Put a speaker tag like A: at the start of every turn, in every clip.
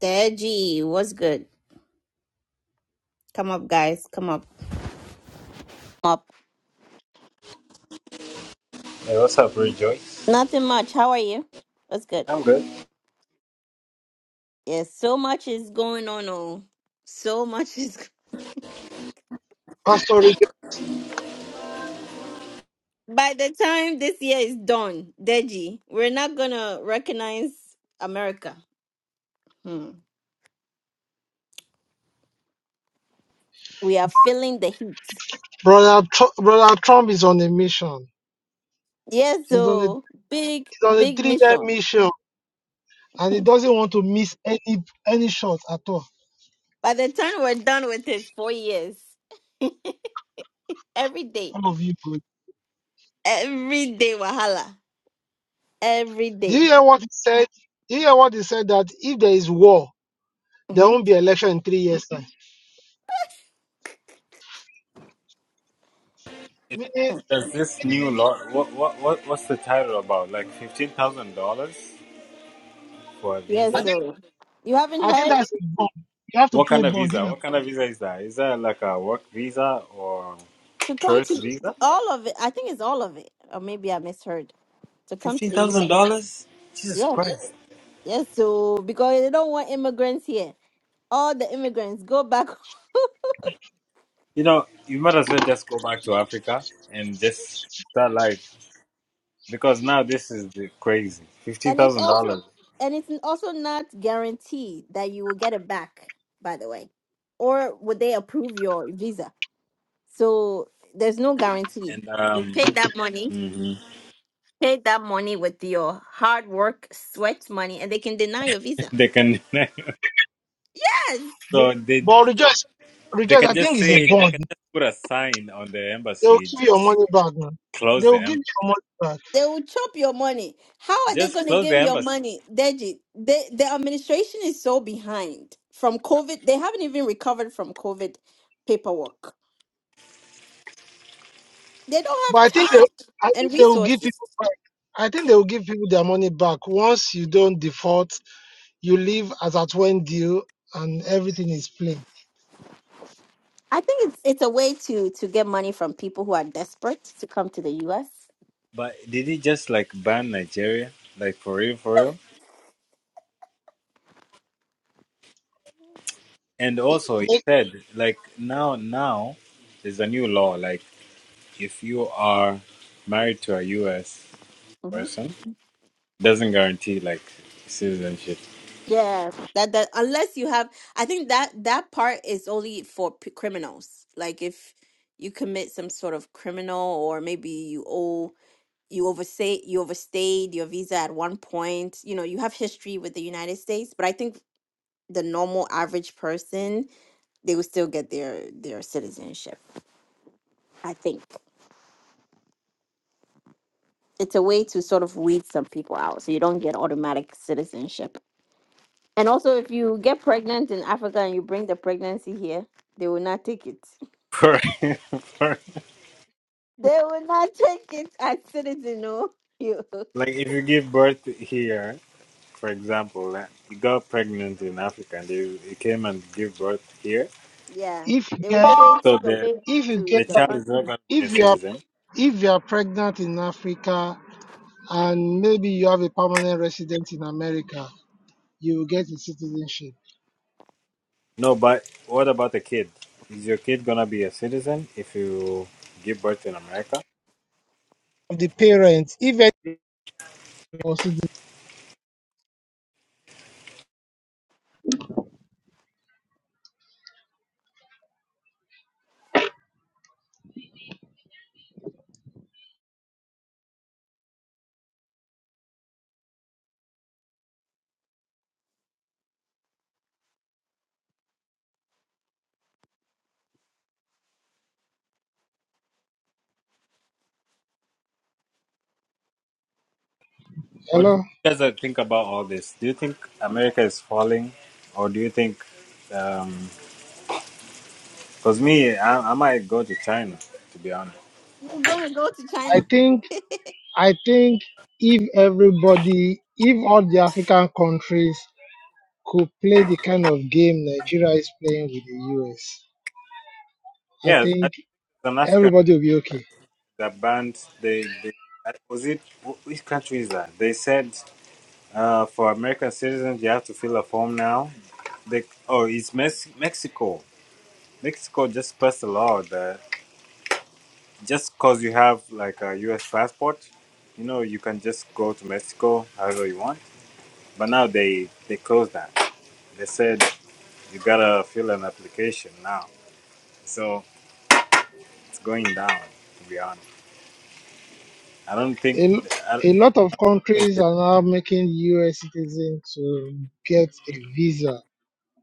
A: Deji, what's good? Come up, guys. Come up. Come up.
B: Hey, what's up, Rejoice?
A: Nothing much. How are you? What's good?
B: I'm good.
A: Yes, so much is going on. Oh, so much is.
C: Pastor Rick,
A: By the time this year is done, Deji, we're not gonna recognize America. Hmm. We are feeling the heat.
C: brother, Tru- brother Trump is on a mission.
A: Yes,
C: He's on a
A: so
C: he's
A: big,
C: on a
A: big
C: three year
A: mission.
C: mission, and he
A: Hmm.
C: doesn't want to miss any any shot at all.
A: By the time we're done with this, four years, every day,
C: All of you good.
A: every day, wahala, every
C: Do
A: day.
C: you hear what he said? Do you hear what he said that if there is war, there won't
A: Mhm.
C: be election in three years time. Meaning,
B: There's this new law. What, what, what, what's the title about? Like $15,000 for a
C: I
A: Yes,
B: visa?
C: think
A: so you haven't
C: I think
A: heard
C: that's a bond. You have to
B: What
C: pay
B: kind of
C: bond. If
B: visa? What kind of visa is that? Is that like a work visa or
A: to come
B: tourist
A: to
B: visa?
A: all of it. I think it's all of it, or maybe I misheard. To come to the US.
B: $15,000? Jesus
A: Yes,
B: Christ.
A: yes. So because they don't want immigrants here. All the immigrants go back,
B: You know, you might as well just go back to Africa and just start like, because now this is the crazy.
A: and it's also
B: $15,000.
A: and it's also not guaranteed that you will get it back. By the way, or would they approve your visa? So there's no guarantee.
B: And,
A: You
B: um,
A: pay that money,
B: mhm.
A: pay that money with your hard work, sweat money, and they can deny your visa.
B: they can,
A: Yes!
C: you,
B: so they,
C: but rejoice,
B: They
C: rejoice. I
B: can
C: think
B: just
C: it's a
B: say they
C: bond.
B: can just put a sign on the
C: They will
B: embassy,
C: give you your
B: just
C: money back, man. They
B: close
C: will
B: the
C: give you
B: embassy,
C: your money back.
A: They will chop your money. How are they
B: just
A: going to
B: close
A: give
B: the
A: your
B: embassy.
A: money, Deji? They, the administration is so behind from COVID. They haven't even recovered from COVID paperwork. They
C: But
A: don't
C: I
A: have
C: think they,
A: time
C: I think
A: and
C: they will give
A: resources.
C: people back. I think they will give people their money back once you don't default. You leave as at when due, and everything is plain.
A: I think it's it's a way to to get money from people who are desperate to come to the U.S.
B: But did he just like ban Nigeria, like for real, for real? And also, he
C: If
B: said like now, now there's a new law. Like if you are married to a U.S.
A: hmm
B: person, doesn't guarantee like citizenship.
A: Yeah, that that unless you have, I think that that part is only for p- criminals. Like if you commit some sort of criminal, or maybe you owe you overstay you overstayed your visa at one point you know you have history with the united states but i think the normal average person they will still get their their citizenship i think it's a way to sort of weed some people out so you don't get automatic citizenship and also if you get pregnant in africa and you bring the pregnancy here they will not take it
B: For, for
A: they will not take it as citizen no you
B: like if you give birth here, for example, like, you got pregnant in Africa and you, you came and give birth here
A: yeah
C: if you
A: they would
C: get,
A: say
B: So
A: take your
B: the
A: baby
C: if you
A: to
C: get,
B: the
A: the
B: child is not
A: country
B: gonna be a
C: if you are,
B: citizen.
C: if you are pregnant in Africa and maybe you have a permanent resident in America, you will get a citizenship.
B: No, but what about the kid? Is your kid gonna be a citizen if you give birth in America?
C: of The parents, if any was citizen-
B: What,
C: hello,
B: what do you guys uh, think about all this? Do you think America is falling, or do you think? Because me, I, I might go to China to be honest.
A: you're gonna go to china
C: I think, I think if everybody, if all the African countries could play the kind of game Nigeria is playing with the US, I
B: Yeah, as
C: think
B: an African
C: everybody will be okay.
B: that banned they, they was it wh- which country is that? They said uh, for American citizens you have to fill a form now. They, oh, it's Mex- Mexico Mexico just passed a law that just because you have like a U.S. passport, you know, you can just go to Mexico however you want. But now they they closed that. They said you gotta fill an application now. So it's going down. To be honest, I don't think.
C: A, lo-
B: I don't
C: a lot of
B: think
C: countries
B: it-
C: are now making US citizens to get a visa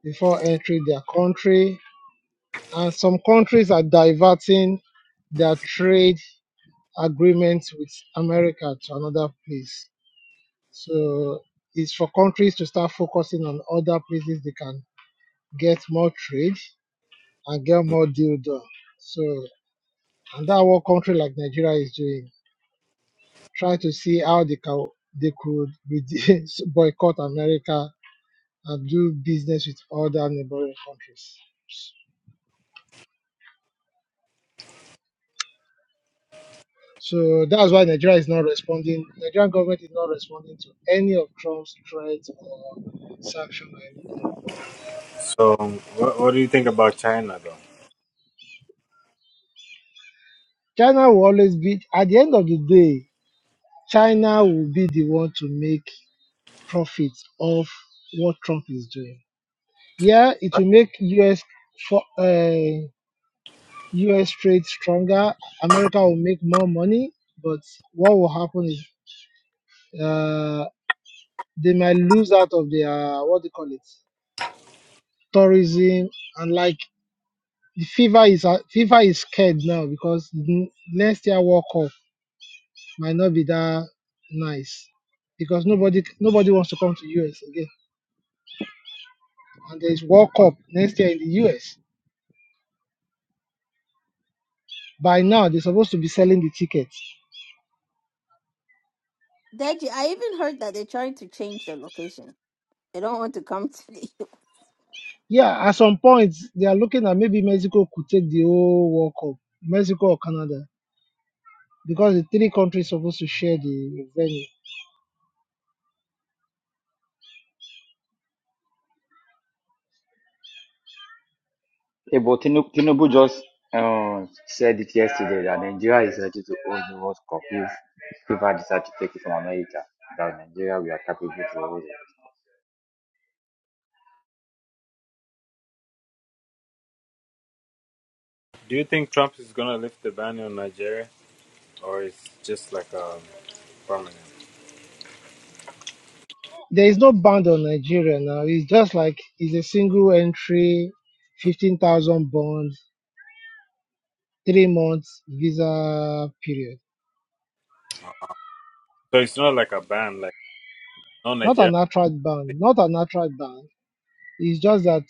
C: before entering their country, and some countries are diverting their trade agreements with America to another place. So it's for countries to start focusing on other places they can get more trade and get more deal done. So And that what country like Nigeria is doing, try to see how they can they could reduce, boycott America and do business with other neighboring countries. So that's why Nigeria is not responding. Nigerian government is not responding to any of Trump's threats or sanction or anything.
B: so what, what do you think about China though?
C: China will always be at the end of the day, China will be the one to make profits of what Trump is doing. Yeah, it will make US for uh, US trade stronger. America will make more money, but what will happen is uh, they might lose out of their what they call it tourism and like the fever is uh, FIFA is scared now because n- next year World Cup might not be that nice because nobody nobody wants to come to US again and there is World Cup next year in the US. By now they're supposed to be selling the tickets
A: Deji, I even heard that they're trying to change the location. They don't want to come to the
C: Yeah, at some point they are looking at maybe Mexico could take the whole World Cup, Mexico or Canada, because the three countries supposed to share the venue.
D: Yeah, but Tinubu, Tinubu just uh, said it yesterday that Nigeria is ready to hold the World Cup if FIFA decide to take it from America. That Nigeria we are capable to hold it.
B: Do you think Trump is gonna lift the ban on Nigeria, or it's just like a permanent?
C: There is no band on Nigeria now. It's just like it's a single entry, fifteen thousand bond, three months visa period.
B: So it's not like a ban, like no
C: Not
B: Nigeria.
C: an attract ban, not an attract ban. It's just that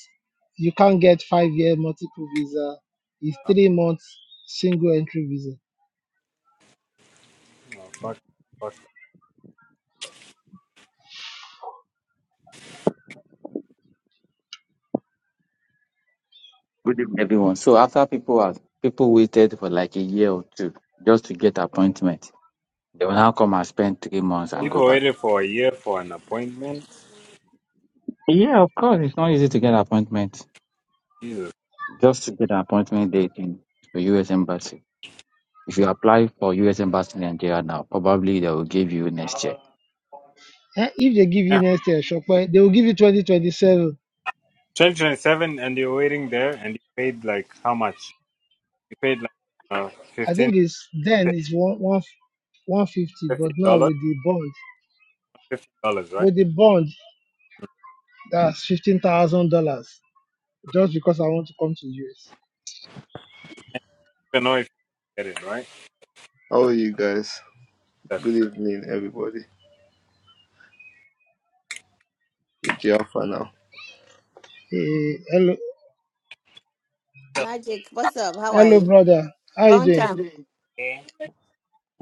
C: you can't get five year multiple visa. It's three months single entry visa.
B: Oh, fuck, fuck.
D: Good evening, everyone. So after people have people waited for like a year or two just to get appointment, they will now come and spend three months and go
B: People
D: back.
B: waited for a year for an appointment.
D: Yeah, of course, it's not easy to get appointment.
B: Jesus.
D: Just to get an appointment date in the U.S. embassy. If you apply for U.S. embassy in Nigeria now, probably they will give you next year.
C: Eh, If they give you
B: Yeah.
C: next year, Shokpe, they will give you 2027
B: 2027, and you're waiting there, and you paid like how much? You paid like uh,
C: I
B: 15
C: think it's then it's one one one fifty,
B: fifty
C: but now
B: dollars,
C: with the bond,
B: fifty dollars, right?
C: with the bond, that's fifteen thousand dollars just because I want to come to US.
B: You don't know if you get it, right?
E: How are you guys? Good evening, everybody. It's Alpha now.
C: Eh, hello,
A: Magic. What's up? How are
C: hello,
A: you?
C: brother. How you
A: Long
C: doing?
A: time.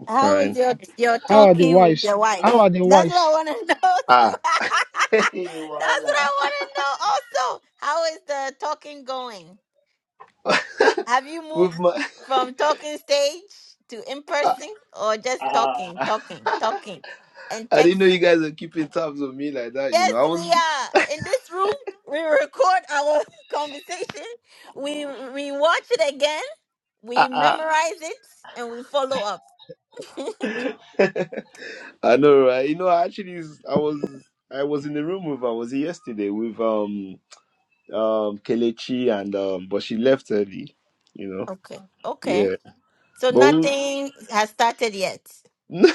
E: I'm
A: How is
E: Fine.
A: your your
C: How are the
A: talking with
C: wives?
A: your wife?
C: How are the
A: That's what
C: wives?
A: I want to know. too.
E: Ah, hey,
A: That's what
E: voila.
A: I want to know. Also, how is the talking going? Have you moved
E: With my.
A: from talking stage to in
E: Ah,
A: person or just talking,
E: ah.
A: talking, talking, and
E: I didn't
A: text?
E: know you guys were keeping tabs on me like that, you
A: Yes,
E: know. I
A: we
E: was.
A: are. In this room, we record our conversation, we we watch it again, we
E: Ah,
A: memorize it, and we follow up.
E: ah. I know, right? You know, I actually. s- I was. I was in the room with. I was here yesterday with um um Kelechi and um, but she left early, you know.
A: Okay. Okay.
E: Yeah,
A: So
E: but we-
A: nothing has started yet.
E: no,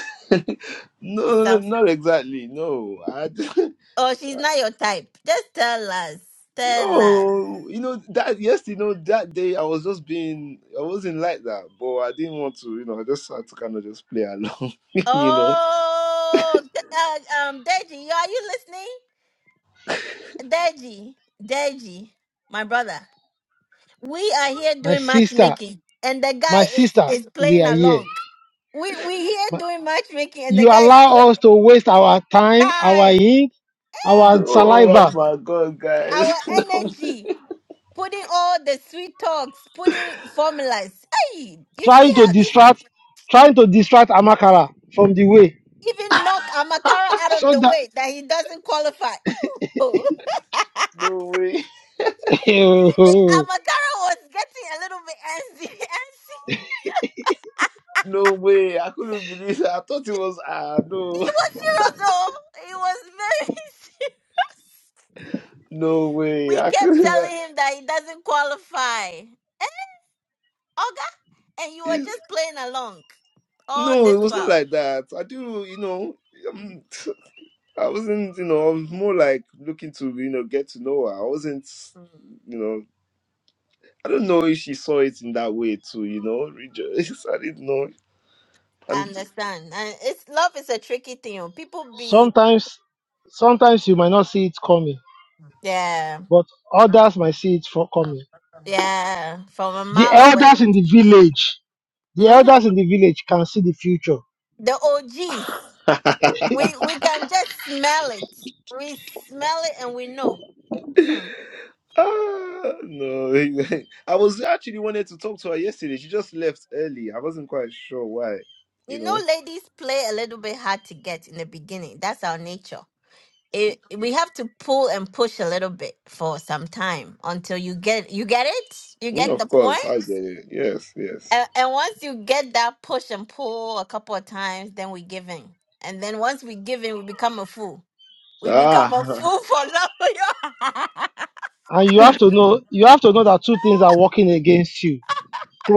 A: It
E: no, no,
A: sounds
E: not exactly. No, I.
A: Oh, she's not your type. Just tell us. Tell us.
E: No, you know that yes, you know that day I was just being I wasn't like that, but I didn't want to, you know, I just had to kind of just play along, you know.
A: Oh, d- uh, um, Deji, you- are you listening? Deji, Deji, my brother. We are here
C: My
A: doing
C: sister,
A: matchmaking, and the guy
C: my
A: is
C: sister,
A: is
C: we
A: playing
C: are here.
A: along. We we here
C: My,
A: doing matchmaking, and
C: you
A: the guy is pl-
C: allow us to waste our time, our
A: time,
C: ink, our
E: No, oh
C: saliva,
E: my god, guys,
A: our
E: no,
A: energy, putting all the sweet talks, putting formulas. Hey, you see
C: trying to
A: how this
C: distract, trying to distract Amakara from the way,
A: even knock Amakara out of
C: so
A: the
C: that.
A: way that he doesn't qualify. Oh.
E: no way,
A: even Amakara was getting a little bit antsy. antsy.
E: no way, I couldn't believe it. I thought it was ah no,
A: he was serious, though. He was very
E: no way,
A: We
E: I
A: kept
E: couldn't.
A: telling
E: like,
A: him that he doesn't qualify. Oga, and you were
E: it-
A: just playing along all
E: no, it
A: this
E: was not
A: while.
E: like that. I do, you know. Um, I wasn't, you know, I was more like looking to, you know, get to know her. I wasn't,
A: Mm,
E: you know. I don't know if she saw it in that way too, you know, rejoice. I didn't know.
A: I
E: And
A: understand. And it's love is a tricky thing. oh. People be
C: Sometimes, sometimes you might not see it coming,
A: yeah,
C: but others might see it for coming.
A: yeah, from a
C: The
A: mile away.
C: elders in the village, the
A: hmm
C: elders in the village can see the future,
A: The OGs. We we can just smell it. We smell it and we know. Hmm.
E: ah, no, I was actually wanted to talk to her yesterday. She just left early. I wasn't quite sure why, you
A: You know,
E: know.
A: ladies play a little bit hard to get in the beginning. That's our nature. it we have to pull and push a little bit for some time until you get you get it you
E: Mm,
A: get the
E: of
A: point
E: course, I get it. Yes, yes.
A: and, and once you get that push and pull a couple of times then we give in and then once we give in we become a fool we become a
E: Ah,
A: fool for love
C: and you have to know. You have to know that two things are working against you: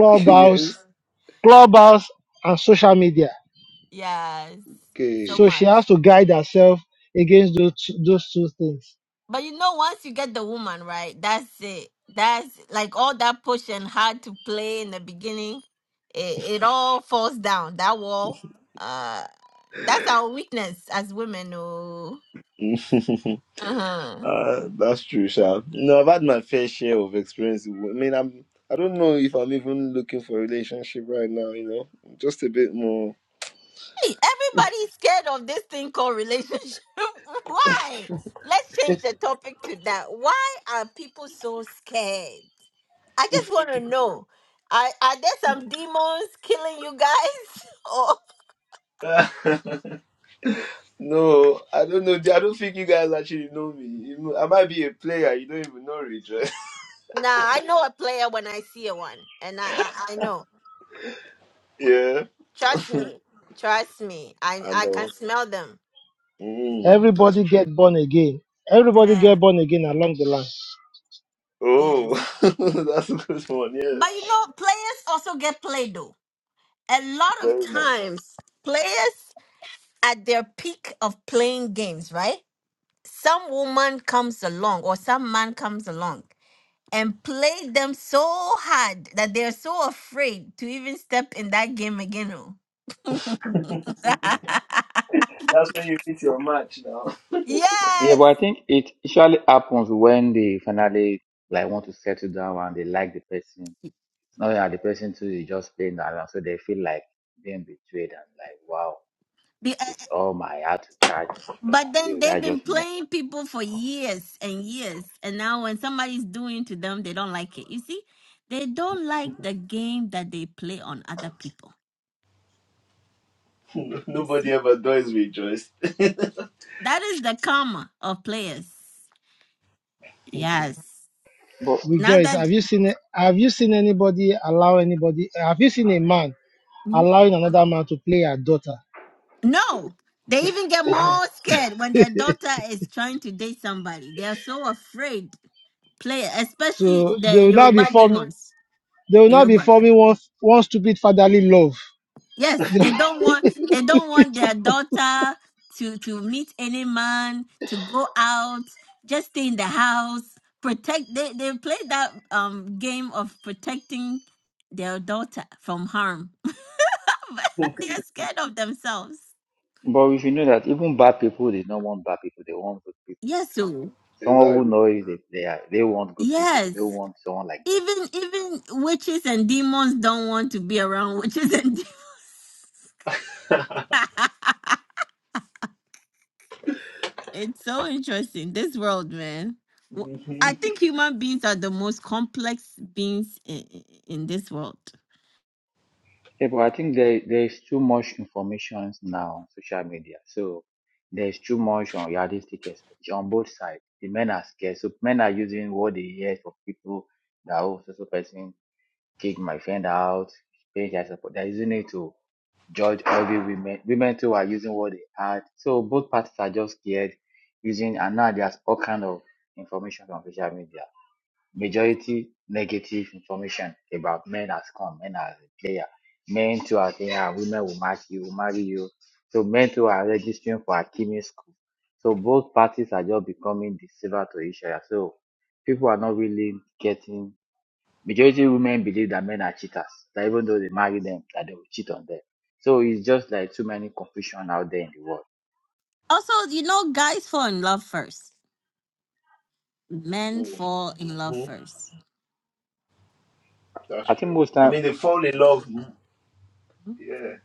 E: yes.
C: clubhouse, and social media.
A: yes so
C: So
E: Okay.
C: she
A: much
C: has to guide herself against those two- those two things.
A: But you know, once you get the woman right, that's it. That's like all that push and hard to play in the beginning. It, it all falls down that wall. Uh, that's our weakness as women. Oh, uh-huh.
E: uh, that's true, Sha. No, I've had my fair share of experiences. I mean, I'm. I don't know if I'm even looking for a relationship right now. You know, just a bit more.
A: Hey, everybody's scared of this thing called relationship. Why? Let's change the topic to that. Why are people so scared? I just want to know. Are, are there some demons killing you guys? Or
E: No, I don't know. I don't think you guys actually know me. You know, I might be a player. You don't even know Rich, right?
A: Nah, I know a player when I see a one, and I I, I know.
E: Yeah,
A: Trust
E: I
A: me, trust me. I I
E: know.
A: can smell them.
E: Mm, that's
C: Everybody
E: true.
C: get born again. Everybody
A: Yeah,
C: get born again along the line.
E: Oh,
A: yes.
E: that's a good one.
A: But
E: Yes,
A: you know, players also get played though. A lot of
E: very much.
A: times, players at their peak of playing games, right? Some woman comes along or some man comes along and play them so hard that they're so afraid to even step in that game again. Oh.
E: That's when you meet your match now.
D: Yeah, but
A: yes.
D: I think it usually happens when they finally like want to settle down and they like the person. Not that the person too is just playing around, so they feel like being betrayed and like, wow, it's all my heart to catch.
A: But
D: And
A: then
D: this guy
A: they've been
D: just messed up.
A: playing people for years and years, and now when somebody's doing to them, they don't like it. You see, they don't like the game that they play on other people. You
E: Nobody
A: see,
E: ever does rejoice.
A: that is the karma of players. Yes.
D: But
A: Now
C: Rejoice.
A: that
C: Have you seen? Have you seen anybody allow anybody? Have you seen a man?
A: Mhm.
C: allowing another man to play her daughter.
A: no, they even get more scared when their daughter is trying to date somebody. They are so afraid. Player, especially
C: So they
A: the
C: will now be
A: Yoruba
C: forming
A: demons.
C: they will
A: The
C: now be
A: Yoruba.
C: forming one one stupid fatherly love.
A: Yes,
C: the
A: they don't want they don't want their daughter to to meet any man, to go out, just stay in the house, protect they they play that um game of protecting their daughter from harm. they are scared of themselves.
D: but if you know that even bad people, they don't want bad people, they want good people.
A: Yes, so
D: Someone who
E: Exactly.
D: knows that they are, they want good people, they don't
A: yes.
D: want someone like them.
A: Even even witches and demons don't want to be around witches and demons. It's so interesting, this world, man. W- I think human beings are the most complex beings in, in this world.
D: Yeah, but I think there there's too much information now on social media. So there's too much on realistic expectation on both sides. The men are scared. So men are using what they hear from people that oh so so person kicked my friend out, pay their support. They're using it to judge every women. Women too are using what they had. So both parties are just scared using and now there's all kind of information on social media majority negative information about men has come, men as a player. Men too are saying, ah, women will match you, will marry you. So men too are registering for Akimi school. So both parties are just becoming the silver to each other. So people are not really getting majority women believe that men are cheaters, that even though they marry them, that they will cheat on them. So it's just like too many confusion out there in the world.
A: Also, you know, guys fall in love first. Men
E: hmm
A: fall in love first.
E: That's
D: I think
E: true.
D: most
E: I
D: time
E: mean, they fall in love. mm-hmm.
A: Mm-hmm.
E: Yeah.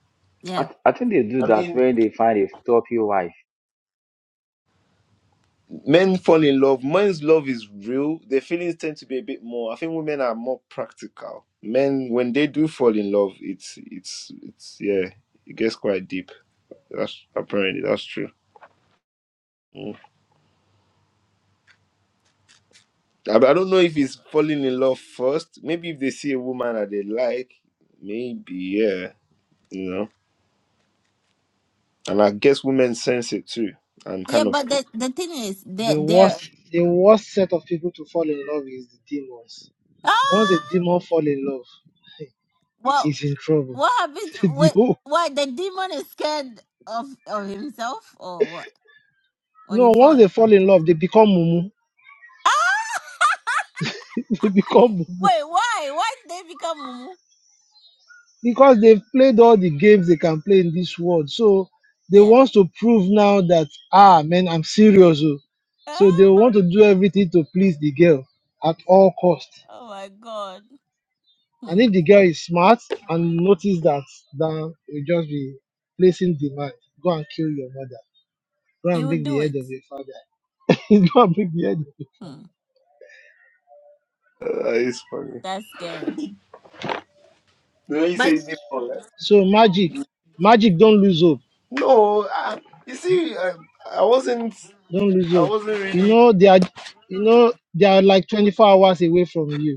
D: I,
A: Yeah.
D: I think they do
E: I mean,
D: that when they find a top wife
E: Men fall in love. Men's love is real. Their feelings tend to be a bit more. I think women are more practical. Men, when they do fall in love, it's it's it's yeah, it gets quite deep. That's apparently that's true. Mm. I, I don't know if it's falling in love first. Maybe if they see a woman that they like, maybe yeah, you know. And I guess women sense it too, and
A: Yeah,
E: kind of
A: but the, the thing is that they're
C: worst the worst set of people to fall in love is the demons. Once a
A: ah
C: demon fall in love,
A: well
C: he's in trouble.
A: what happens
C: The
A: what
C: whole-
A: why the demon is scared of of himself or what? When he
C: no, once
A: fall
C: they fall in love, they become mumu.
A: Ah
C: They become mumu.
A: wait, why? Why did they become mumu?
C: because they've played all the games they can play in this world. So they
A: Yeah.
C: want to prove now that ah man, I'm serious. oh."
A: Ah,
C: So they want to do everything to please the girl at all cost.
A: oh my god.
C: And
A: Hmm.
C: if the girl is smart and notice that, then you just be placing demand. Go and kill your mother. Go and
A: You will
C: bring the
A: do
C: head
A: it.
C: of your father. Go and bring the head of your father.
A: Hmm.
E: uh, it's funny.
A: That's scary.
E: The way you
A: But
E: say it, deep, right?
C: So magic, magic, don't lose hope.
E: No, I, you see, I, I wasn't.
C: Don't lose
E: I
C: hope.
E: wasn't
C: You
E: really.
C: know they are, you know they are like 24 hours away from you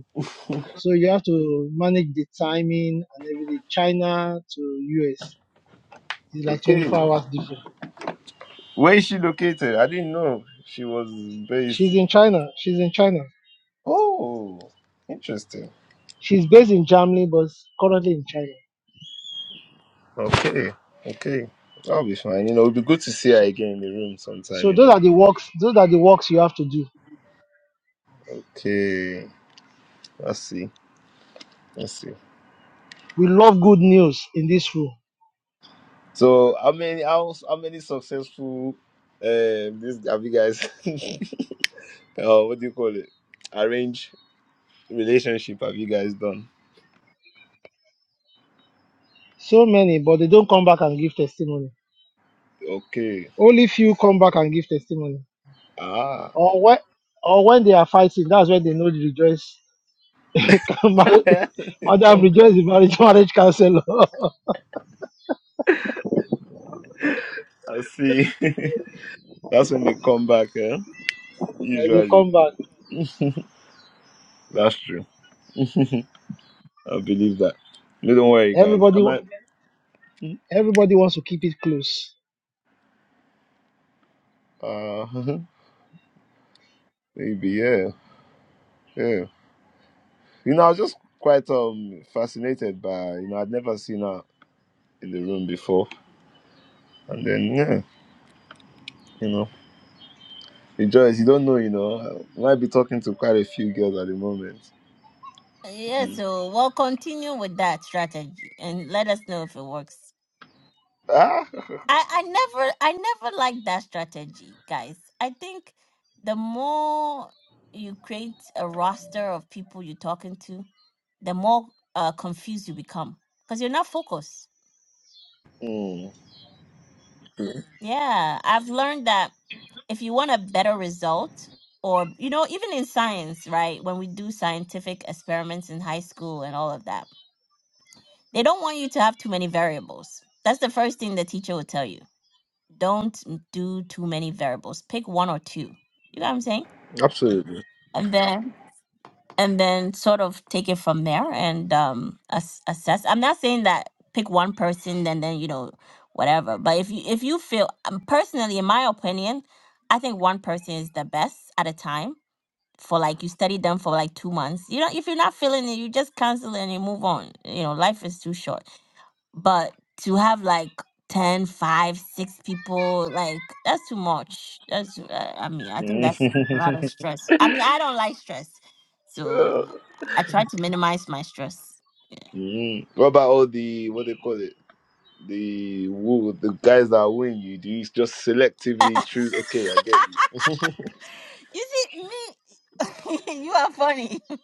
C: So you have to manage the timing and everything. China to US is like
E: Okay.
C: 24 hours different.
E: Where is she located? I didn't know she was based.
C: She's in China. She's in China.
E: Oh, interesting.
C: She's based in Germany, but currently in China.
E: Okay. Okay. That'll be fine. You know, it'll be good to see her
C: So,
E: again in the room sometime,
C: so
E: you
C: those
E: know.
C: are the works. Those are the works you have to do.
E: Okay. Let's see. Let's see.
C: We love good news in this room.
E: So how many how, how many successful um this have you guys uh, what do you call it? Arrange relationship have you guys done?
C: So many, but they don't come back and give testimony.
E: Okay.
C: Only few come back and give testimony.
E: Ah.
C: Or when, or when they are fighting, that's when they know the rejoice.
E: Come
C: Madam, rejoice
E: back.
C: the marriage, marriage counselor.
E: I see. That's when they come back, eh?
C: Eh, they
E: Usually,
C: come back.
E: that's true. I believe that. No, don't worry, guys. I
C: Everybody,
E: might.
C: everybody wants to keep it close.
E: Uh, maybe yeah, yeah. You know, I was just quite um fascinated by you know I'd never seen her in the room before, and then yeah, you know, rejoice. You don't know, you know, I might be talking to quite a few girls at the moment.
A: yeah,
E: Mm.
A: so we'll continue with that strategy and let us know if it works.
E: Ah,
A: I, I never I never liked that strategy, guys. I think the more you create a roster of people you're talking to, the more uh, confused you become because you're not focused.
E: mm,
A: Yeah, I've learned that if you want a better result, or you know, even in science, right? When we do scientific experiments in high school and all of that They don't want you to have too many variables. That's the first thing the teacher will tell you. Don't do too many variables. Pick one or two. You know what I'm saying?
E: absolutely.
A: And then and then sort of take it from there and um ass- assess. I'm not saying that pick one person and then you know whatever. But if you if you feel um, personally, in my opinion, I think one person is the best at a time. For like you study them for like two months. You know, if you're not feeling it, you just cancel and you move on. You know, life is too short but to have like ten, five, 6 people like that's too much that's uh, i mean i think that's a lot of stress i mean i don't like stress so i try to minimize my stress
E: Mm. Mm. What about all the what they call it? the woo, the guys that win you, do you just selectively choose? Okay, I get you.
A: you see me you are funny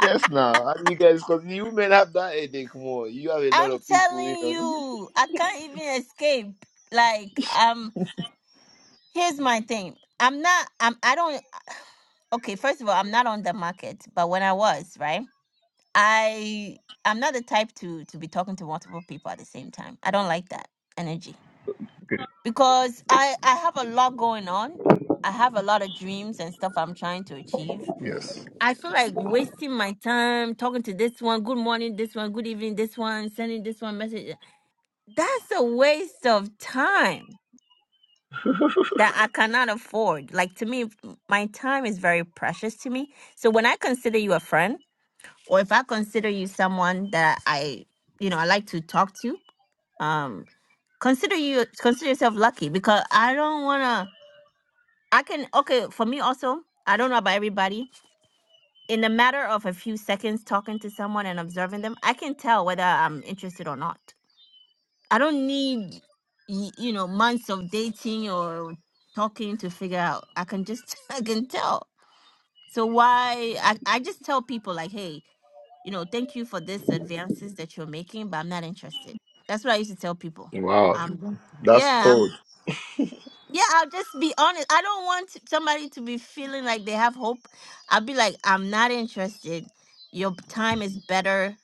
E: Yes, now and you guys, because you men have that headache more. You have a lot
A: i'm
E: of people, you
A: telling
E: know.
A: you i can't even escape like um here's my thing i'm not i'm i don't okay first of all i'm not on the market but when i was right I I'm not the type to to be talking to multiple people at the same time. I don't like that energy because I I have a lot going on. I have a lot of dreams and stuff I'm trying to achieve.
E: yes.
A: I feel like wasting my time talking to this one, good morning, this one, good evening, this one, sending this one message. That's a waste of time that I cannot afford. Like to me, my time is very precious to me. So when I consider you a friend, or if I consider you someone that I, you know, I like to talk to, um, consider you consider yourself lucky because I don't wanna. I can okay for me also. I don't know about everybody. In a matter of a few seconds talking to someone and observing them, I can tell whether I'm interested or not. I don't need, y- you know, months of dating or talking to figure out. I can just I can tell. So why I, I just tell people like, hey, you know, thank you for this advances that you're making, but I'm not interested. That's what I used to tell people.
E: Wow,
A: Um Mhm.
E: that's
A: yeah, i
E: cold.
A: yeah, I'll just be honest. I don't want somebody to be feeling like they have hope. I'll be like, I'm not interested. Your time is better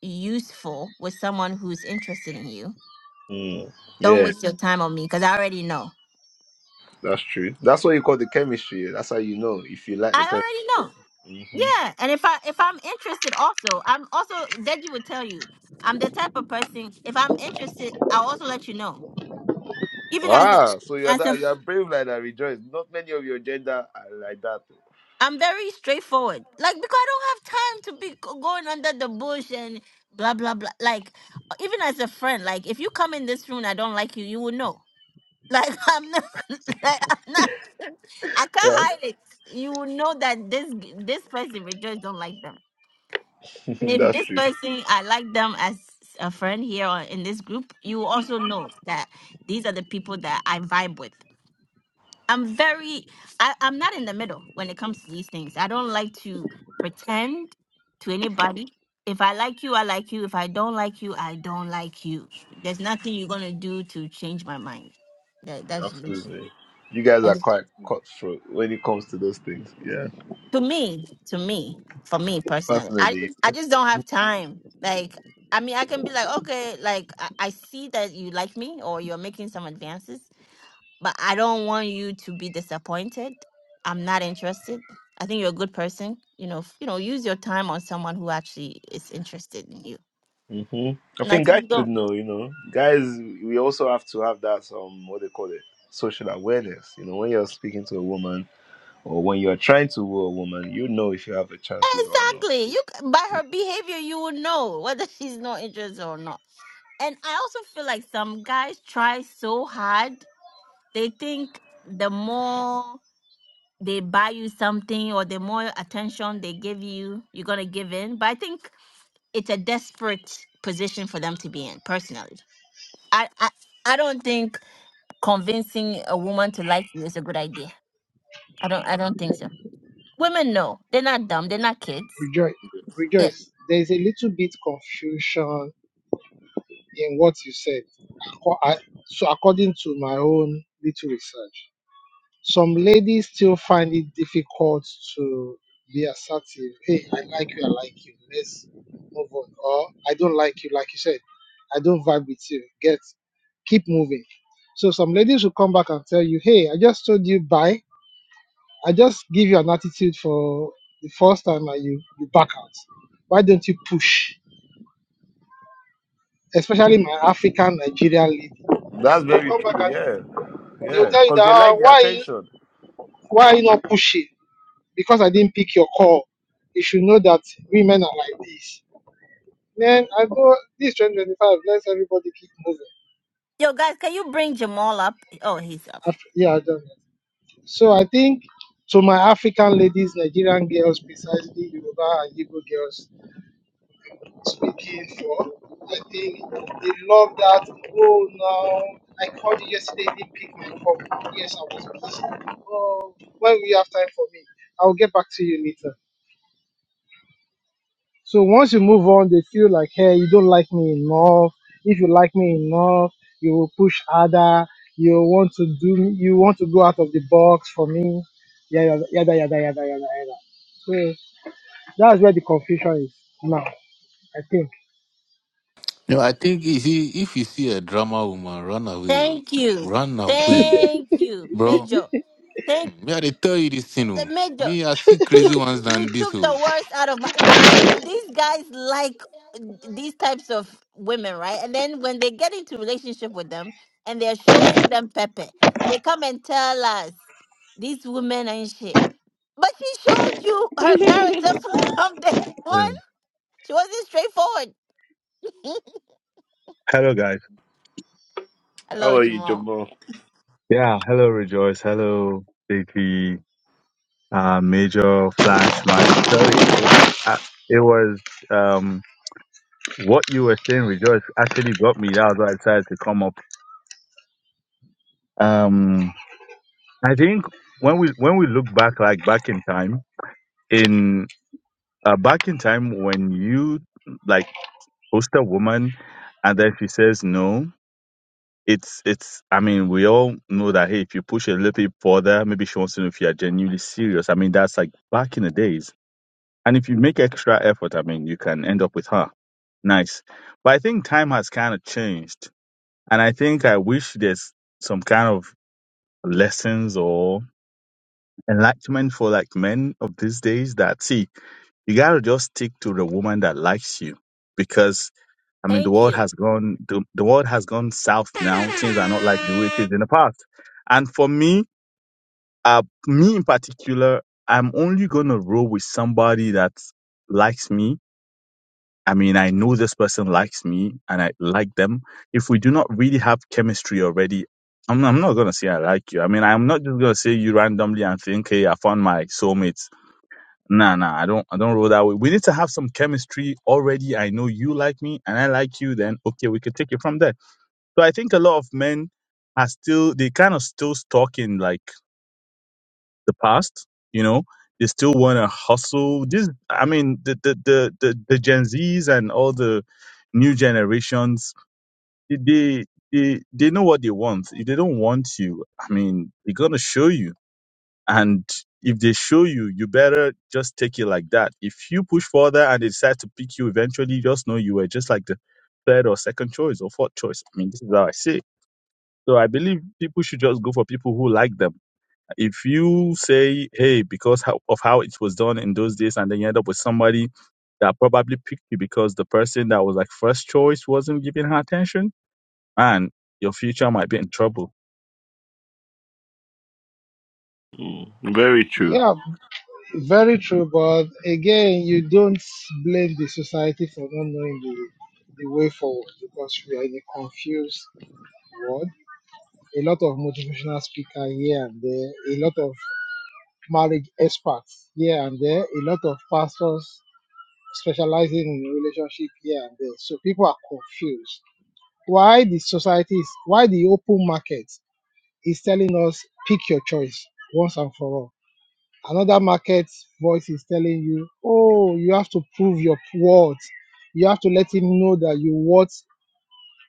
A: useful with someone who's interested in you.
E: Mm.
A: Don't
E: Yeah,
A: waste your time on me because I already know.
E: that's true. That's what you call the chemistry. yeah. That's how you know if you like
A: I
E: the person.
A: already know.
E: hmm
A: Yeah, and if I if I'm interested, also I'm also Deji would tell you I'm the type of person if I'm interested, I'll also let you know. Even as a,
E: Ah, so you are
A: as a
E: that you are brave like that. Rejoice. Not many of your gender are like that.
A: I'm very straightforward, like because I don't have time to be go- going under the bush and blah blah blah. Like even as a friend, like if you come in this room, and I don't like you, you will know. Like I'm not, like I'm not, I can't hide
E: Yeah,
A: it. You will know that this this person, we just don't like them. And if
E: that's
A: this
E: true.
A: person, I like them as a friend here or in this group, you will also know that these are the people that I vibe with. I'm very, I, I'm not in the middle when it comes to these things. I don't like to pretend to anybody. If I like you, I like you. If I don't like you, I don't like you. There's nothing you're gonna do to change my mind. That that's
E: Absolutely. You guys are
A: just.
E: quite cutthroat when it comes to those things. Yeah.
A: to me, to me, for me personally, I
E: personally.
A: I just don't have time. Like, I mean, I can be like, okay, like I, I see that you like me or you're making some advances, but I don't want you to be disappointed. I'm not interested. I think you're a good person. You know, f- you know, use your time on someone who actually is interested in you.
E: hmm I
A: Like
E: think
A: if
E: guys
A: you
E: should
A: don't,
E: know, you know, guys, we also have to have that, um, what they call it, social awareness. You know, when you're speaking to a woman or when you're trying to woo a woman, you know if you have a chance with her or not.
A: exactly. You c- by her behavior, you will know whether she's not interested or not. And I also feel like some guys try so hard they think the more they buy you something or the more attention they give you, you're gonna give in. But I think it's a desperate position for them to be in. Personally, I I, I don't think convincing a woman to like you is a good idea. I don't I don't think so. Women know they're not dumb. They're not kids.
C: Rejoice,
A: Yeah.
C: rejoice. There is a little bit confusion in what you said. Acco- I- So, according to my own little research, some ladies still find it difficult to be assertive. Hey, I like you. I like you. Let's move on. Or I don't like you. Like you said, I don't vibe with you. Get, keep moving. So some ladies will come back and tell you, hey, I just told you bye I just give you an attitude for the first time and you, you back out. Why don't you push? Especially my African Nigerian lady.
E: That's
C: They
E: very
C: come back
E: true.
C: and
E: Yeah,
C: they'll
E: yeah,
C: tell you that
E: because they
C: "Ah,
E: like the
C: why
E: attention.
C: why are you not pushing? Because I didn't pick your call. You should know that women are like this. Then I go this 2025, let's everybody keep moving.
A: Yo, guys, can you bring Jamal up? Oh, he's up.
C: After, yeah, I done that. So I think to my African ladies, Nigerian girls, precisely Yoruba and Igbo girls, speaking for. I think they love that. Oh, now I called you yesterday, you didn't pick my phone. Yes, I was busy. Oh, when we have time for me, I will get back to you later. So once you move on, they feel like, hey, you don't like me enough. If you like me enough, you will push harder. You want to do. You want to go out of the box for me. Yada yada yada yada yada yada. So that's where the confusion is now. I think.
F: No, I think you see, if you see a drama woman, run away. oh.
A: Thank you.
F: Run away.
A: Thank you,
F: Bro,
A: Major. Thank
F: mm, me, I dey tell you this thing.
A: the
F: Oh.
A: Major.
F: Me, I see crazy
A: you
F: ones
A: you
F: than this.
A: took
F: Oh.
A: the words out of my why do these guys like these types of women right and then when they get into relationship with them and they're showing them pepe they come and tell us these women ain't shit but she showed you her character from day one
G: Hello,
A: she wasn't straightforward
G: Hello, guys.
E: How
A: hello
E: are you,
A: jamal
E: Jamal?
G: Yeah, hello, Rejoice. Hello, JT, uh, Major, Flash, Magic. Sorry, it wa- I- I- it was um, what you were saying, Rejoice, actually got me. That was why I decided to come up. Um, I think when we when we look back, like back in time, in uh, back in time when you like host a woman, and then she says no, it's it's i mean we all know that hey if you push it a little bit further maybe she wants to know if you are genuinely serious i mean that's like back in the days and if you make extra effort i mean you can end up with her nice but i think time has kind of changed and i think i wish there's some kind of lessons or enlightenment for like men of these days that see you gotta just stick to the woman that likes you because I mean the
A: thank
G: world
A: you
G: has gone the, the world has gone south now. Things are not like the way it is in the past. And for me, uh me in particular, I'm only gonna roll with somebody that likes me. I mean, I know this person likes me and I like them. If we do not really have chemistry already, I'm, I'm not gonna say I like you. I mean, I'm not just gonna say you randomly and think, hey, I found my soulmate Nah, nah, I don't, I don't roll that way. We need to have some chemistry already. I know you like me, and I like you. Then okay, we could take it from there. So I think a lot of men are still, they kind of still stuck in like the past. You know, they still want to hustle. This, I mean, the the the the, the Gen Zs and all the new generations, they they they they know what they want. If they don't want you, I mean, they're gonna show you and if they show you, you better just take it like that. If you push further and they decide to pick you eventually, just know you were just like the third or second choice or fourth choice. I mean, this is how I say. it. So I believe people should just go for people who like them. If you say, hey, because how, of how it was done in those days, and then you end up with somebody that probably picked you because the person that was like first choice wasn't giving her attention, and your future might be in trouble.
E: Mm, very true.
C: Yeah. Very true, but again, you don't blame the society for not knowing the, the way forward because we are in a confused world. A lot of motivational speakers here and there, a lot of marriage experts here and there, a lot of pastors specializing in relationship here and there. So people are confused. Why the society is, why the open market is telling us pick your choice once and for all Another market voice is telling you, oh, you have to prove your worth. You have to let him know that you want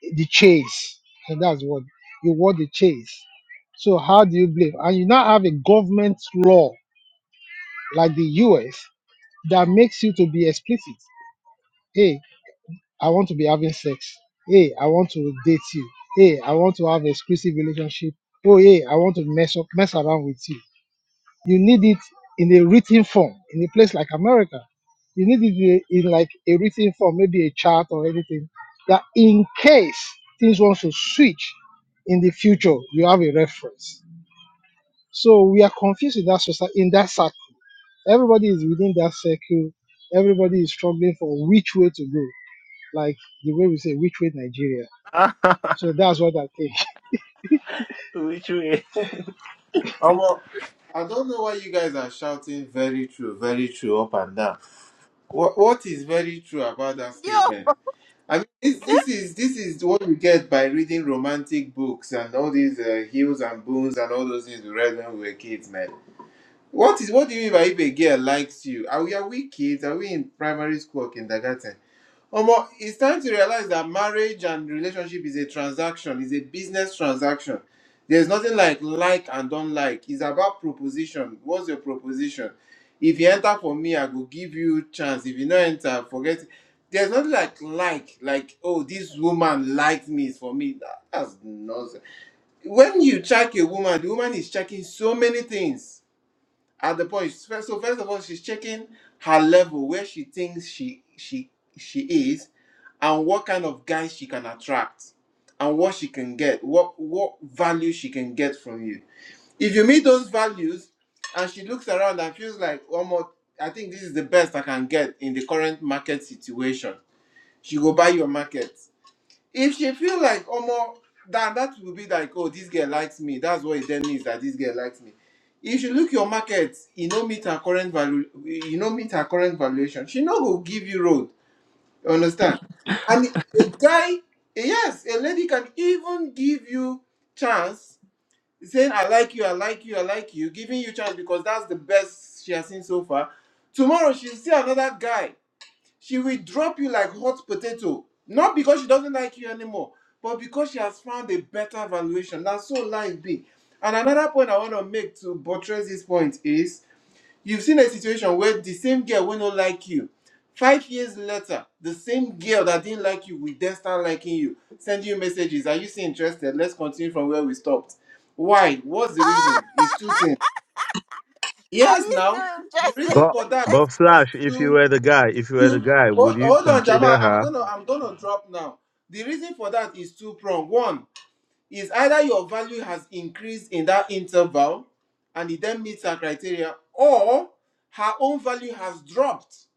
C: the chase. And that's what you want the chase. So how do you blame? And you now have a government law like the US that makes you to be explicit. Hey, I want to be having sex. Hey, I want to date you. Hey, I want to have exclusive relationship. Oh, hey, I want to mess up, mess around with you. You need it in a written form in a place like America. You need it in like a written form, maybe a chart or anything, that in case things want to switch in the future, you have a reference. So we are confused in that society, in that circle. Everybody is within that circle. Everybody is struggling for which way to go, like the way we say, which way Nigeria.
E: Ah,
C: So that's what I think.
E: which way?
H: Omo, I don't know why you guys are shouting very true, very true up and down. What, what is very true about that
A: yo
H: statement? I mean, this, this is this is what we get by reading romantic books and all these uh, heels and boons and all those things we read when we were kids, man. What is what do you mean by if a girl likes you? Are we are we kids? Are we in primary school or kindergarten? Omo, it's time to realize that marriage and relationship is a transaction, is a business transaction. There's nothing like like and don't like. It's about proposition. What's your proposition? If you enter for me, I go give you chance. If you no enter, forget. it. There's nothing like like like oh this woman likes me is for me. That, that's nonsense. When you check a woman, the woman is checking so many things at the point first, so first of all she's checking her level where she thinks she she she is and what kind of guys she can attract and what she can get what what value she can get from you if you meet those values and she looks around and feels like one more i think this is the best i can get in the current market situation she go buy your market if she feel like Omo, then that will be like, oh, this girl likes me. That's what it then means that this girl likes me. If you look your market, you no meet her current value, you no meet her current valuation. She no go give you road. You understand? And a guy, yes, a lady can even give you chance, saying I like you, I like you, I like you, giving you chance because that's the best she has seen so far. Tomorrow she'll see another guy she will drop you like hot potato. Not because she doesn't like you anymore, but because she has found a better valuation. That's so life be. And another point I want to make to buttress this point is you've seen a situation where the same girl will not like you. Five years later, the same girl that didn't like you will then start liking you, send you messages. Are you still interested? Let's continue from where we stopped. Why? What's the reason? It's two things.
A: are
H: Yes,
A: you so
H: now the
A: interested
H: reason
G: But
H: for that
G: but
H: is
G: Flash, if you
H: two.
G: were the guy, if you were the
H: You-
G: guy, would
H: Hold,
G: you
H: hold on, Jama.
G: consider
H: I'm
G: her?
H: gonna I'm gonna drop now. The reason for that is two prong. One is either your value has increased in that interval, and it then meets her criteria, or her own value has dropped,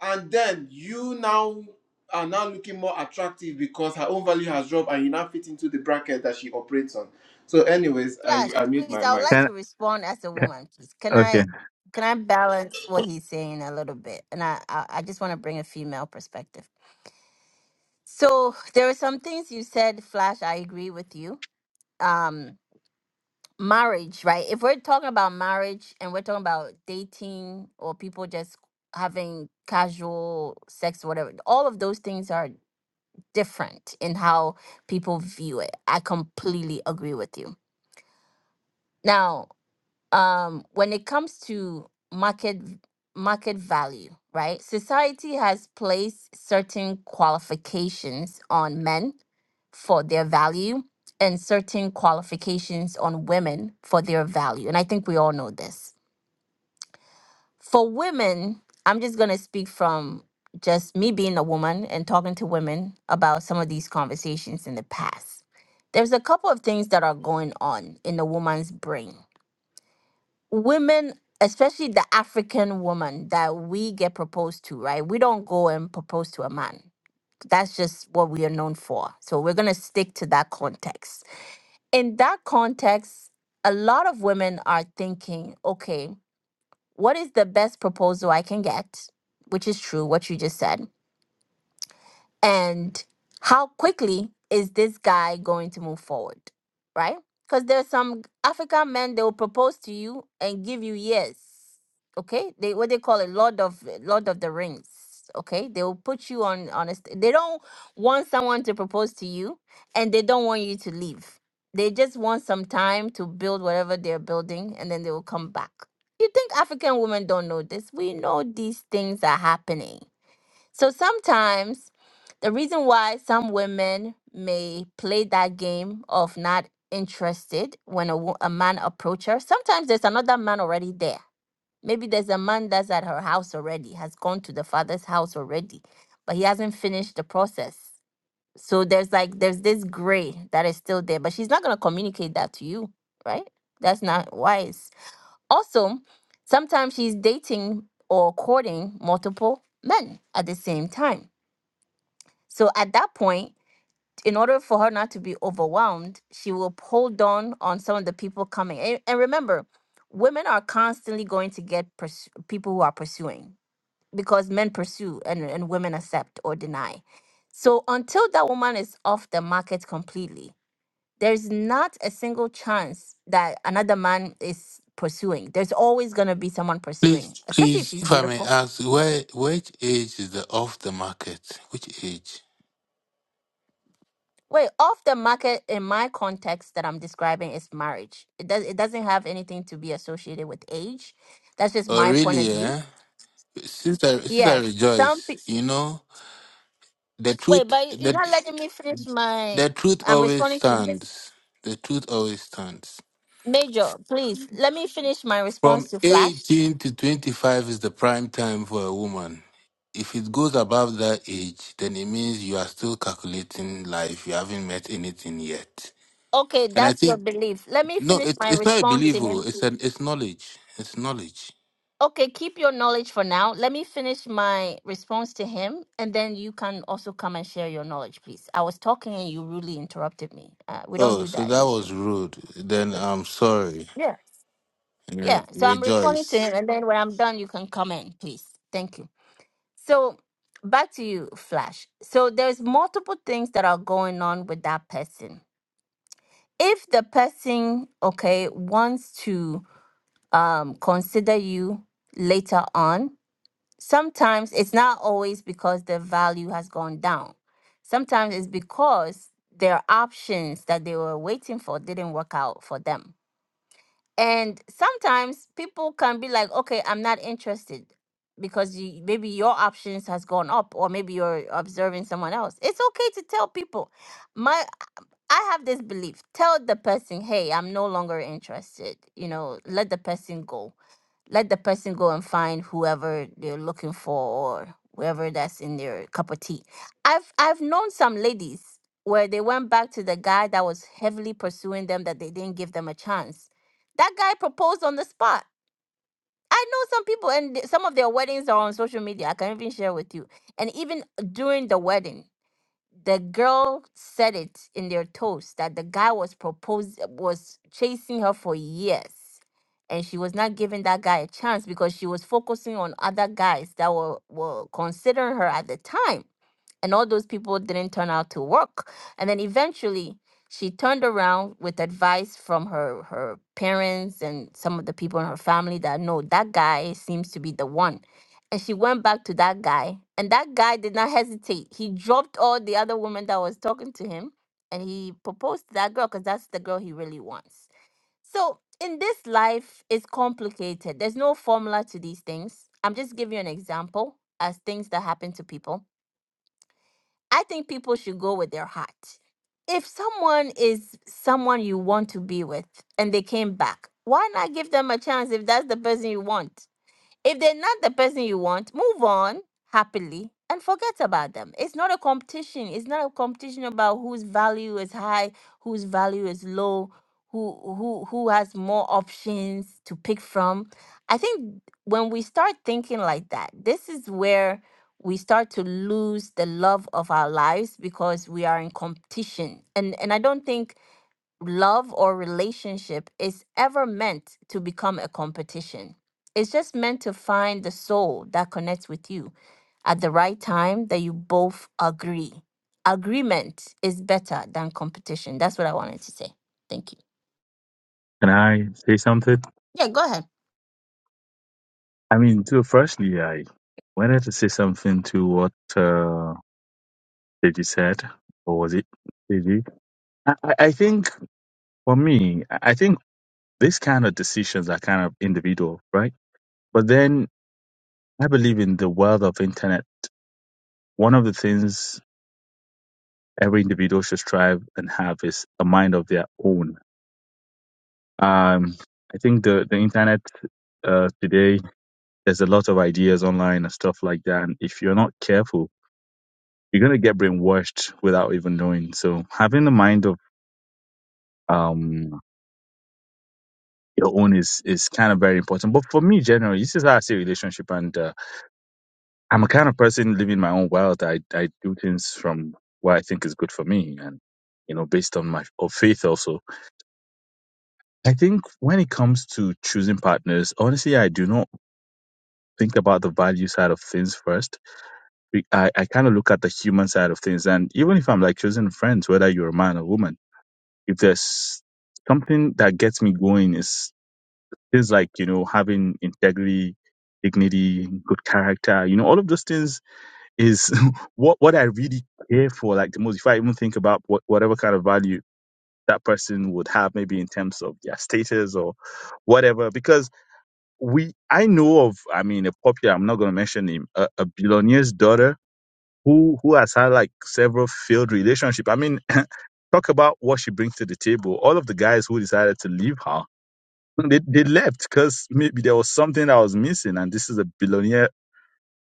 H: and then you now are now looking more attractive because her own value has dropped, and you now fit into the bracket that she operates on. So, anyways, I
A: Flash,
H: I mute
A: please,
H: my
A: I would
H: mic.
A: like
G: Can,
A: to respond as a
G: can
A: woman. Please. Can
G: okay?
A: I can I balance what he's saying a little bit? And I I, I just want to bring a female perspective. So there are some things you said, Flash. I agree with you. Um, marriage, right? If we're talking about marriage and we're talking about dating or people just having casual sex, whatever, all of those things are different in how people view it. I completely agree with you. Now, um when it comes to market market value right society has placed certain qualifications on men for their value and certain qualifications on women for their value and i think we all know this for women i'm just going to speak from just me being a woman and talking to women about some of these conversations in the past there's a couple of things that are going on in a woman's brain women, especially the African woman that we get proposed to, right? We don't go and propose to a man. That's just what we are known for. So we're going to stick to that context. In that context, a lot of women are thinking, okay, what is the best proposal I can get? Which is true, what you just said and how quickly is this guy going to move forward right because there's some african men they will propose to you and give you years okay they what they call it lord of lord of the rings okay they will put you on on a st- they don't want someone to propose to you and they don't want you to leave they just want some time to build whatever they're building and then they will come back you think african women don't know this we know these things are happening so sometimes the reason why some women may play that game of not interested when a, wo- a man approach her, sometimes there's another man already there. Maybe there's a man that's at her house already, has gone to the father's house already, but he hasn't finished the process. So there's like there's this gray that is still there, but she's not going to communicate that to you, right? That's not wise. Also, sometimes she's dating or courting multiple men at the same time. So at that point, in order for her not to be overwhelmed, she will hold on on some of the people coming. And, and remember, women are constantly going to get pursu- people who are pursuing because men pursue and, and women accept or deny. So until that woman is off the market completely, there's not a single chance that another man is pursuing. There's always going to be someone pursuing,
F: Please,
A: especially if
F: please,
A: she's
F: if I may
A: beautiful.
F: ask, where, which age is the off the market? Which age?
A: Wait, off the market in my context that I'm describing is marriage. It does it doesn't have anything to be associated with age. That's just
F: Oh,
A: my point of
F: really,
A: view.
F: eh? Sister, Sister
A: Yes, some
F: Rejoice,
A: pe-
F: you know, the
A: wait,
F: truth,
A: but you're
F: the,
A: not letting me finish my.
F: the truth
A: I'm
F: always
A: responding to this
F: stands. The truth always stands.
A: major. Please let me finish my
F: From
A: response to Flash.
F: 18 to 25 is the prime time for a woman. If it goes above that age, then it means you are still calculating life. You haven't met anything yet.
A: Okay,
F: And I
A: that's your
F: think,
A: belief. Let me
F: no,
A: finish
F: it,
A: my
F: it's not a
A: response
F: belief.
A: to
F: oh,
A: him.
F: It's, an, it's knowledge. It's knowledge.
A: Okay, keep your knowledge for now. Let me finish my response to him, and then you can also come and share your knowledge, please. I was talking and you rudely interrupted me. Uh, we don't
F: Oh,
A: do
F: so
A: that in
F: that
A: this
F: was
A: room.
F: rude. Then I'm sorry.
A: Yeah.
F: Re-
A: Yeah. So I'm responding to
F: Rejoice.
A: him, and then when I'm done, you can come in, please. Thank you. So back to you, Flash. So there's multiple things that are going on with that person. If the person, okay, wants to um, consider you later on, sometimes it's not always because the value has gone down. Sometimes it's because their options that they were waiting for didn't work out for them. And sometimes people can be like, okay, I'm not interested because you, maybe your options has gone up or maybe you're observing someone else. It's okay to tell people. my. I have this belief. Tell the person, hey, I'm no longer interested. You know, let the person go. Let the person go and find whoever they're looking for or whoever that's in their cup of tea. I've I've known some ladies where they went back to the guy that was heavily pursuing them that they didn't give them a chance. That guy proposed on the spot. I know some people and th- some of their weddings are on social media. I can even share with you. And even during the wedding, the girl said it in their toast that the guy was proposed was chasing her for years and she was not giving that guy a chance because she was focusing on other guys that were, were considering her at the time and all those people didn't turn out to work and then eventually she turned around with advice from her her parents and some of the people in her family that no that guy seems to be the one and she went back to that guy and that guy did not hesitate he dropped all the other women that was talking to him and he proposed to that girl because that's the girl he really wants so in this life it's complicated there's no formula to these things i'm just giving you an example as things that happen to people I think people should go with their heart. If someone is someone you want to be with and they came back, why not give them a chance if that's the person you want? If they're not the person you want, move on happily and forget about them. It's not a competition. It's not a competition about whose value is high, whose value is low, who who who has more options to pick from. I think when we start thinking like that, this is where we start to lose the love of our lives because we are in competition. And and I don't think love or relationship is ever meant to become a competition. It's just meant to find the soul that connects with you at the right time that you both agree. Agreement is better than competition. That's what I wanted to say. Thank you.
G: Can I say something?
A: Yeah, go ahead.
G: I mean, to firstly, I wanted to say something to what uh, Deji said, or was it Deji? I, I I think for me, I I think these kind of decisions are kind of individual, right? But then I believe in the world of internet. One of the things every individual should strive and have is a mind of their own Um, I think the the internet uh, today there's a lot of ideas online and stuff like that, and if you're not careful, you're gonna get brainwashed without even knowing. So having the mind of um your own is is kind of very important. But for me, generally, this is how I see relationship, and uh, I'm a kind of person living my own world. I I do things from what I think is good for me, and you know, based on my of faith also. I think when it comes to choosing partners, honestly, I do not think about the value side of things first we- I, I kind of look at the human side of things. And even if I'm like choosing friends, whether you're a man or woman, if there's something that gets me going is things like, you know, having integrity, dignity, good character, you know, all of those things is what, what I really care for. Like the most, if I even think about what, whatever kind of value that person would have maybe in terms of their status or whatever, because we, I know of, I mean, a popular, I'm not going to mention him, a, a billionaire's daughter who who has had like several failed relationship. I mean, talk about what she brings to the table. All of the guys who decided to leave her, they they left because maybe there was something that was missing, and this is a billionaire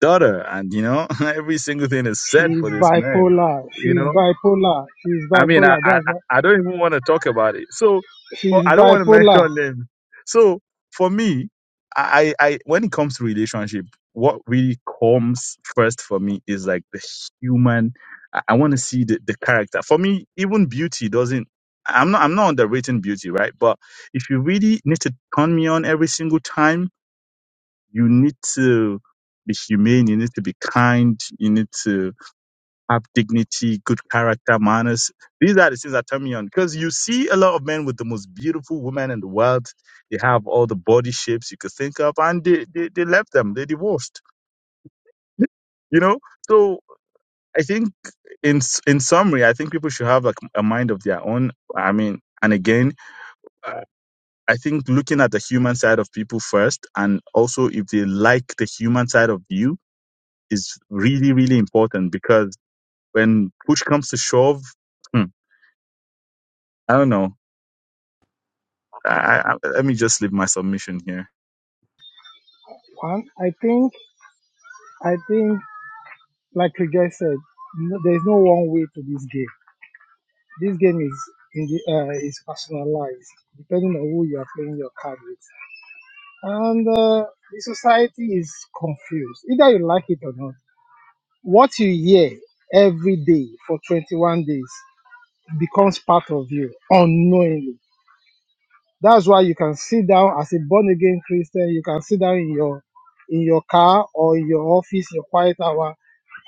G: daughter, and you know every single thing is said
C: She's
G: for this man.
C: bipolar.
G: You know,
C: She's bipolar. She's
G: I mean, I,
C: bipolar.
G: I,
C: That's
G: I
C: what
G: don't even want to talk about it. So, well,
C: she's
G: I don't want to
C: bipolar.
G: mention names. So, for me, I, I, I- when it comes to relationship, what really comes first for me is like the human. I, I want to see the, the character. For me, even beauty doesn't. I'm not, I'm not underrating beauty, right? But if you really need to turn me on every single time, you need to be humane. You need to be kind. You need to have dignity, good character, manners. These are the things that turn me on because you see a lot of men with the most beautiful women in the world. They have all the body shapes you could think of, and they they, they left them. They divorced. You know, so I think in s- in summary, I think people should have like a mind of their own. I mean, and again, uh, I think looking at the human side of people first, and also if they like the human side of you, is really really important because when push comes to shove. hmm, I don't know. I, I, let me just leave my submission here.
C: One, I think, I think, like you just said, no, there's no one way to this game. This game is in the uh, is personalized depending on who you are playing your card with, and uh, the society is confused. Either you like it or not, what you hear every day for 21 days becomes part of you unknowingly. That's why you can sit down as a born again Christian. You can sit down in your in your car or in your office, your quiet hour,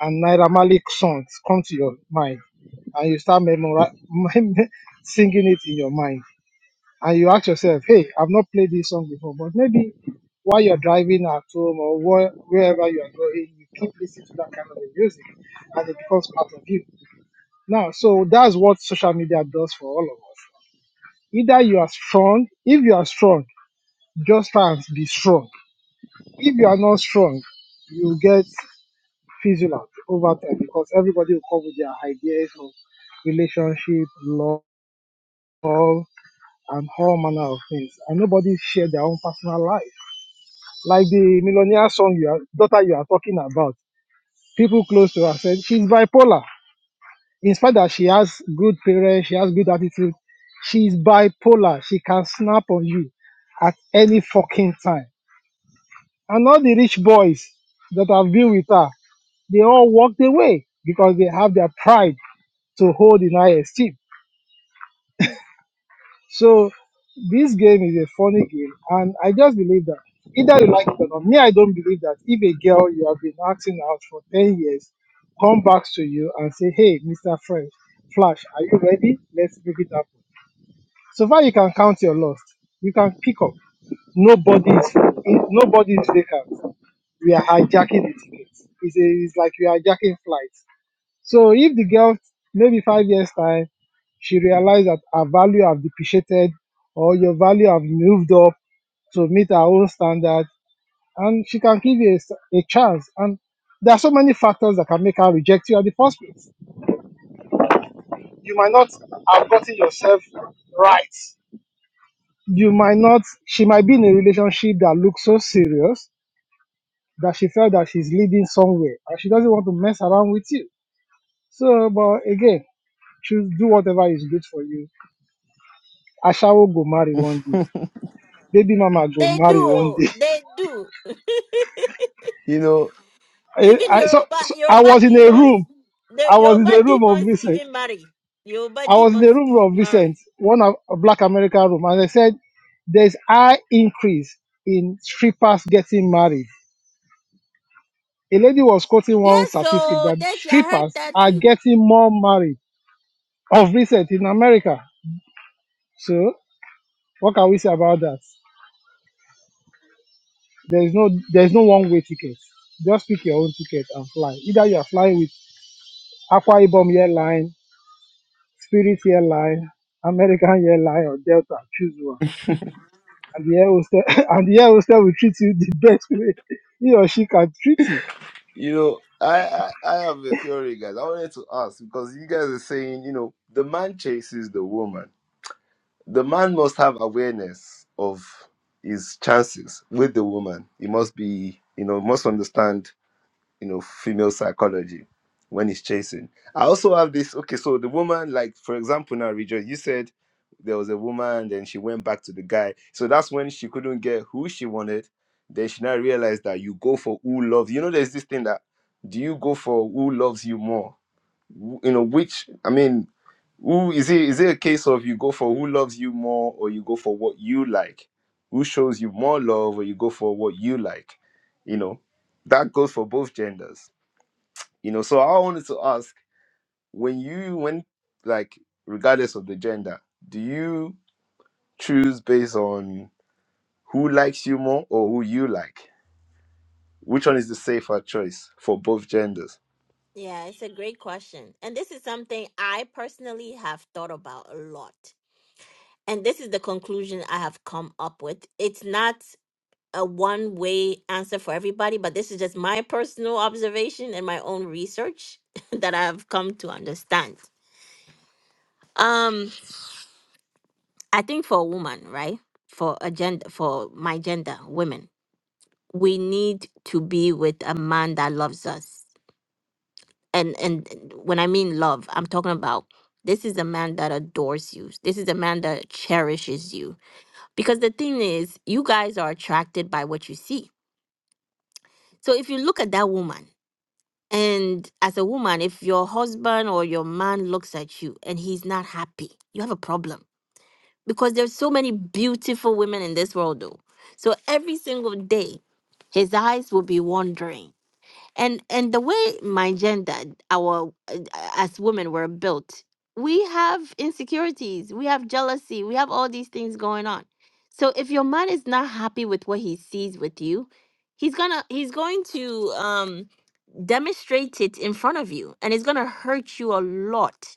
C: and Naira Malik songs come to your mind, and you start memori- singing it in your mind, and you ask yourself, "Hey, I've not played this song before, but maybe while you're driving at home or where, wherever you are going, you keep listening to that kind of music, and it becomes part of you." Now, so that's what social media does for all of us. Either you are strong, if you are strong. Just try and be strong. If you are not strong, you get fizzled out over time because everybody will come with their ideas of relationship, love, and all manner of things. And nobody share their own personal life. Like the millionaire song you are, daughter you are talking about, people close to her said she's bipolar. In spite that she has good parents, she has good attitude, she's bipolar. She can snap on you at any fucking time And all the rich boys that have been with her, they all walked away because they have their pride to hold in high esteem. So this game is a funny game, and I just believe that either you like it or not. Me, I don't believe that if a girl you have been acting out for 10 years come back to you and say, Hey, Mr. French, Flash, are you ready? Let's make it happen. So far, you can count your loss. You can pick up. Nobody is nobody is vacant. we are hijacking the tickets. It's, a, it's like we are hijacking flights. So if the girl, maybe five years time, she realized that her value have depreciated or your value have moved up to meet her own standard, and she can give you a, s- a chance. And there are so many factors that can make her reject you at the first place. You might not have gotten yourself right. You might not. She might be in a relationship that looks so serious that she felt that she's leading somewhere, and she doesn't want to mess around with you So, but again, choose do whatever is good for you. Ashawo go marry one day.
E: you
C: Baby mama go
A: They
C: marry one
A: do.
C: day.
A: They do.
E: know,
C: I,
A: even
C: I- so,
A: Yoruba,
C: so I
A: Yoruba
C: was in a
A: demons,
C: room.
A: the
C: I was in a
A: Yoruba
C: room of
A: demons
C: Vincent.
A: even marry. Yoruba
C: I was in the
A: demons
C: room of Vincent,
A: marry.
C: one of a black American room, and I said, "There's high increase in strippers getting married." A lady was quoting one
A: Yes,
C: statistic
A: so
C: that
A: that I heard
C: strippers
A: that
C: are
A: too.
C: getting more married of recent in America. So, what can we say about that? There is no there is no one way ticket. Just pick your own ticket and fly. Either you are flying with Aqua Ibom Airline, Spirit Airline, American Airline, or Delta. Choose one. And the air hostess and the air hostess will treat you the best way he or she can treat you.
E: you know, I, I I have a theory, guys. I wanted to ask because you guys are saying, you know, the man chases the woman the man must have awareness of his chances with the woman. He must be, you know, must understand, you know, female psychology when he's chasing. I also have this. Okay, so the woman, like for example, now Rejoice, you said there was a woman, then she went back to the guy. So that's when she couldn't get who she wanted. Then she now realized that you go for who loves. You know, there's this thing that do you go for who loves you more? Wh- You know, which I mean, who is it is it a case of you go for who loves you more or you go for what you like? Who shows you more love or you go for what you like? You know, that goes for both genders. You know, so I wanted to ask when you when like regardless of the gender, do you choose based on who likes you more or who you like? Which one is the safer choice for both genders?
A: Yeah, it's a great question. And this is something I personally have thought about a lot. And this is the conclusion I have come up with. It's not a one way answer for everybody, but this is just my personal observation and my own research that I've come to understand. Um, I think for a woman, right? For a gender, for my gender, women, we need to be with a man that loves us and and when i mean love i'm talking about this is a man that adores you this is a man that cherishes you because the thing is you guys are attracted by what you see so if you look at that woman and as a woman if your husband or your man looks at you and he's not happy you have a problem because there's so many beautiful women in this world though so every single day his eyes will be wandering and and the way my gender our uh, as women were built we have insecurities we have jealousy we have all these things going on so if your man is not happy with what he sees with you he's gonna he's going to um demonstrate it in front of you and it's gonna hurt you a lot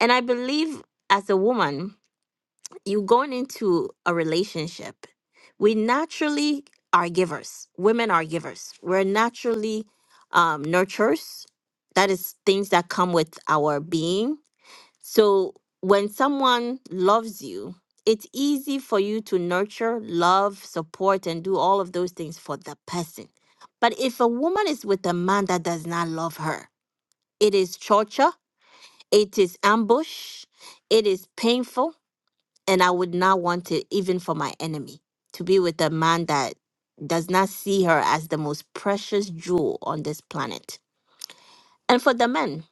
A: and i believe as a woman you going into a relationship we naturally are givers. Women are givers. We're naturally um, nurturers. That is things that come with our being. So when someone loves you, it's easy for you to nurture, love, support, and do all of those things for the person. But if a woman is with a man that does not love her, it is torture, it is ambush, it is painful, and I would not want it even for my enemy to be with a man that does not see her as the most precious jewel on this planet. And for the men,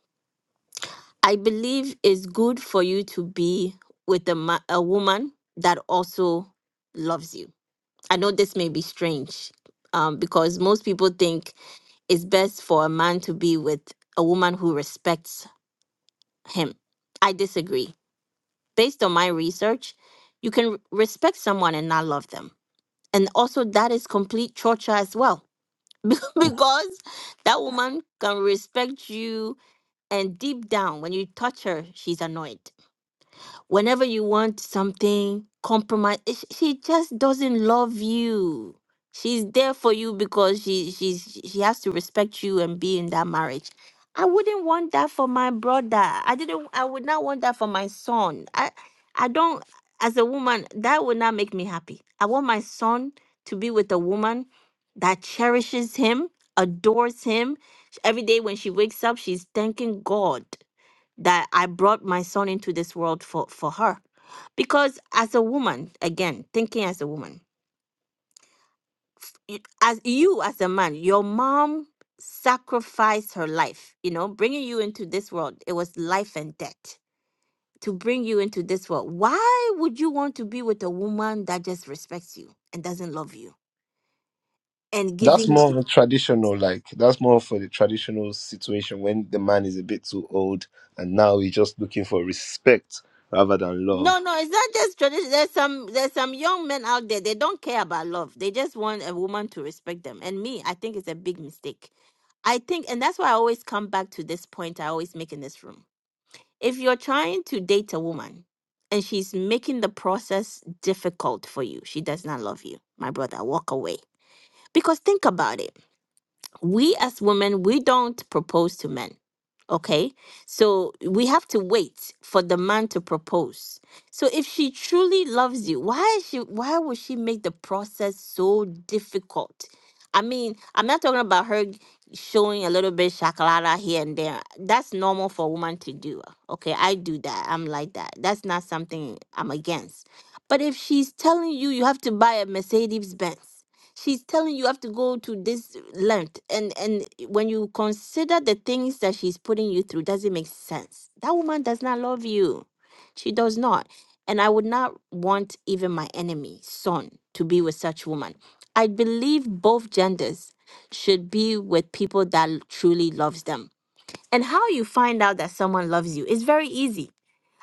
A: I believe it's good for you to be with a, ma- a woman that also loves you. I know this may be strange um, because most people think it's best for a man to be with a woman who respects him. I disagree. Based on my research, you can r- respect someone and not love them And also, that is complete torture as well, because that woman can respect you, and deep down, when you touch her, she's annoyed. Whenever you want something, compromise. eh, She she just doesn't love you. She's there for you because she she's she she has to respect you and be in that marriage. I wouldn't want that for my brother. I didn't. I would not want that for my son. I I don't. As a woman, that would not make me happy. I want my son to be with a woman that cherishes him, adores him. Every day when she wakes up, she's thanking God that I brought my son into this world for for her. Because as a woman, again, thinking as a woman, y- as you as a man, your mom sacrificed her life, you know, bringing you into this world. It was life and death to bring you into this world. Why would you want to be with a woman that just respects you and doesn't love you? And
E: That's
A: giving you-
E: more traditional, like that's more for the traditional situation when the man is a bit too old and now he's just looking for respect rather than love.
A: no, no, it's not just tradition. There's some there's some young men out there, they don't care about love. They just want a woman to respect them. And me, I think it's a big mistake I think, and that's why I always come back to this point I always make in this room. If you're trying to date a woman and she's making the process difficult for you, she does not love you. My brother, walk away. Because think about it we as women we don't propose to men okay so we have to wait for the man to propose so if she truly loves you why is she why would she make the process so difficult i mean i'm not talking about her g- showing a little bit shakalada here and there that's normal for a woman to do okay i do that i'm like that that's not something i'm against but if she's telling you you have to buy a mercedes benz she's telling you have to go to this length and and when you consider the things that she's putting you through doesn't make sense that woman does not love you she does not and i would not want even my enemy son to be with such woman i believe both genders should be with people that l- truly loves them and how you find out that someone loves you is very easy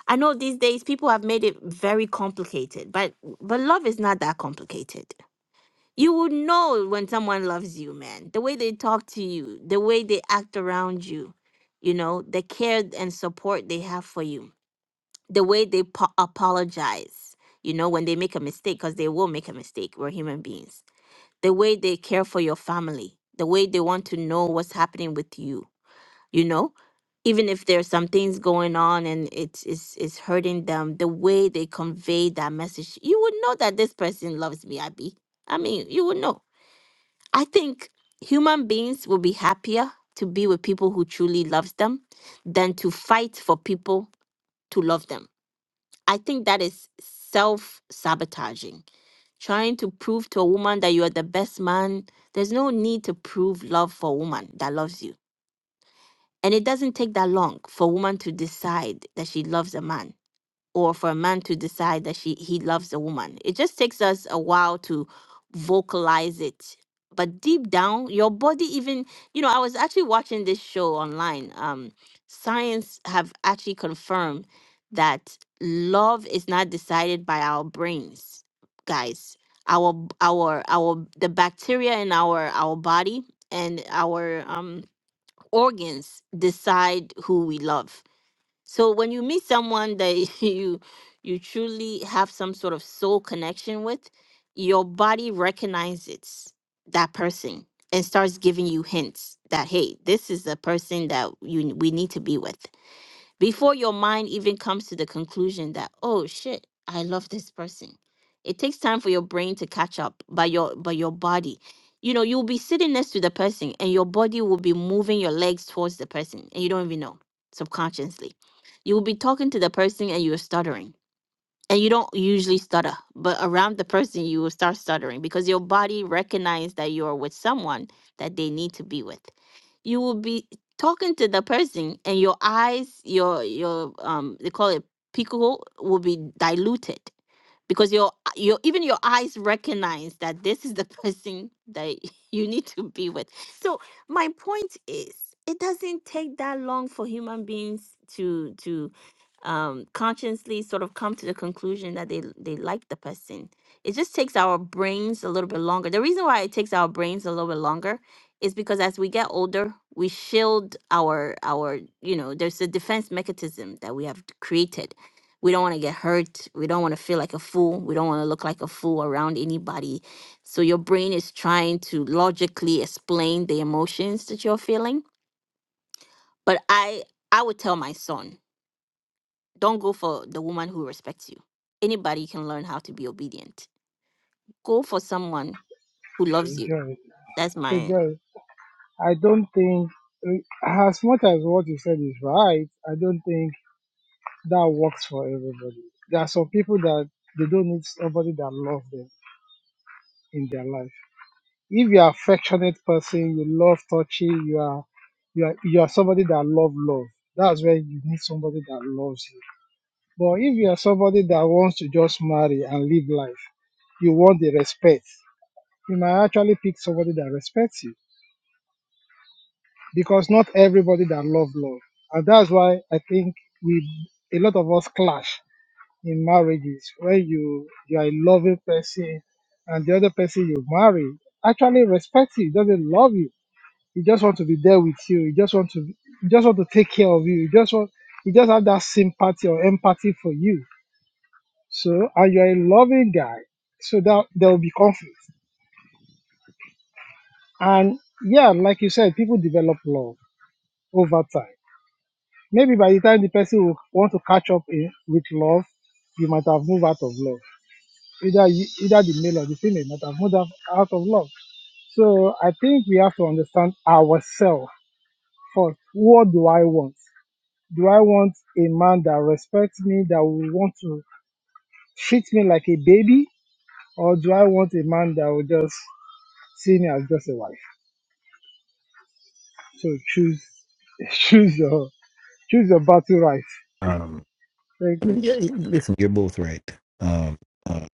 A: i know these days people have made it very complicated but but love is not that complicated you would know when someone loves you, man. The way they talk to you, the way they act around you, you know, the care and support they have for you, the way they po- apologize, you know, when they make a mistake, because they will make a mistake. We're human beings. The way they care for your family, the way they want to know what's happening with you, you know, even if there's some things going on and it's, it's, it's hurting them, the way they convey that message, you would know that this person loves me, Abby. I mean, you would know I think human beings will be happier to be with people who truly loves them than to fight for people to love them. I think that is self-sabotaging. Trying to prove to a woman that you are the best man, there's no need to prove love for a woman that loves you. And it doesn't take that long for a woman to decide that she loves a man or for a man to decide that she he loves a woman. It just takes us a while to vocalize it. But deep down, your body even you know, I was actually watching this show online. Um science have actually confirmed that love is not decided by our brains, guys. Our b- our our the bacteria in our our body and our um organs decide who we love so when you meet someone that you you truly have some sort of soul connection with, your body recognizes that person and starts giving you hints that hey, this is the person that you we need to be with before your mind even comes to the conclusion that oh shit i love this person it takes time for your brain to catch up But your but your body you know you'll be sitting next to the person and your body will be moving your legs towards the person and you don't even know subconsciously you will be talking to the person and you're stuttering and you don't usually stutter but around the person you will start stuttering because your body recognizes that you're with someone that they need to be with you will be talking to the person and your eyes your your um they call it pico will be diluted because your your even your eyes recognize that this is the person that you need to be with so my point is it doesn't take that long for human beings to to um, consciously sort of come to the conclusion that they they like the person. It just takes our brains a little bit longer. The reason why it takes our brains a little bit longer is because as we get older, we shield our our you know there's a defense mechanism that we have created. We don't want to get hurt. We don't want to feel like a fool. We don't want to look like a fool around anybody. So your brain is trying to logically explain the emotions that you're feeling. But I I would tell my son don't go for the woman who respects you. Anybody can learn how to be obedient. Go for someone who loves you.
C: Enjoy,
A: That's my
C: enjoy. I don't think as much as what you said is right, I don't think that works for everybody. There are some people that they don't need somebody that loves them in their life. if you're affectionate person you love touching you are you are you are somebody that love love that's where you need somebody that loves you but if you are somebody that wants to just marry and live life you want the respect you might actually pick somebody that respects you because not everybody that love love and that's why i think we a lot of us clash in marriages where you you are a loving person and the other person you marry actually respects you doesn't love you You just want to be there with you. You just want to You just want to take care of you. You just want You just have that sympathy or empathy for you. So and you're a loving guy. So that there will be conflict. And yeah, like you said, people develop love over time. Maybe by the time the person will want to catch up in, with love, you might have moved out of love. Either you, either the male or the female might have moved out out of love. So I think we have to understand ourselves first. What do I want? Do I want a man that respects me, that will want to treat me like a baby? Or do I want a man that will just see me as just a wife? So choose choose your choose your battle right.
I: Um,
C: Thank
I: I
C: you.
I: mean, yeah, you- listen, you're both right. Um, uh,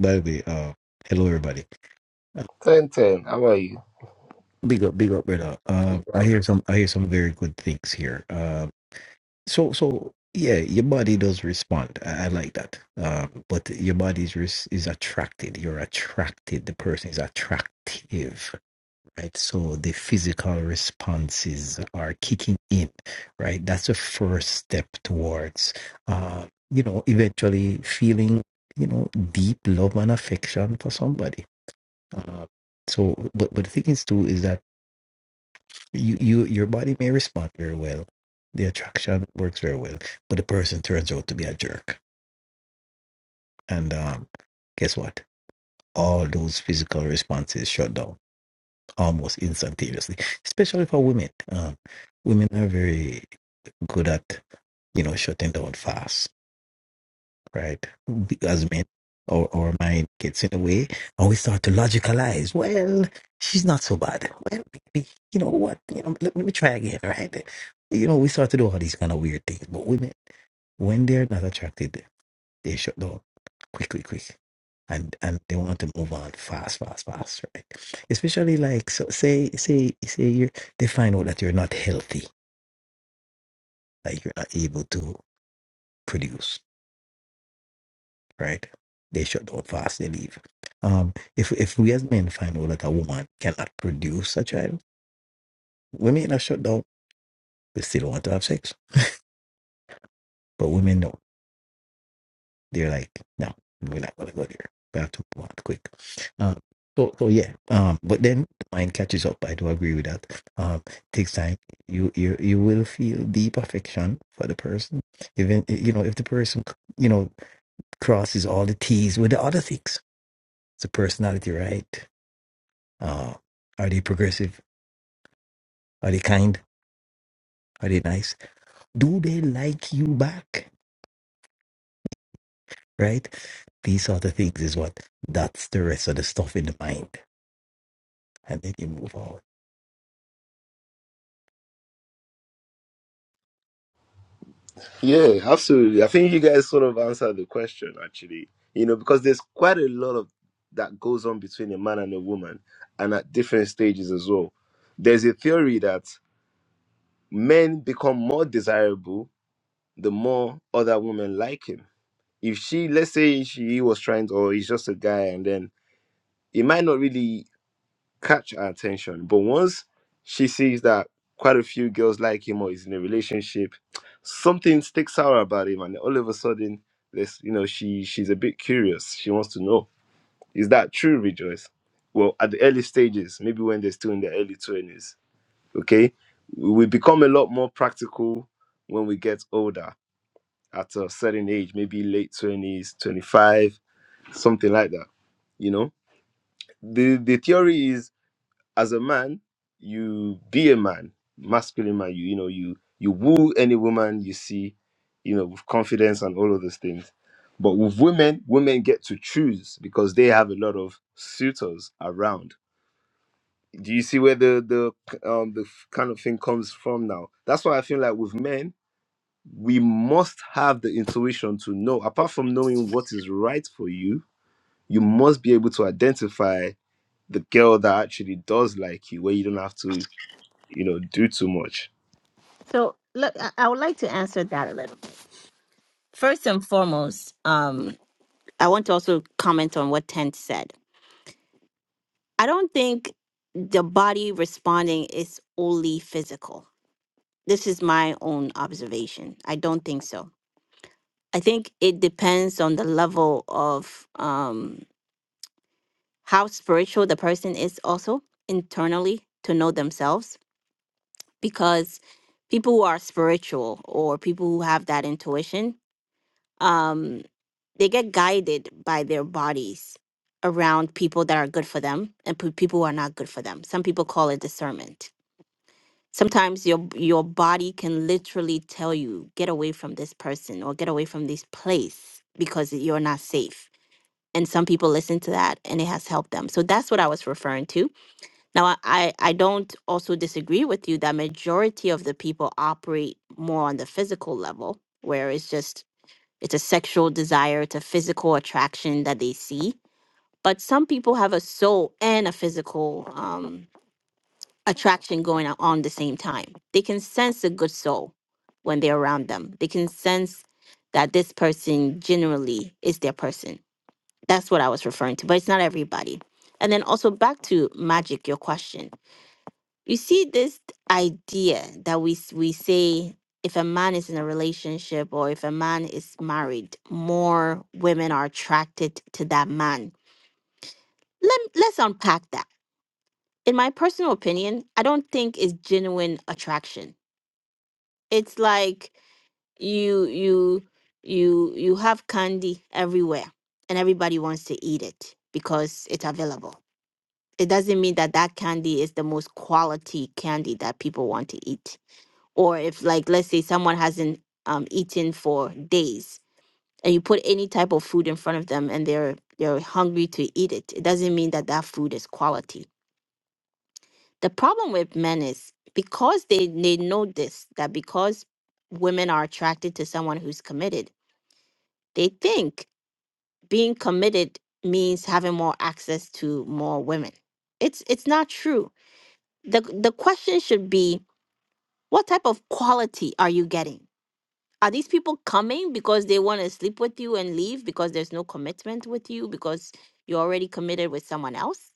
I: by the way, uh, hello everybody. Uh,
E: Ten ten, how are you?
I: big up, big up, brother. Uh,
E: Big
I: I
E: up.
I: hear some, I hear some very good things here. Uh, so, so yeah, your body does respond. I, I like that. Um, but your body is res- is attracted. You're attracted. The person is attractive. right? So the physical responses are kicking in, right? That's the first step towards, uh, you know, eventually feeling, you know, deep love and affection for somebody. Uh, so, but, but the thing is too is that you, you your body may respond very well, the attraction works very well, but the person turns out to be a jerk, and um, guess what? All those physical responses shut down almost instantaneously, especially for women. Um, women are very good at, you know, shutting down fast, right? We- As men, our, our mind gets in the way and we start to logicalize. Well, she's not so bad. Well, maybe, you know what? You know, let, let me try again, right? You know, we start to do all these kind of weird things. But women, when they're not attracted they shut down quick, quick, quick. And and they want to move on fast, fast, fast, right? Especially like so say say say you they find out that you're not healthy, like you're not able to produce, right? They shut down fast, they leave. Um if if we as men find out that a woman cannot produce a child, women are shut down, we still want to have sex. But women don't. they're like, no, we're not going to go there. We have to move on quick. Um, so, so yeah. Um, but then the mind catches up. I do agree with that. Um, takes time. You, you, you will feel deep affection for the person. Even, you know, if the person, you know, crosses all the T's with the other things, it's a personality, right? Uh, are they progressive? Are they kind? Are they nice? Do they like you back? Right? These sort of things is what that's the rest of the stuff in the mind. And then you move on
E: Yeah, absolutely. I think you guys sort of answered the question actually. You know, because there's quite a lot of that goes on between a man and a woman and at different stages as well. There's a theory that men become more desirable the more other women like him if she let's say she he was trying to or he's just a guy and then it might not really catch her attention but once she sees that quite a few girls like him or he's in a relationship something sticks out about him and all of a sudden this you know she she's a bit curious she wants to know is that true rejoice well at the early stages maybe when they're still in their early 20s okay we we become a lot more practical when we get older at a certain age maybe late 20s 25 something like that you know the the theory is as a man you be a man masculine man you you know you you woo any woman you see you know with confidence and all of those things but with women women get to choose because they have a lot of suitors around do you see where the the um the f- kind of thing comes from now that's why i feel like with men we must have the intuition to know apart from knowing what is right for you you must be able to identify the girl that actually does like you where you don't have to you know do too much
A: So look, I I would like to answer that a little. First and foremost, um, I want to also comment on what Tent said. I don't think the body responding is only physical. This is my own observation. I don't think so. I think it depends on the level of um, how spiritual the person is, also internally to know themselves. Because people who are spiritual or people who have that intuition, um, they get guided by their bodies around people that are good for them and pe- people who are not good for them. Some people call it discernment sometimes your your body can literally tell you get away from this person or get away from this place because you're not safe and some people listen to that and it has helped them so that's what i was referring to now i i I don't also disagree with you that majority of the people operate more on the physical level where it's just it's a sexual desire it's a physical attraction that they see but some people have a soul and a physical um attraction going on on the same time. They can sense a good soul when they're around them. They can sense that this person generally is their person. That's what I was referring to, but it's not everybody. And then also back to magic, your question. You see this idea that we s- we say if a man is in a relationship or if a man is married, more women are attracted to that man. Let, let's unpack that. In my personal opinion, I don't think it's genuine attraction it's like you you you you have candy everywhere and everybody wants to eat it because it's available it doesn't mean that that candy is the most quality candy that people want to eat or if like let's say someone hasn't um, eaten for days and you put any type of food in front of them and they're they're hungry to eat it it doesn't mean that that food is quality the problem with men is because they they know this that because women are attracted to someone who's committed they think being committed means having more access to more women it's it's not true the the question should be what type of quality are you getting are these people coming because they want to sleep with you and leave because there's no commitment with you because you're already committed with someone else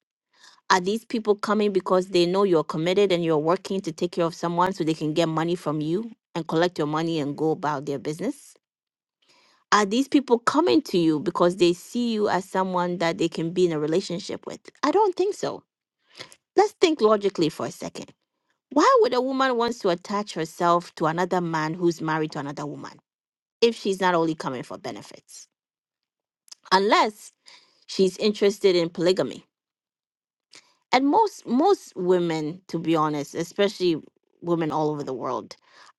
A: are these people coming because they know you're committed and you're working to take care of someone so they can get money from you and collect your money and go about their business? Are these people coming to you because they see you as someone that they can be in a relationship with? I don't think so. Let's think logically for a second. Why would a woman wants to attach herself to another man who's married to another woman if she's not only coming for benefits? Unless she's interested in polygamy and most most women to be honest especially women all over the world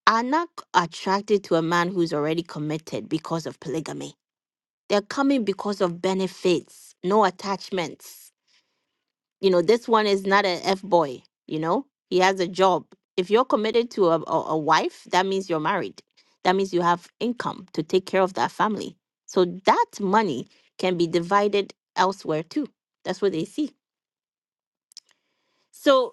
A: are not c- attracted to a man who's already committed because of polygamy they're coming because of benefits no attachments you know this one is not an f-boy you know he has a job if you're committed to a, a, a wife that means you're married that means you have income to take care of that family so that money can be divided elsewhere too that's what they see so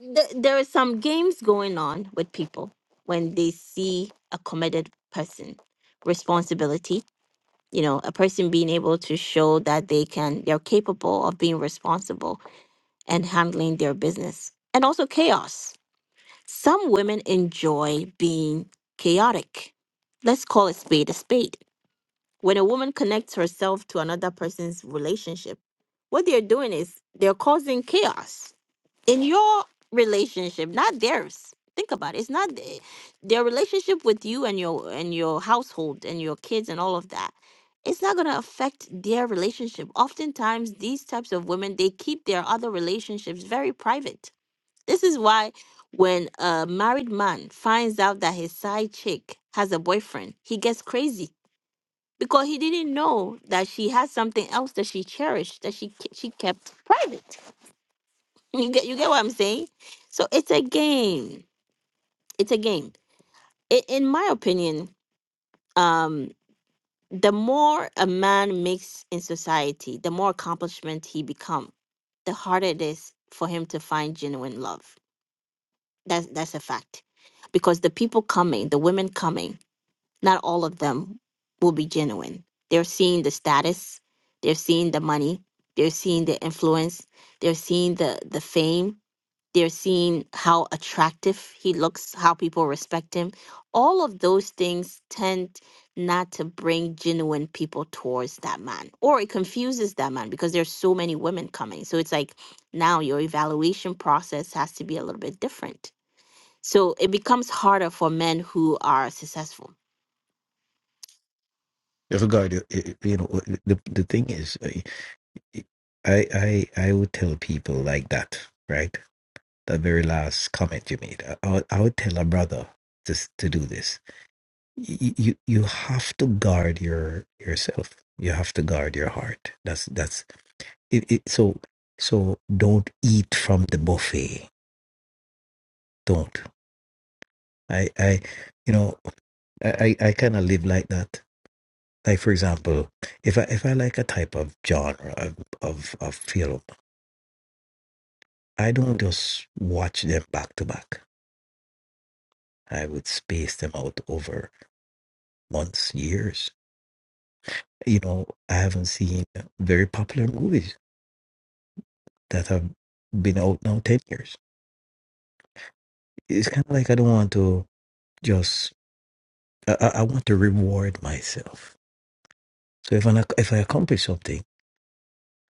A: th- there are some games going on with people when they see a committed person responsibility you know a person being able to show that they can they're capable of being responsible and handling their business and also chaos some women enjoy being chaotic let's call a spade a spade when a woman connects herself to another person's relationship what they're doing is they're causing chaos in your relationship, not theirs. Think about it. It's not the- their relationship with you and your and your household and your kids and all of that. It's not gonna affect their relationship. Oftentimes, these types of women they keep their other relationships very private. This is why when a married man finds out that his side chick has a boyfriend, he gets crazy because he didn't know that she has something else that she cherished that she ke- she kept private. You get you get what I'm saying? So it's a game. It's a game. I- in my opinion, um, the more a man makes in society, the more accomplishment he become, the harder it is for him to find genuine love. That's that's a fact. Because the people coming, the women coming, not all of them will be genuine. They're seeing the status, they're seeing the money, they're seeing the influence, they're seeing the the fame, they're seeing how attractive he looks, how people respect him. All of those things tend not to bring genuine people towards that man, or it confuses that man because there's so many women coming. So it's like now your evaluation process has to be a little bit different. So it becomes harder for men who are successful.
I: Regard, uh, uh, you know, uh, the the thing is, uh, I I I would tell people like that, right? That very last comment you made, I, I would I would tell a brother to s- to do this. You, you you have to guard your yourself. You have to guard your heart. That's that's it, it. So so don't eat from the buffet. Don't. I I you know I I, kind of live like that. Like for example, if I if I like a type of genre of of, of film, I don't just watch them back to back. I would space them out over months, years. You know, I haven't seen very popular movies that have been out now 10 years. It's kind of like I don't want to just, I, I I want to reward myself. So if I, if I accomplish something,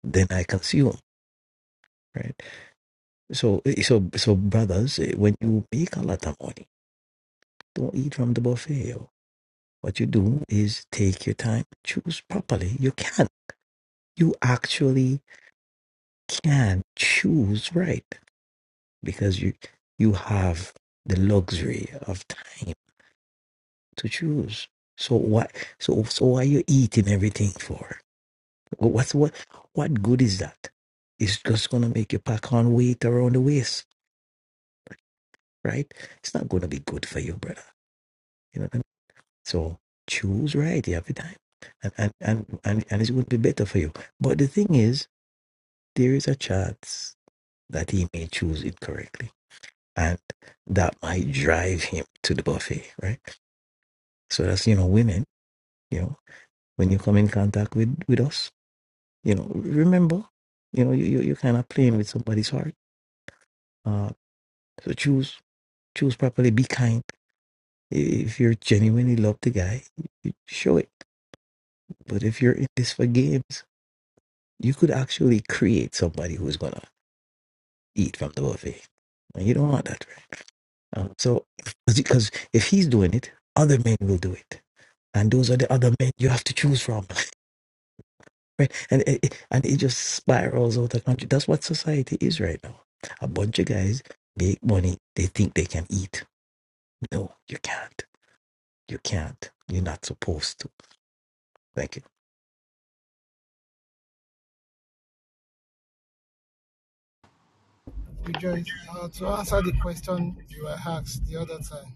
I: then I consume, right? So, eh, so, so brothers, eh, when you make a lot of money, don't eat from the buffet. yo. What you do is take your time, choose properly. You can. you actually can choose right because you you have the luxury of time to choose so what so so why you eating everything for Wha- what's what what good is that it's just gonna make you pack on weight around the waist right it's not gonna be good for you brother you know what i mean so choose right every time and and and, and, and it's gonna be better for you but the thing is there is a chance that he may choose incorrectly and that might drive him to the buffet, right? So that's you know, women, you know, when you come in contact with with us, you know, remember, you know, you you you're kind of playing with somebody's heart. Uh, so choose choose properly. Be kind. If you are genuinely love the guy, show it. But if you're in this for games, you could actually create somebody who's gonna eat from the buffet, and you don't want that, right? Um, so because if he's doing it, other men will do it and those are the other men you have to choose from right and it, it- and it just spirals out of country that's what society is right now a bunch of guys make money they think they can eat no you can't you can't you're not supposed to Thank you.
C: Rejoice. Uh, to answer the question you were asked the other time,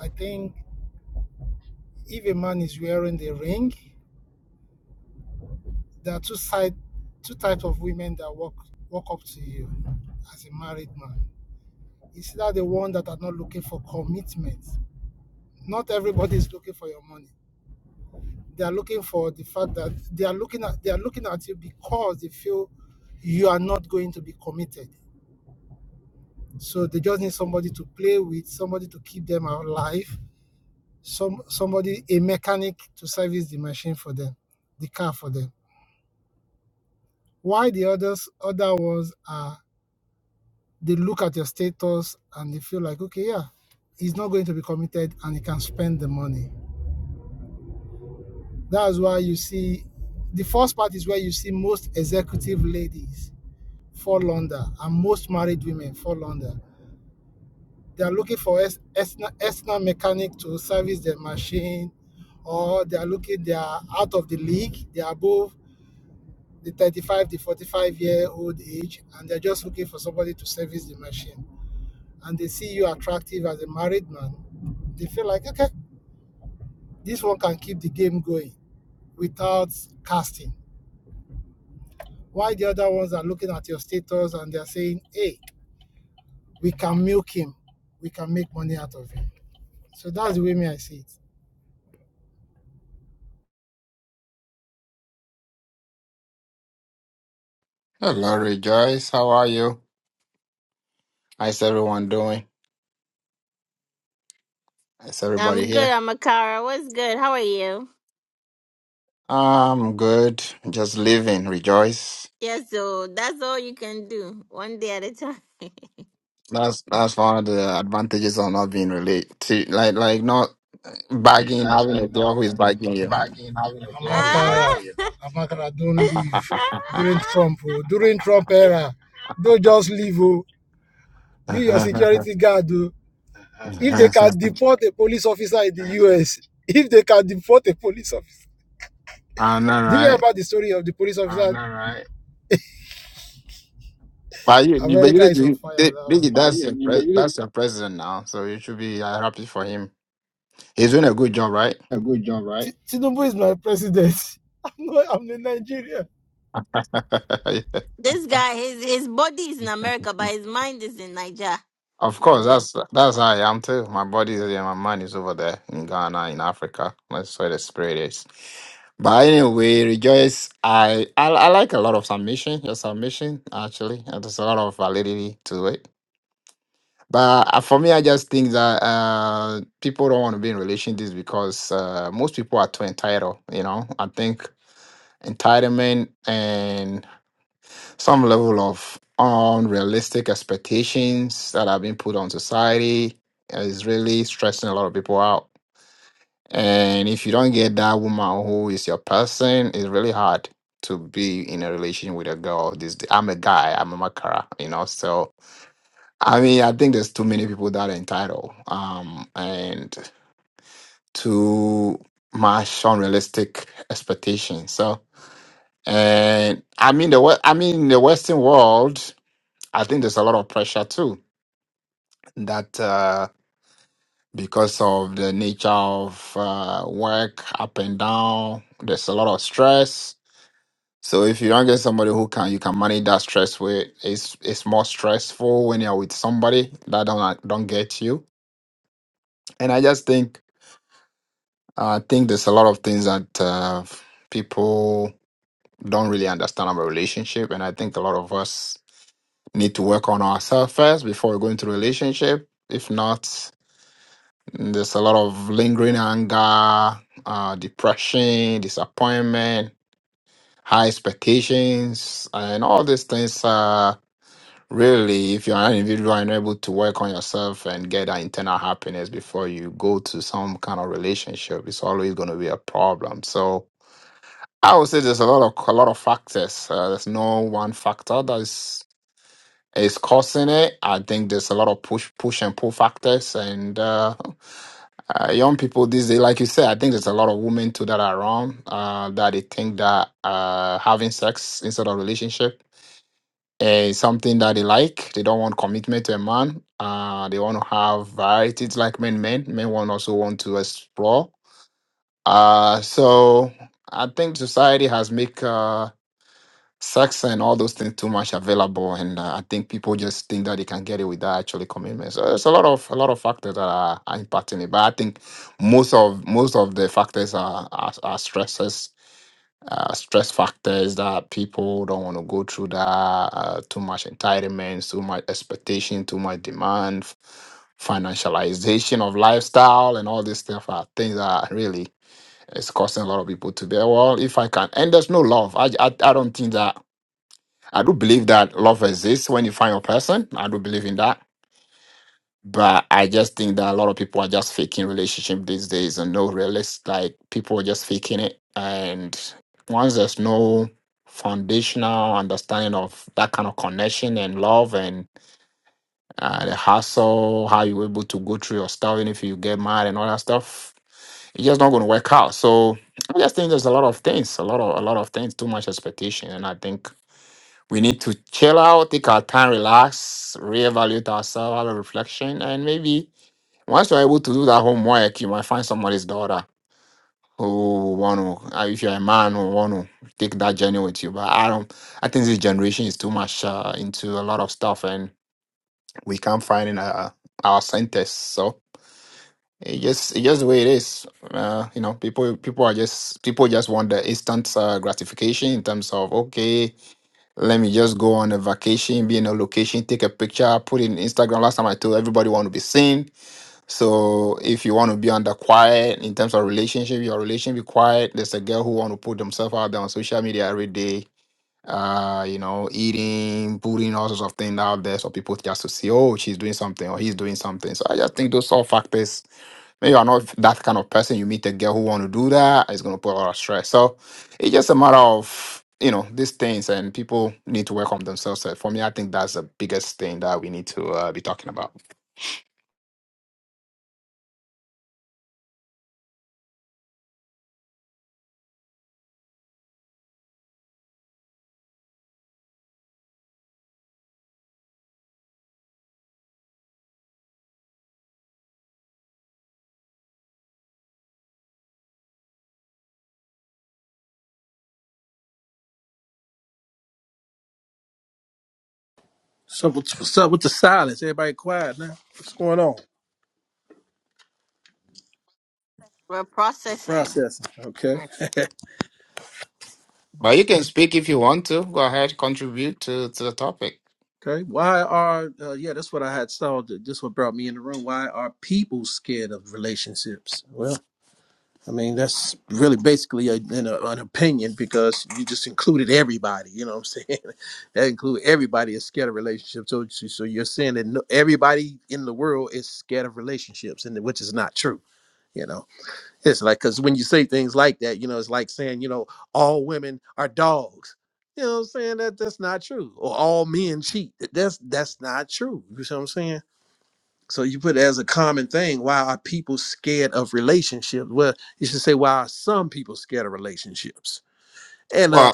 C: I think if a man is wearing the ring, there are two side, two types of women that walk walk up to you as a married man. It's either the one that are not looking for commitment Not everybody is looking for your money. They are looking for the fact that they are looking at they are looking at you because they feel you are not going to be committed. So they just need somebody to play with, somebody to keep them alive, some somebody a mechanic to service the machine for them, the car for them. Why the others other ones are they look at your status and they feel like okay yeah, he's not going to be committed and he can spend the money. That's why you see the first part is where you see most executive ladies fall under and most married women fall under. They are looking for ex- external external mechanic to service their machine, or they are looking they are out of the league. They are above the 35 to 45 year old age, and they're just looking for somebody to service the machine. And they see you attractive as a married man. They feel like okay, this one can keep the game going without casting. Why the other ones are looking at your status and they're saying, hey, we can milk him, we can make money out of him. So that's the way me I see it.
J: Hello, Rejoice. How are you? How's everyone doing? How's everybody
A: I'm good,
J: here?
A: Amakara. What's good? How are you?
J: I'm good. Just living, Rejoice.
A: Yeah, so that's all you can do, one day at a time.
J: That's that's one of the advantages of not being related, like like not bagging,
C: Like,
J: having a
C: like not
J: girl who is bagging you.
C: bagging, having a Amakara,
A: ah!
C: Amakara, don't leave during Trump, oh, during Trump era. Don't just leave, oh. be your security guard. Oh. If they can deport a police officer in the US, if they can deport a police officer.
J: I know,
C: Did you hear
J: right?
C: about the story of the police officer? know, right?
J: But you, you- but
C: America
J: you,
C: is on
J: you,
C: fire
J: they-
C: now.
J: they-
C: But
J: that's your
C: you, but
J: pres,
C: you
J: that's your president now, so you should be uh, happy for him. He's doing a good job, right?
C: a good job, right? Tinubu is my president. I'm not, I'm in Nigeria.
A: This guy, his his body is in America, but his mind is in Niger.
J: Of course,
A: Niger.
J: that's that's how I am too. My body is here, my mind is over there in Ghana, in Africa. That's where the spirit is. But anyway, rejoice. I I, I like a lot of submission, your submission actually. And there's a lot of validity to it. But uh, for me, I just think that uh, people don't want to be in relationships because uh, most people are too entitled. You know, I think entitlement and some level of unrealistic expectations that have been put on society is really stressing a lot of people out. And if you don't get that woman who is your person, it's really hard to be in a relation with a girl. This I'm a guy, I'm a makara, you know. So I mean, I think there's too many people that are entitled, um, and too much unrealistic expectations. So and I mean the wo- I mean the Western world. I think there's a lot of pressure too that uh, because of the nature of uh, work, up and down, there's a lot of stress. So if you don't get somebody who can you can manage that stress with, it's it's more stressful when you're with somebody that don't don't get you. And I just think uh, I think there's a lot of things that uh, people don't really understand about relationship, and I think a lot of us need to work on ourselves first before we go into relationship. If not, And There's a lot of lingering anger, uh, depression, disappointment, high expectations, and all these things are really, if you're an individual and able to work on yourself and get that internal happiness before you go to some kind of relationship, it's always going to be a problem. So I would say there's a lot of a lot of factors. Uh, there's no one factor. that's is causing it. I think there's a lot of push, push and pull factors, and uh, uh, young people these days, like you said, I think there's a lot of women too that are wrong. Uh, that they think that uh, having sex instead of relationship is something that they like. They don't want commitment to a man. Uh, they want to have varieties like men. Men, men want also want to explore. Uh, so I think society has make. Uh, sex and all those things too much available and uh, i think people just think that they can get it without actually commitment so there's a lot of a lot of factors that are, are impacting it but i think most of most of the factors are are, are stresses uh, stress factors that people don't want to go through that uh, too much entitlement too much expectation too much demand f- financialization of lifestyle and all this stuff are things that really is causing a lot of people to be well if i can and there's no love i i, I don't think that I do believe that love exists when you find your person. I do believe in that. But I just think that a lot of people are just faking relationship these days and no realist. Like people are just faking it. And once there's no foundational understanding of that kind of connection and love and uh, the hassle, how you're able to go through your stuff, and if you get mad and all that stuff, it's just not going to work out. So I just think there's a lot of things, a lot of a lot of things, too much expectation, and I think we need to chill out, take our time, relax, reevaluate ourselves, have a reflection, and maybe once you're able to do that homework, you might find somebody's daughter who want to, if you're a man who want to take that journey with you. But I don't, I think this generation is too much uh, into a lot of stuff, and we can't find in our, our centers. So it just, it's just the way it is. Uh, you know, people, people are just, people just want the instant uh, gratification in terms of okay let me just go on a vacation, be in a location, take a picture, put it in Instagram. Last time I told everybody want to be seen. So if you want to be under quiet in terms of relationship, your relationship be quiet. There's a girl who want to put themselves out there on social media every day uh, you know, eating, putting all sorts of things out there so people just to see, oh, she's doing something or he's doing something. So I just think those all factors. Maybe you're not that kind of person. You meet a girl who want to do that, it's gonna put a lot of stress. So it's just a matter of you know these things, and people need to work on themselves. So for me, I think that's the biggest thing that we need to uh, be talking about.
K: So what's, what's up with the silence? Everybody quiet now. What's going on?
A: We're processing.
K: Processing. Okay.
J: But you can speak if you want to. Go ahead, contribute to to the topic.
K: okay. Why are uh, yeah? That's what I had saw. That this what brought me in the room. Why are people scared of relationships? Well, I mean that's really basically a, an, uh, an opinion because you just included everybody. You know what I'm saying? that include everybody is scared of relationships. So so so you're saying that no, everybody in the world is scared of relationships, and which is not true. You know. It's like because when you say things like that, you know, it's like saying, you know, all women are dogs. You know what I'm saying? That that's not true. Or all men cheat. That- That's that's not true. You see what I'm saying? So you put it as a common thing. Why are people scared of relationships? Well, you should say why are some people scared of relationships? And uh
J: Well,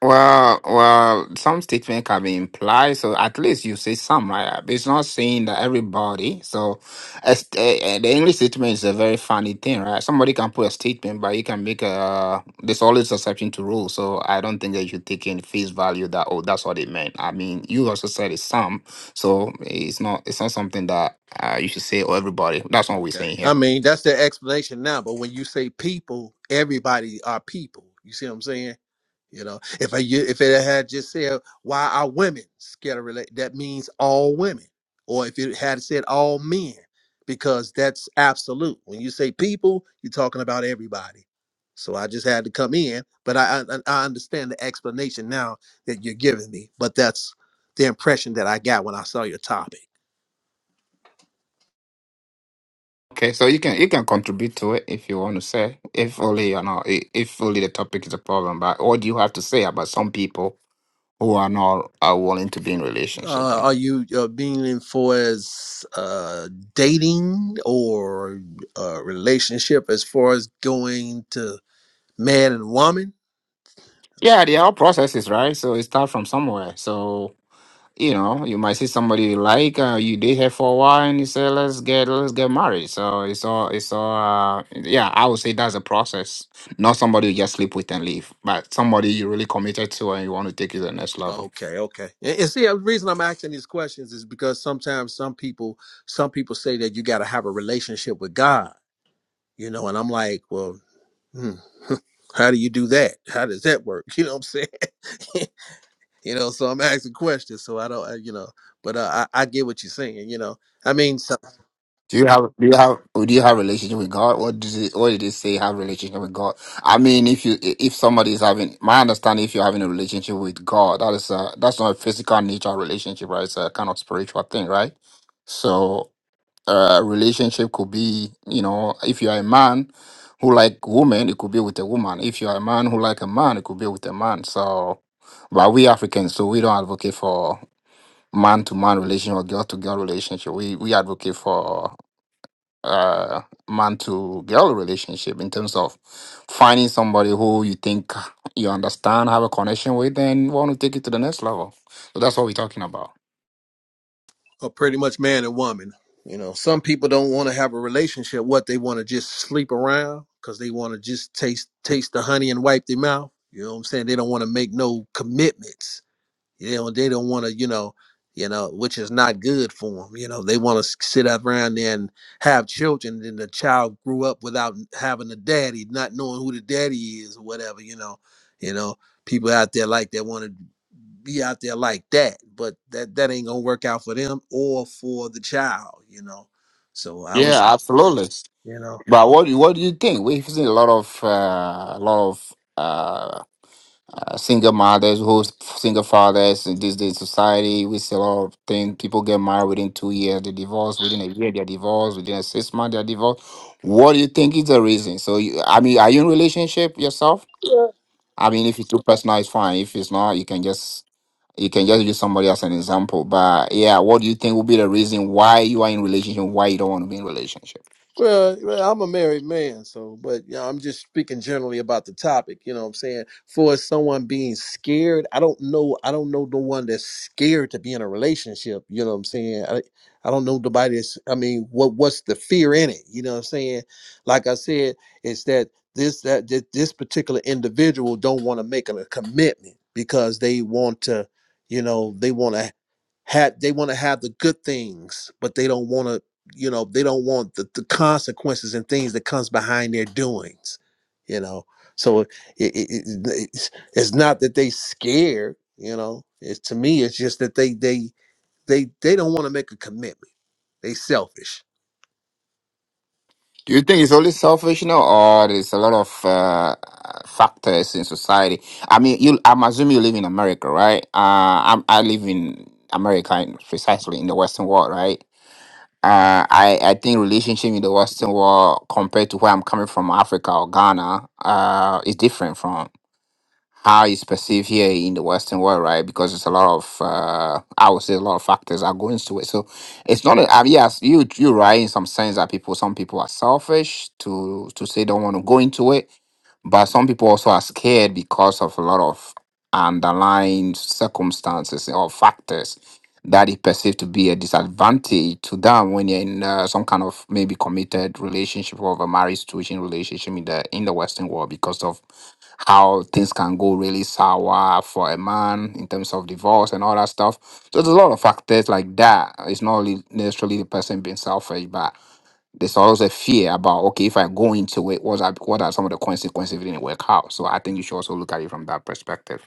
J: Well, well, some statement can be implied, so at least you say some, right? It's not saying that everybody. So, as, uh, uh, the English statement is a very funny thing, right? Somebody can put a statement, but you can make a. There's always exception to rule, so I don't think that you take in face value that oh, that's what it meant. I mean, you also said it's some, so it's not it's not something that uh, you should say oh everybody. That's not what we're
K: Okay.
J: saying here.
K: I mean, that's the explanation now. But when you say people, everybody are people. You see what I'm saying? You know, if I you- if it had just said why are women scared of relate, that means all women, or if it had said all men, because that's absolute. When you say people, you're talking about everybody. So I just had to come in, but I I, I understand the explanation now that you're giving me. But that's the impression that I got when I saw your topic.
J: Okay, so you can you can contribute to it if you want to say, if only you know, i- if only the topic is a problem. But what do you have to say about some people who are not are willing to be in relationship?
K: Uh,
J: Then,
K: are you uh, being in for as uh, dating or uh, relationship as far as going to man and woman?
J: yeah, they are processes, right? So it starts from somewhere. So you know, you might see somebody you like, uh, you date her for a while, and you say, let's get let's get married. So it's all it's all uh, yeah. I would say that's a process, not somebody you just sleep with and leave, but somebody you really committed to and you want to take it to the next level.
K: Okay, okay. And, and see, uh, the reason I'm asking these questions is because sometimes some people, some people say that you got to have a relationship with God, you know, and I'm like, well, hmm, how do you do that? How does that work? You know what I'm saying? you know, so I'm asking questions, so I don't, uh, you know, but uh, I, I get what you're saying, you know. I mean, so
J: Do you have do you have do you have relationship with God? What does it what did it say have relationship with God? I mean if you if somebody is having my understanding if you're having a relationship with God, that is a that's not a physical nature relationship, right? It's a kind of spiritual thing, right? So uh relationship could be, you know, if you are a man who like woman, it could be with a woman. If you are a man who like a man, it could be with a man. So but we Africans, so we don't advocate for man to man relationship or girl to girl relationship. We we advocate for uh, man to girl relationship in terms of finding somebody who you think you understand, have a connection with, and want to take it to the next level. So that's what we're talking about.
K: are pretty much man and woman. You know, some people don't want to have a relationship. What they want to just sleep around because they want to just taste taste the honey and wipe their mouth. You know what I'm saying? They don't want to make no commitments. You know, they don't want to, you know, you know, which is not good for them. You know, they want to sit up around there and have children, and the child grew up without having a daddy, not knowing who the daddy is or whatever. You know, you know, people out there like that want to be out there like that, but that that ain't gonna work out for them or for the child. You know, so I
J: Yeah,
K: was,
J: absolutely.
K: you know.
J: But what do- what do you think? We've seen a lot of uh, a lot of uh, uh, single mothers who single fathers in this day society. We see a lot of things. People get married within two years, they divorce within a year, they're divorced within a six month, they're divorced. What do you think is the reason? So, you, I mean, are you in relationship yourself? I mean, if it's too personal, it's fine. If it's not, you can just you can just use somebody as an example. But yeah, what do you think will be the reason why you are in relationship, why you don't want to be in relationship?
K: Well, well, I'm a married man, so but you know, I'm just speaking generally about the topic. You know what I'm saying? For someone being scared, I don't know. I don't know the one that's scared to be in a relationship. You know what I'm saying? I, I don't know nobody that's. I mean, what what's the fear in it? You know what I'm saying? Like I said, it's that this that this, this particular individual don't want to make a commitment because they want to, you know, they want to have they want to have the good things, but they don't want to you know they don't want the, the consequences and things that comes behind their doings you know so it, it, it, it's, it's not that they scared you know it's to me it's just that they they they they don't want to make a commitment they selfish
J: Do you think it's only selfish, you know, or there's a lot of uh, factors in society? I mean, you I'm assuming you live in America, right? Uh, I'm, I live in America, in- precisely in the Western world, right? Uh, I, I think relationship in the Western world compared to where I'm coming from, Africa or Ghana, uh, is different from. how it's perceived here in the Western world, right? Because it's a lot of, uh, I would say, a lot of factors are going into it. So it's not. A, I mean, yes, you you are right in some sense that people, some people are selfish to to say don't want to go into it, but some people also are scared because of a lot of underlying circumstances or factors that is perceived to be a disadvantage to them when you're in uh, some kind of maybe committed relationship or a marriage situation relationship in the in the Western world because of how things can go really sour for a man in terms of divorce and all that stuff. So there's a lot of factors like that. It's not only necessarily the person being selfish, but there's also a fear about okay, if I go into it, what are what are some of the consequences if it didn't work out? So I think you should also look at it from that perspective.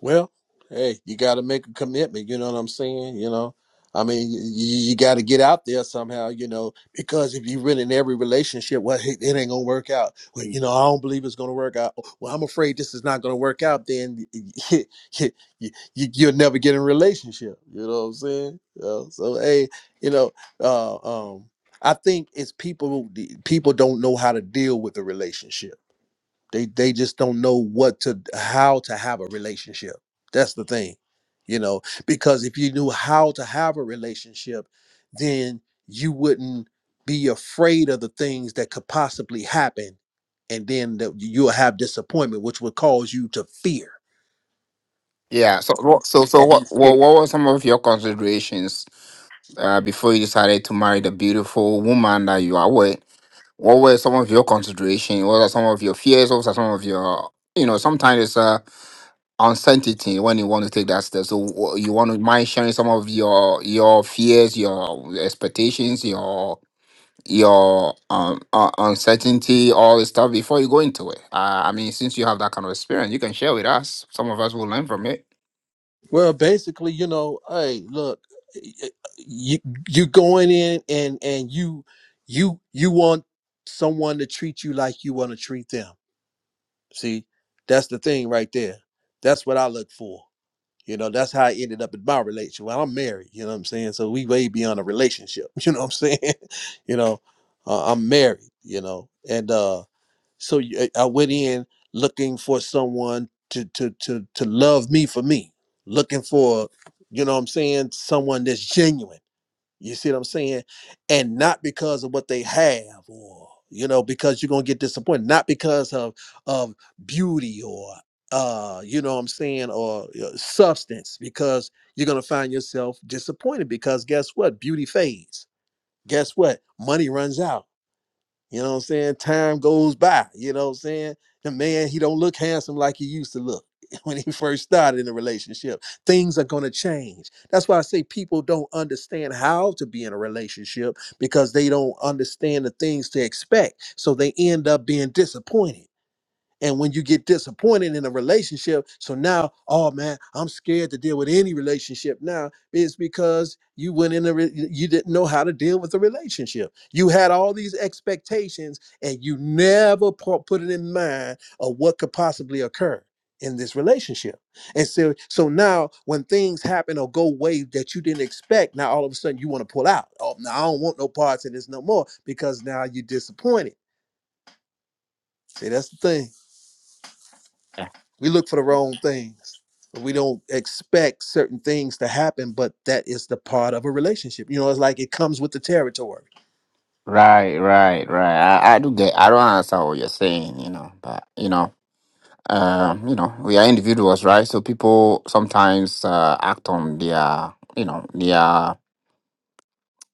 K: Well, hey, you got to make a commitment. You know what I'm saying? You know, I mean, you, you got to get out there somehow. You know, because if you really in every relationship, well, hey, it ain't gonna work out. Well, you know, I don't believe it's gonna work out. Well, I'm afraid this is not gonna work out. Then you, you, you'll never get in a relationship. You know what I'm saying? You know, so hey, you know, uh, um, I think it's people. People don't know how to deal with the relationship they they just don't know what to how to have a relationship. That's the thing, you know, because if you knew how to have a relationship, then you wouldn't be afraid of the things that could possibly happen, and then that you'll have disappointment, which would cause you to fear
J: Yeah. So, what- so, so,
K: or be
J: what, what,
K: scared.
J: what were some of your considerations uh, before you decided to marry the beautiful woman that you are with? What were some of your considerations? What are some of your fears? What are some of your, you know, sometimes it's uh, uncertainty when you want to take that step. So, wha- you want to mind sharing some of your your fears, your expectations, your your um uh, uncertainty, all this stuff before you go into it. Uh, I mean, since you have that kind of experience, you can share with us. Some of us will learn from it.
K: Well, basically, you know, hey, look, you you going in and and you you you want someone to treat you like you want to treat them See, that's the thing right there. That's what I look for. You know, that's how I ended up in my relationship. Well, I'm married, you know what I'm saying? So we way beyond a relationship, you know what I'm saying? you know, uh, I'm married, you know. And uh so y- I I went in looking for someone to to to to love me for me, looking for, you know what I'm saying, someone that's genuine you see what I'm saying? And not because of what they have or you know, because you're gonna get disappointed, not because of of beauty or uh, you know what I'm saying, or uh, substance, because you're gonna find yourself disappointed because guess what? Beauty fades. Guess what? Money runs out. You know what I'm saying? Time goes by. You know what I'm saying? The man, he don't look handsome like he used to look when he first started in the relationship. Things are gonna change. That's why I say people don't understand how to be in a relationship because they don't understand the things to expect. So they end up being disappointed and when you get disappointed in a relationship, so now, oh man, I'm scared to deal with any relationship now, is because you went in a re- you didn't know how to deal with a relationship. You had all these expectations and you never pu- put it in mind of what could possibly occur in this relationship. And so so now when things happen or go way that you didn't expect, now all of a sudden you want to pull out. Oh, now I don't want no parts of this no more because now you're disappointed. See, that's the thing We look for the wrong things. We don't expect certain things to happen, but that is the part of a relationship. You know, it's like it comes with the territory.
J: Right, right, right. I, I do get. I don't understand what you're saying, you know. But you know, um, you know, we are individuals, right? So people sometimes uh, act on their, you know, their,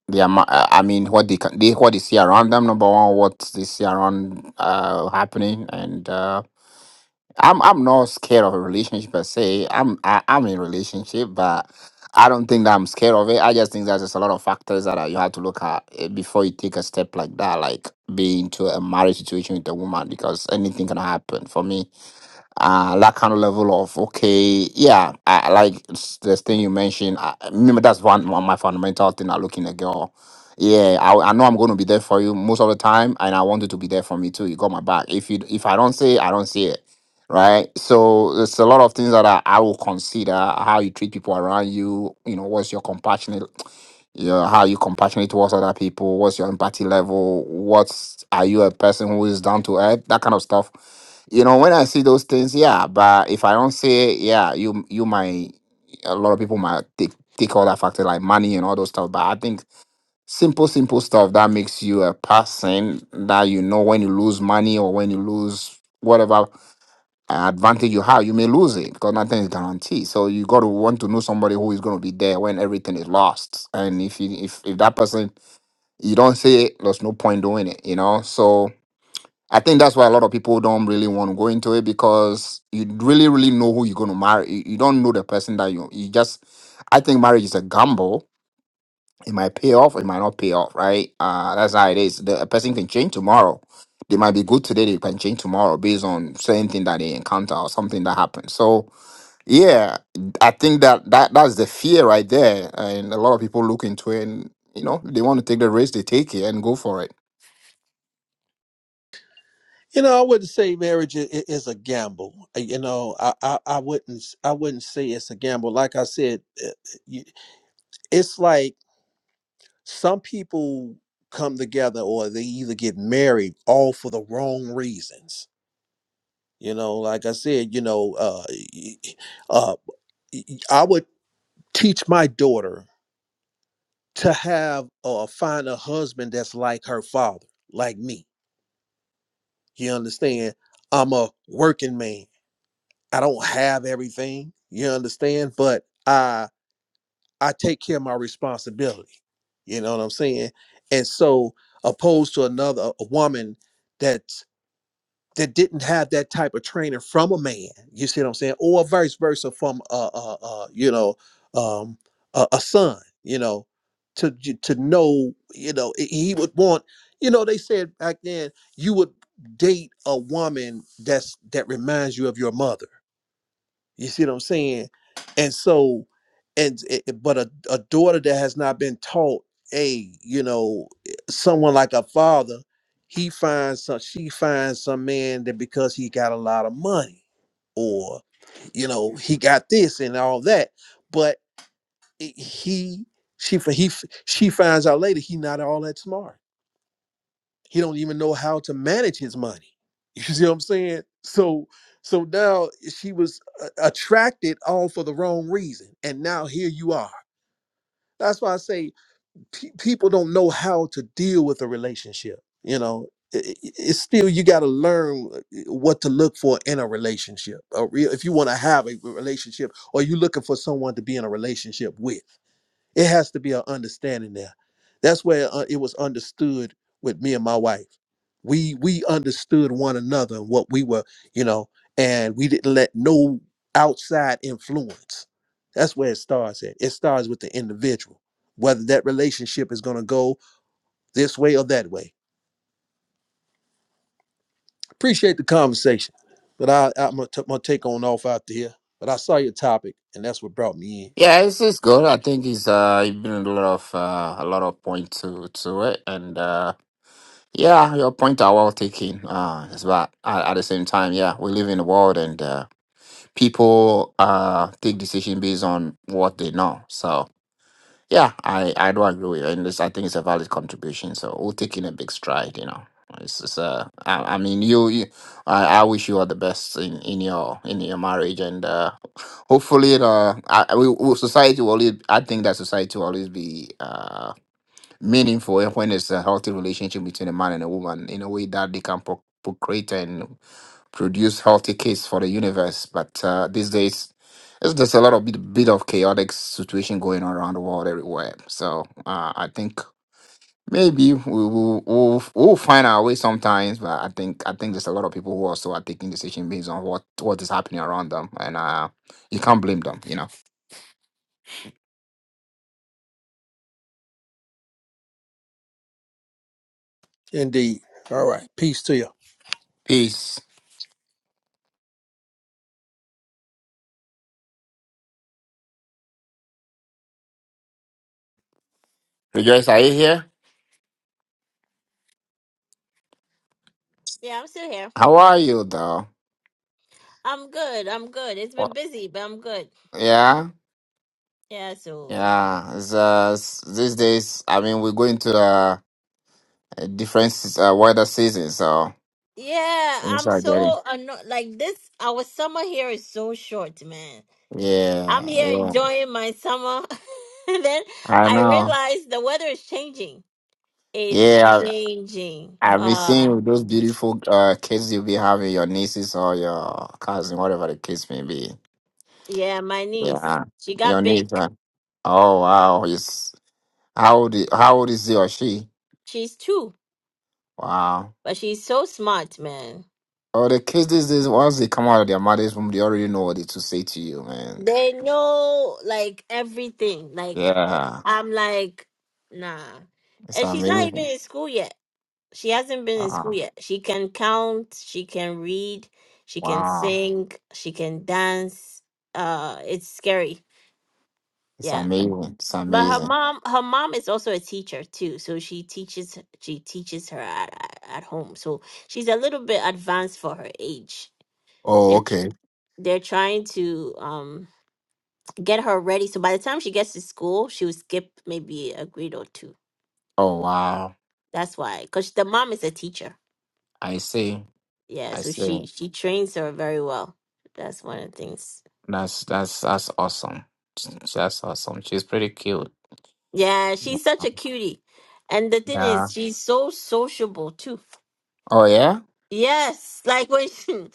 J: their. ma- uh, I mean, what they can, they what they see around them. Number one, what they see around uh happening, and uh I'm I'm not scared of a relationship per se. I'm I, I'm in a relationship, but I don't think that I'm scared of it. I just think there's just a lot of factors that uh, you have to look at eh, before you take a step like that, like being into a marriage situation with a woman, because anything can happen. For me, uh, that kind of level of okay, yeah, I I like s- this thing you mentioned. I, I remember, that's one, one of my fundamental thing. I look in a girl. Yeah, I, I know I'm going to be there for you most of the time, and I want you to be there for me too. You got my back. If you if I don't say, it, I don't see it, right? So it's a lot of things that I, I will consider how you treat people around you. You know, what's your compassionate? you know how you compassionate towards other people what's your empathy level what's are you a person who is down to earth that kind of stuff you know when i see those things yeah but if i don't say it, yeah you you might a lot of people might take take all that factor like money and all those stuff but i think simple simple stuff that makes you a person that you know when you lose money or when you lose whatever advantage you have, you may lose it because nothing is guaranteed. So you got to want to know somebody who is going to be there when everything is lost. And if you, if if that person you don't see it, there's no point doing it. You know. So I think that's why a lot of people don't really want to go into it because you really really know who you're going to marry. You, you don't know the person that you you just. I think marriage is a gamble it might pay off, it might not pay off, right? Uh, that's how it is. The a person can change tomorrow. They might be good today, they can change tomorrow based on certain thing that they encounter or something that happens. So yeah, I think that, that that's the fear right there. And a lot of people look into it and you know, they want to take the risk, they take it and go for it.
K: You know, I wouldn't say marriage is, is a gamble. Uh, You know, I, I I wouldn't s- I wouldn't say it's a gamble. Like I said, uh, you- it's like some people come together or they either get married all for the wrong reasons. You know, like I said, you know, uh, y- y- uh, y- y- I would teach my daughter to have or find a husband that's like her father, like me. You understand? I'm a working man. I don't have everything. You understand? But I I take care of my responsibility. You know what I'm saying? And so opposed to another a woman that that didn't have that type of training from a man. You see what I'm saying? Or vice versa from a, a, a you know um, a, a son. You know, to j- to know you know he he would want. You know, they said back then you would date a woman that's that reminds you of your mother you see what I'm saying? And so, and it, it- but a, a daughter that has not been taught, hey, you know, eh, someone like a father, he finds some, she finds some man that because he got a lot of money, or you know, he got this and all that, but it- he, she, f- he, f- she finds out later he not all that smart he don't even know how to manage his money you see what i'm saying so so now she was uh, attracted all for the wrong reason and now here you are that's why i say pe- people don't know how to deal with a relationship you know I- I- it's still you got to learn uh, what to look for in a relationship a real if you want to have a relationship or you looking for someone to be in a relationship with it has to be an understanding there. That's where uh, it was understood with me and my wife. We we understood one another and what we were, you know, and we didn't let no outside influence. That's where it starts at. It starts with the individual, whether that relationship is going to go this way or that way. Appreciate the conversation, but I, I'm gonna, t- I'm gonna take on off out here. But I saw your topic, and that's what brought me
J: Yeah, it's it's good. I think it's uh it's been a lot of uh, a lot of point to to it and uh yeah, your point are well taken. Uh it's but at, at the same time, yeah, we live in a world and uh people uh take decision based on what they know. So yeah, I I do agree with you, and this, I think it's a valid contribution. So we'll take in a big stride, you know. It's just, uh, I, I mean, you, you I, I wish you all the best in, in your in your marriage, and uh, hopefully, uh, I, I- we, we- society will. always- I think that society will always be. uh meaningful eh, when it's a healthy relationship between a man and a woman in a way that they can pro- procreate and produce healthy kids for the universe. But uh, these days, it's just a lot of bit, bit of chaotic situation going on around the world everywhere. So uh, I think maybe we will we'll, we'll find our way sometimes. But I think I think there's a lot of people who also are taking decision based on what what is happening around them, and uh, you can't blame them. You know.
K: in. Indeed. All right. Peace to you.
J: Peace. Rejoice, are you here?
A: Yeah, I'm still here.
J: How are you, though?
A: I'm good. I'm good. It's been
J: Well,
A: busy, but I'm good.
J: yeah.
A: Yeah, so
J: Yeah, it's, uh, s- these days, I mean, we're going to uh, a different se- uh, weather season, so
A: yeah,
J: things
A: I'm
J: are getting.
A: so annoyed. Like this, our summer here is so short, man. I'm
J: Yeah,
A: here
J: yeah,
A: enjoying my summer, and then
J: I
A: I
J: know.
A: realize the weather is changing. It's
J: Yeah,
A: changing.
J: I, I've been
A: Uh,
J: seeing with those beautiful uh, kids you'll be having, your nieces or your cousin, whatever the case may be.
A: yeah, my niece,
J: Yeah,
A: she
J: your
A: got
J: niece.
A: big.
J: Huh? Oh wow, it's how old? i- How old is he or she?
A: She's two,
J: Wow.
A: but she's so smart, man.
J: Oh, the kids these days, once they come out of their mother's womb, they already know what they to say to you, man.
A: They know like everything. Like
J: Yeah,
A: I'm like, nah.
J: it's
A: And she's not even
J: amazing.
A: in school yet. She hasn't been in school
J: Wow.
A: yet. She can count, she can read, she can
J: Wow.
A: sing, she can dance. Uh it's scary.
J: It's
A: Yeah.
J: amazing. It's
A: But her
J: amazing.
A: mom her mom is also a teacher too. So she teaches she teaches her at at at home. So she's a little bit advanced for her age.
J: Oh,
A: They're tr-
J: okay.
A: they're trying to um get her ready. So by the time she gets to school, she will skip maybe a grade or two.
J: Oh, wow.
A: That's why, because the mom is a teacher.
J: I see.
A: Yeah,
J: I
A: so
J: see.
A: she she trains her very well. That's one of the things.
J: That's that's that's awesome. That's awesome. She's pretty cute.
A: Yeah, she's such a cutie, and the thing is,
J: Yeah.
A: she's so sociable too.
J: Oh, yeah?
A: Yes, like when she,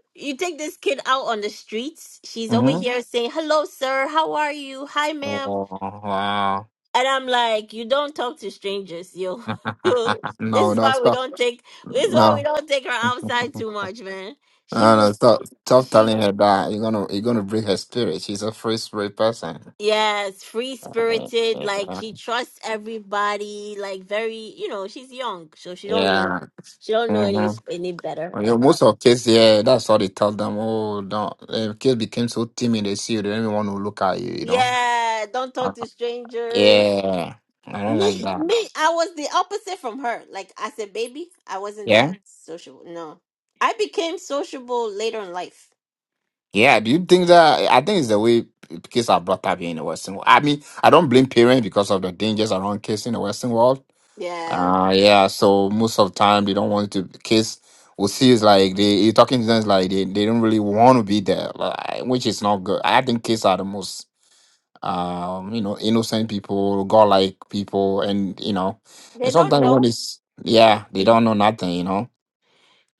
A: you take this kid out on the streets, she's over
J: Mm-hmm.
A: here Yeah. saying, "Hello, sir. How are you? Hi, ma'am.
J: Oh, wow.
A: And I'm like, you don't talk to strangers, yo. Yo, this
J: No,
A: is
J: no,
A: why we
J: stop.
A: don't take this is why we
J: No.
A: don't take her outside too much, man. She
J: No, no,
A: was
J: stop. Stop
A: she
J: telling
A: w-
J: her that. You're gonna you're gonna break her spirit. She's a free spirit person.
A: yes, free
J: Uh,
A: spirited, like
J: Yeah.
A: she trusts everybody, like very you know, she's young, so she don't know
J: Yeah.
A: she don't know
J: Mm-hmm.
A: any any better
J: Yeah,
A: about
J: most of kids, yeah, that's how they tell them. Oh, no, uh, kids became so timid, they see you, they don't even want to look at you, you know?
A: yeah, don't
J: I-
A: talk to strangers.
J: Yeah, I don't
A: Me,
J: like that.
A: me, I was the opposite from her. Like as a baby, I wasn't
J: Yeah,
A: that sociable. No, I became sociable later in life
J: yeah. Do you think that? I think it's the way p- kids are brought up here in the Western world. I mean, I don't blame parents because of the dangers around kids in the Western world.
A: Yeah,
J: Uh, yeah, so most of the time they don't want to, kids will see it's like they, you're talking to them, it's like they, they don't really want to be there, like, which is not good. I think kids are the most. um, you know, innocent people, godlike people, and you know, and
A: they don't
J: sometimes what
A: know.
J: is
A: Yeah,
J: yeah, they don't know nothing, you know.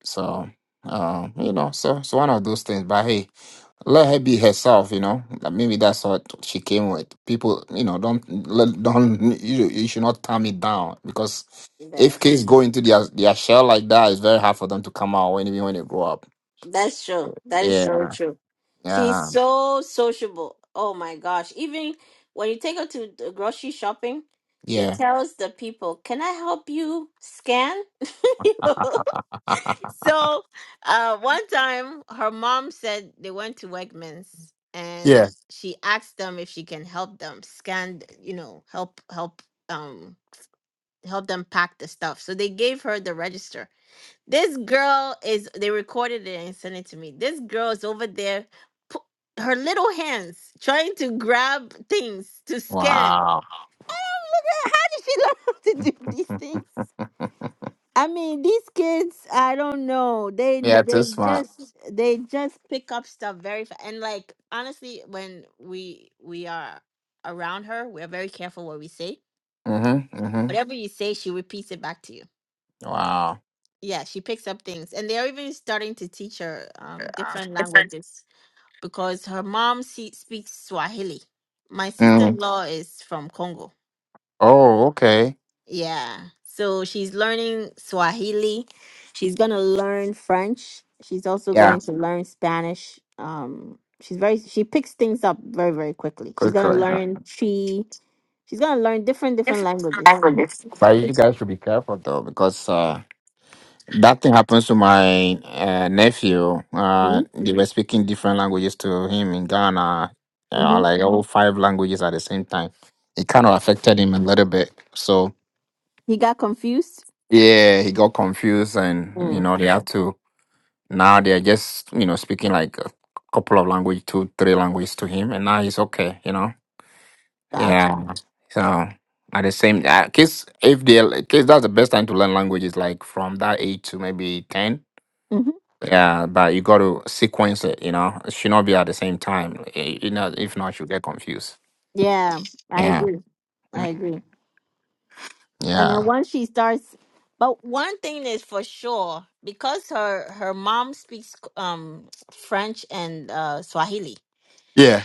J: So um, you know, so it's one of those things. But hey, let her be herself, you know. Like, Maybe that's what she came with. People, you know, don't let- don't you, you should not turn it down because
A: Yeah.
J: if kids go into their their shell like that, it's very hard for them to come out when even when they grow up.
A: that's true. That is so
J: Yeah,
A: true. She's
J: yeah,
A: so sociable. Oh my gosh! Even when you take her to the grocery shopping, she
J: yeah,
A: tells the people, "Can I help you scan?" so, uh, one time her mom said they went to Wegmans and
J: yeah.
A: she asked them if she can help them scan, th- you know, help help um help them pack the stuff. So they gave her the register This girl is, they recorded it and sent it to me. This girl is over there, pu- her little hands trying to grab things to scan. And
J: Wow.
A: I'm looking at how did she learn how to do these things? I mean, these kids, I don't know. They
J: Yeah,
A: they
J: this one.
A: just they just pick up stuff very fast. And like honestly, when we we are around her, we are very careful what we say.
J: Mm-hmm. Mm-hmm.
A: Whatever you say, she repeats it back to you.
J: Wow.
A: yeah, she picks up things, and they're even starting to teach her um, different languages because her mom se- speaks Swahili. My sister in
J: Mm.
A: law is from Congo.
J: Oh, okay.
A: Yeah, so she's learning Swahili. She's gonna learn French. She's also
J: Yeah.
A: going to learn Spanish. Um, she's very she picks things up very very quickly. She's
J: Good
A: gonna
J: calling.
A: learn Chi. She's gonna learn different different languages.
J: Languages. But you guys should be careful though, because uh, that thing happens to my uh, nephew.
A: Mm-hmm.
J: Uh, they were speaking different languages to him in Ghana, uh,
A: mm-hmm.
J: like all five languages at the same time. It kind of affected him a little bit. So
A: He got confused.
J: yeah, he got confused, and you
A: Mm,
J: know, they have to Now they're just, you know, speaking like a couple of language, two, three languages to him, and now he's okay, you know.
A: gotcha.
J: Yeah. So at the same, uh, kids, if they, kids, that's the best time to learn languages, like from that age to maybe ten. Yeah, but you got to sequence it, you know. It should not be at the same time, eh, you know. If not, you'll get confused.
A: Yeah, I
J: Yeah.
A: agree. I
J: Mm.
A: agree. And then
J: Yeah.
A: once she starts, but one thing is for sure because her her mom speaks um French and uh Swahili.
J: Yeah.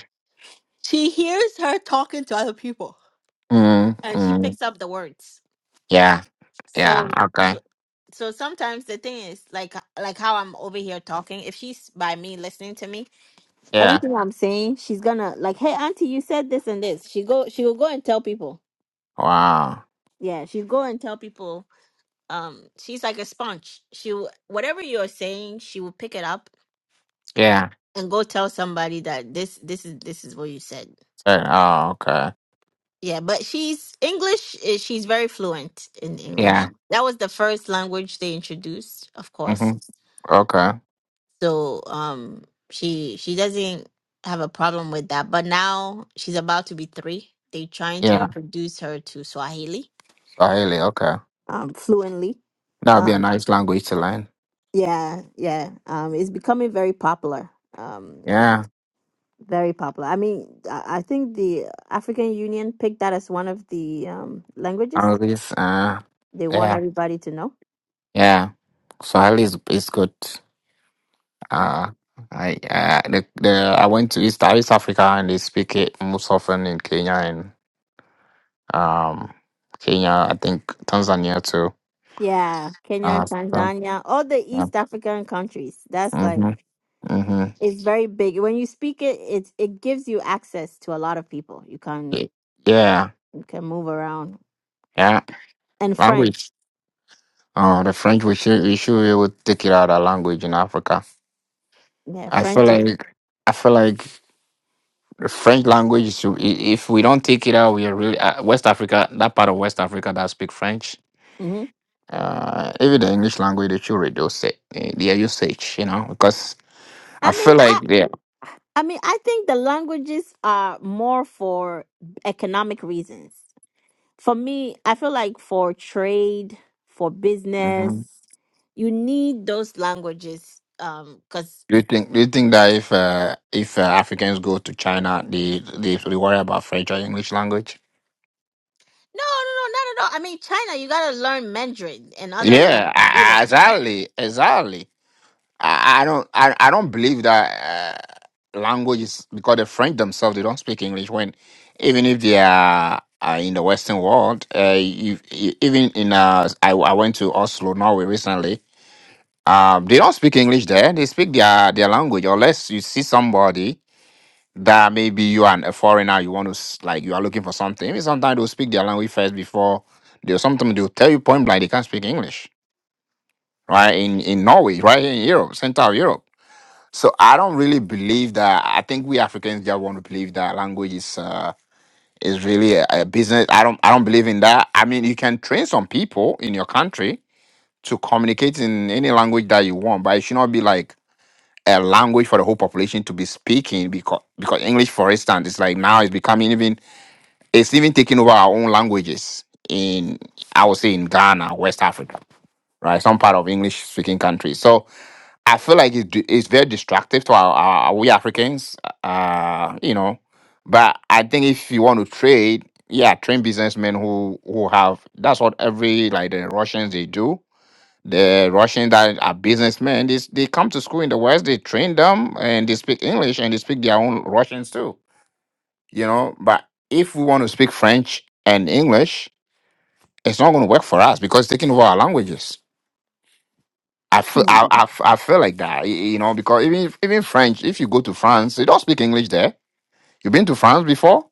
A: She hears her talking to other people
J: Mm,
A: and she
J: mm.
A: picks up the words.
J: Yeah. Yeah.
A: So so
J: Okay.
A: so sometimes the thing is like like how I'm over here talking if she's by me listening to me
J: Yeah.
A: everything I'm saying she's gonna like hey auntie you said this and this she go she will go and tell people
J: Wow.
A: yeah she go and tell people um she's like a sponge she w- whatever you're saying she will pick it up
J: Yeah.
A: and go tell somebody that this this is this is what you said
J: So, oh, okay.
A: yeah but she's english eh, she's very fluent in english
J: Yeah.
A: that was the first language they introduced of course
J: Mm-hmm. Okay.
A: so um she she doesn't have a problem with that but now she's about to be three they They're trying to
J: Yeah,
A: introduce her to swahili
J: Swahili. Okay,
A: um fluently
J: that would be a
A: um
J: nice language to learn.
A: yeah yeah um it's becoming very popular Um,
J: Yeah,
A: Very popular. I mean, I I think the African Union picked that as one of the um, languages
J: Arabic. Uh,
A: they want
J: yeah,
A: everybody to know.
J: yeah. Swahili is is good.
A: Yeah.
J: Uh, I uh, the, the I went to East East Africa and they speak it most often in Kenya and um Kenya. I think Tanzania too.
A: Yeah. Kenya,
J: Uh, so,
A: Tanzania, all the
J: yeah.
A: East African countries. That's
J: Mhm.
A: like,
J: Mhm.
A: it's very big. When you speak it, it, it gives you access to a lot of people. You can,
J: Y- Yeah.
A: you can move around.
J: Yeah.
A: And
J: Language.
A: French.
J: Oh, the French. We should we should be able to take it out of language in Africa.
A: Yeah.
J: I feel
A: French is.
J: like I feel like. The French language is to- i- if we don't take it out, we are really uh, West Africa. That part of West Africa that speak French,
A: hmm
J: uh, even the English language, they should reduce it, eh, their usage. You know, because I
A: I
J: feel
A: mean, I,
J: like they.
A: I mean, I think the languages are more for economic reasons. for me, I feel like for trade, for business,
J: Mhm.
A: you need those languages. Um, cause
J: Do you think do you think that if uh, if uh, Africans go to China, they, they they worry about French or English language?
A: no, no, no, not at all. I mean, China, you gotta learn Mandarin and other languages.
J: Yeah,
A: You know.
J: Ah, Exactly, exactly. I, I don't I, I don't believe that uh, language is because the French themselves they don't speak English when even if they are uh, in the Western world uh, you, you- even in uh, I, I went to Oslo Norway recently um, they don't speak English there they speak their their language unless you see somebody that maybe you are a foreigner you want to s- like you are looking for something maybe sometimes they'll speak their language first before they sometimes they'll tell you point blank they can't speak English right in in Norway right in Europe Central Europe so I don't really believe that. I think we Africans just want to believe that language is uh, is really a, a business. I don't I don't believe in that. I mean, you can train some people in your country to communicate in any language that you want, but it should not be like a language for the whole population to be speaking because because English, for instance, is like now it's becoming even it's even taking over our own languages in I would say in Ghana, West Africa, right? Some part of English speaking countries. So I feel like it's d- it's very destructive to our, our, our we Africans, uh, you know. But I think if you want to trade, yeah, train businessmen who who have that's what every like the Russians they do. The Russians that are businessmen, they, s- they come to school in the West, they train them and they speak English and they speak their own Russians too, you know. But if we want to speak French and English, it's not going to work for us because it's taking over our languages I feel I I, I feel like that, y- you know, because even if, even French, if you go to France, they don't speak English there. you been to France before?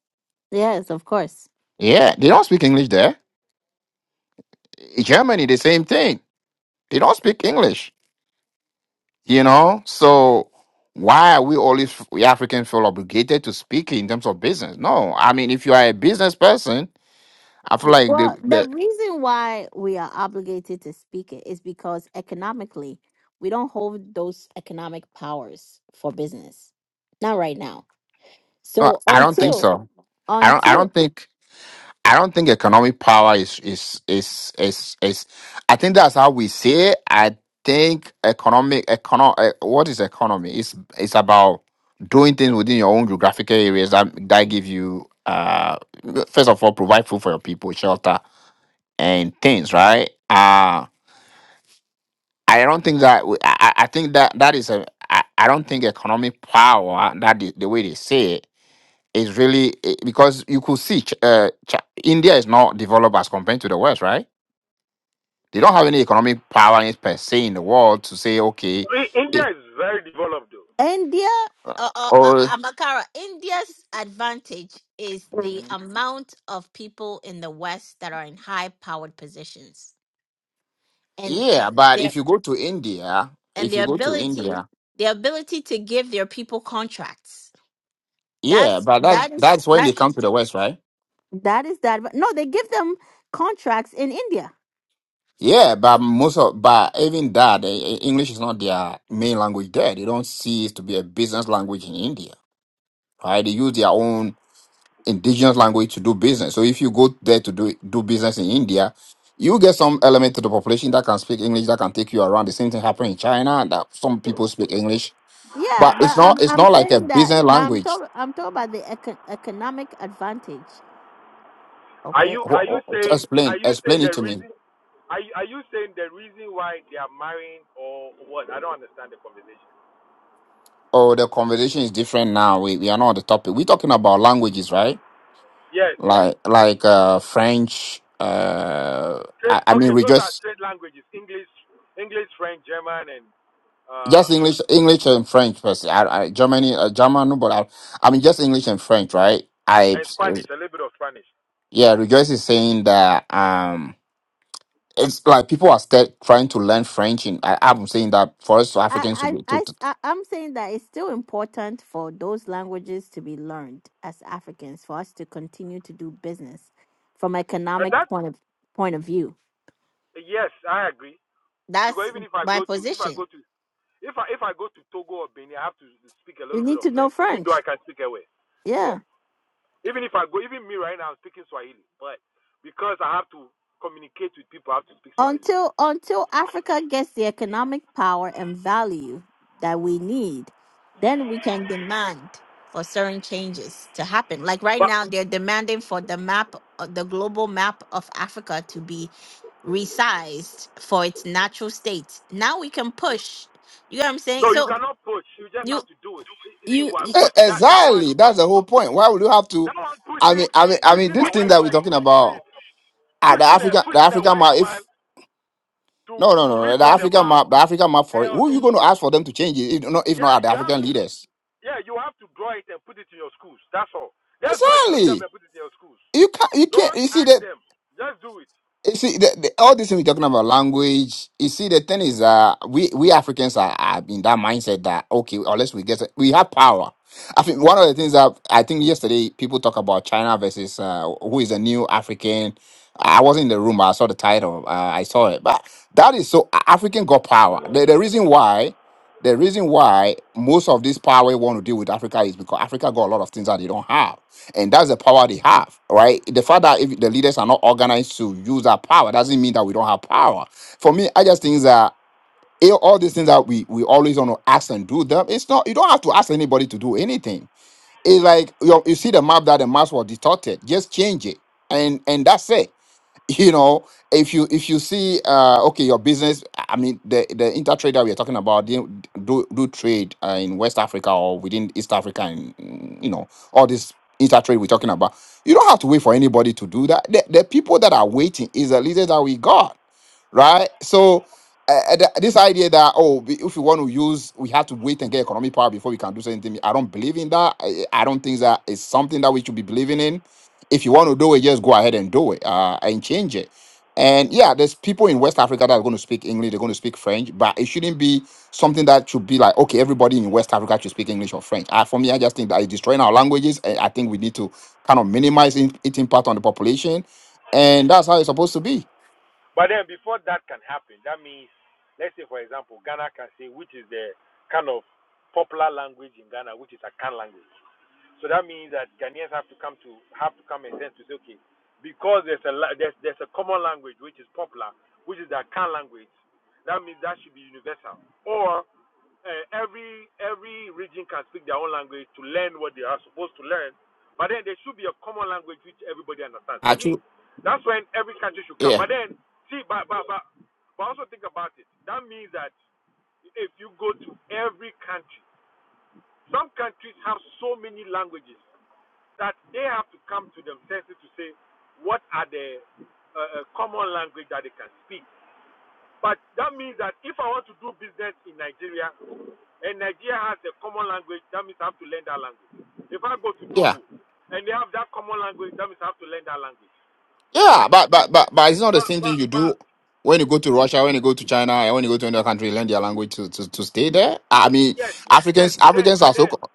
A: Yes, of course.
J: Yeah, they don't speak English there. I- Germany, the same thing. They don't speak English, you know. So why are we always we Africans feel obligated to speak in terms of business? No, I mean if you are a business person, I feel like the,
A: Well, the
J: the
A: reason why we are obligated to speak it is because economically, we don't hold those economic powers for business. Not right now.
J: no,
A: So
J: I don't think
A: until
J: so. I don't I
A: until
J: don't think. I don't think economic power is is is is is. I think that's how we see it. I think economic econo eh, what is economy? It's it's about doing things within your own geographical areas that that give you uh first of all provide food for your people, shelter and things, right? Uh I don't think that we- I, I I think that that is a I, I don't think economic power that the, the way they say it it's really eh, because you could see Ch- uh, Ch- India is not developed as compared to the West, right? They don't have any economic power in- per se in the world to say, okay,
L: India
J: if,
L: is very developed though.
A: India, uh, uh, uh,
J: or
A: Amakara, India's advantage is the amount of people in the West that are in high-powered positions, and
J: yeah, but
A: their
J: if you go to India,
A: and
J: if you
A: their
J: go to
A: ability,
J: India,
A: their ability to give their people contracts.
J: yeah,
A: That's
J: but that
A: that is
J: that's when
A: that
J: they come to the West, right?
A: that is that. No, they give them contracts in India.
J: Yeah, but most of but even that eh, eh, English is not their main language there. They don't see it to be a business language in India, right? They use their own. indigenous language to do business. So if you go there to do do business in India, you get some element to the population that can speak English that can take you around. The same thing happened in China that some people speak English,
A: Yeah,
J: but it's
A: but
J: not
A: I'm
J: it's
A: I'm
J: not like a
A: saying that
J: business
A: I'm
J: language.
A: told I'm told about the econ- economic advantage.
L: Are
A: Okay,
L: you
J: Wh-
L: are you
J: wh-
L: saying are
J: Explain
L: you saying
J: explain it
L: the
J: to me.
L: reason are you, are you saying the reason why they are marrying or what? I don't understand the conversation.
J: Oh, the conversation is different now. We we are not on the topic. We're talking about languages, right?
L: Yes,
J: Like like uh French. Uh,
L: trade.
J: I, I mean,
L: Okay, those are
J: rejoice.
L: trade languages: English, English, French, German, and uh,
J: just
L: uh,
J: English, English and French, person. I, I, Germany, uh, German, no, but I, I mean just English and French, right? I,
L: and Spanish. A little bit of Spanish.
J: yeah, Rejoice is saying that um, it's like people are still trying to learn French, and I, I'm saying that for us
A: I,
J: Africans to
A: I,
J: be
A: I,
J: to, to,
A: s- I- I'm saying that it's still important for those languages to be learned as Africans for us to continue to do business from
L: Uh, that
A: economic point of point of view.
L: yes, I agree. Because
A: That's
L: even if I
A: my
L: go to if I go
A: position.
L: to if I if I go to Togo or Benin, I have to speak a
A: You
L: little bit
A: need
L: of
A: to know
L: French, even though
A: French.
L: I can speak away. Yeah.
A: Yeah.
L: Even if I go, even me right now, I'm speaking Swahili, but because I have to communicate with people, I have to speak Swahili.
A: Until until Africa gets the economic power and value that we need, then we can demand for certain changes to happen. Like right
L: But
A: now, they're demanding for the map, uh, the global map of Africa to be resized for its natural state. Now we can push. You know what I'm
L: no,
A: saying?
L: you
A: So
L: cannot push. You just
A: you.
L: have to do it. You see,
A: you
L: what
J: Eh,
L: push that that one
J: exactly
L: is
J: that's
L: not
J: the whole
L: pushing.
J: point. Why would you have to?
L: That one
J: I mean,
L: pushing,
J: I mean, I mean,
L: pushing a
J: this thing
L: white
J: that we're talking
L: person to
J: about,
L: it.
J: uh, the
L: Pushing a
J: African, the
L: pushing a
J: African
L: white
J: map.
L: man
J: If no,
L: to
J: no,
L: to
J: no, the
L: redraw the
J: African
L: map.
J: map, the African map for it.
L: Hell
J: Who you
L: no.
J: going to ask for them to change it? If not, if not,
L: Yeah,
J: are the
L: you have
J: African
L: to.
J: leaders.
L: Yeah, you have to draw it and put it in your schools. That's all. Just draw it yourself
J: Exactly.
L: and put it in your schools.
J: You can't. You can't.
L: Don't
J: You see
L: ask
J: that.
L: them. Just do it.
J: You see, the, the, all this thing we're talking about language. You see, the thing is, uh, we we Africans are, are in that mindset that okay, unless we get we have power. I think one of the things that I think yesterday people talk about China versus uh, who is a new African. I wasn't in the room, but I saw the title. Uh, I saw it, but that is so A- African got power. The, the reason why, the reason why most of this power we want to deal with Africa is because Africa got a lot of things that they don't have and that's the power they have, right? The fact that if the leaders are not organized to use that power doesn't mean that we don't have power. For me, I just think that eh, all these things that we we always want to ask and do them, it's not you don't have to ask anybody to do anything. It's like you, you see the map that the maps were distorted, just change it, and and that's it you know if you if you see uh okay your business i mean the the intertrader we are talking about they do do trade uh, in west africa or within east africa and mm, you know all this intertrade we're talking about you don't have to wait for anybody to do that the, the people that are waiting is the leaders that we got right? So uh, uh, th- this idea that oh, we- if we want to use, we have to wait and get economic power before we can do something. I don't believe in that. I, I don't think that is something that we should be believing in. If you want to do it, just go ahead and do it uh, and change it. And yeah, there's people in West Africa that are going to speak English, they're going to speak French, but it shouldn't be something that should be like, okay, everybody in West Africa should speak English or French. I, for me, I just think that it's destroying our languages. And I think we need to kind of minimize in- its impact on the population. And that's how it's supposed to be.
L: But then before that can happen, that means, let's say, for example, Ghana can say which is the kind of popular language in Ghana, which is a Akan language. So that means that Ghanaians have to come to have to come and sense to say, okay, because there's a la- there's there's a common language which is popular, which is the Akan language. That means that should be universal. Or uh, every every region can speak their own language to learn what they are supposed to learn. But then there should be a common language which everybody understands. For me,
J: Actually,
L: that's when every country should come.
J: yeah.
L: But then, see, but but but, but also think about it. That means that if you go to every country, some countries have so many languages that they have to come to themselves to say what are the uh, uh, common language that they can speak but that means that if I want to do business in Nigeria, and Nigeria has a common language, that means I have to learn that language. If I go to
J: Yeah.
L: Togo and they have that common language, that means I have to learn that language.
J: Yeah,
L: But
J: but but but but it's not the
L: but
J: same
L: but
J: thing you
L: but
J: do when you go to Russia, when you go to China, and when you go to another country, learn their language to, to, to stay there. I mean,
L: yes, yes,
J: Africans
L: but then
J: Africans
L: but
J: are so,
L: then
J: co-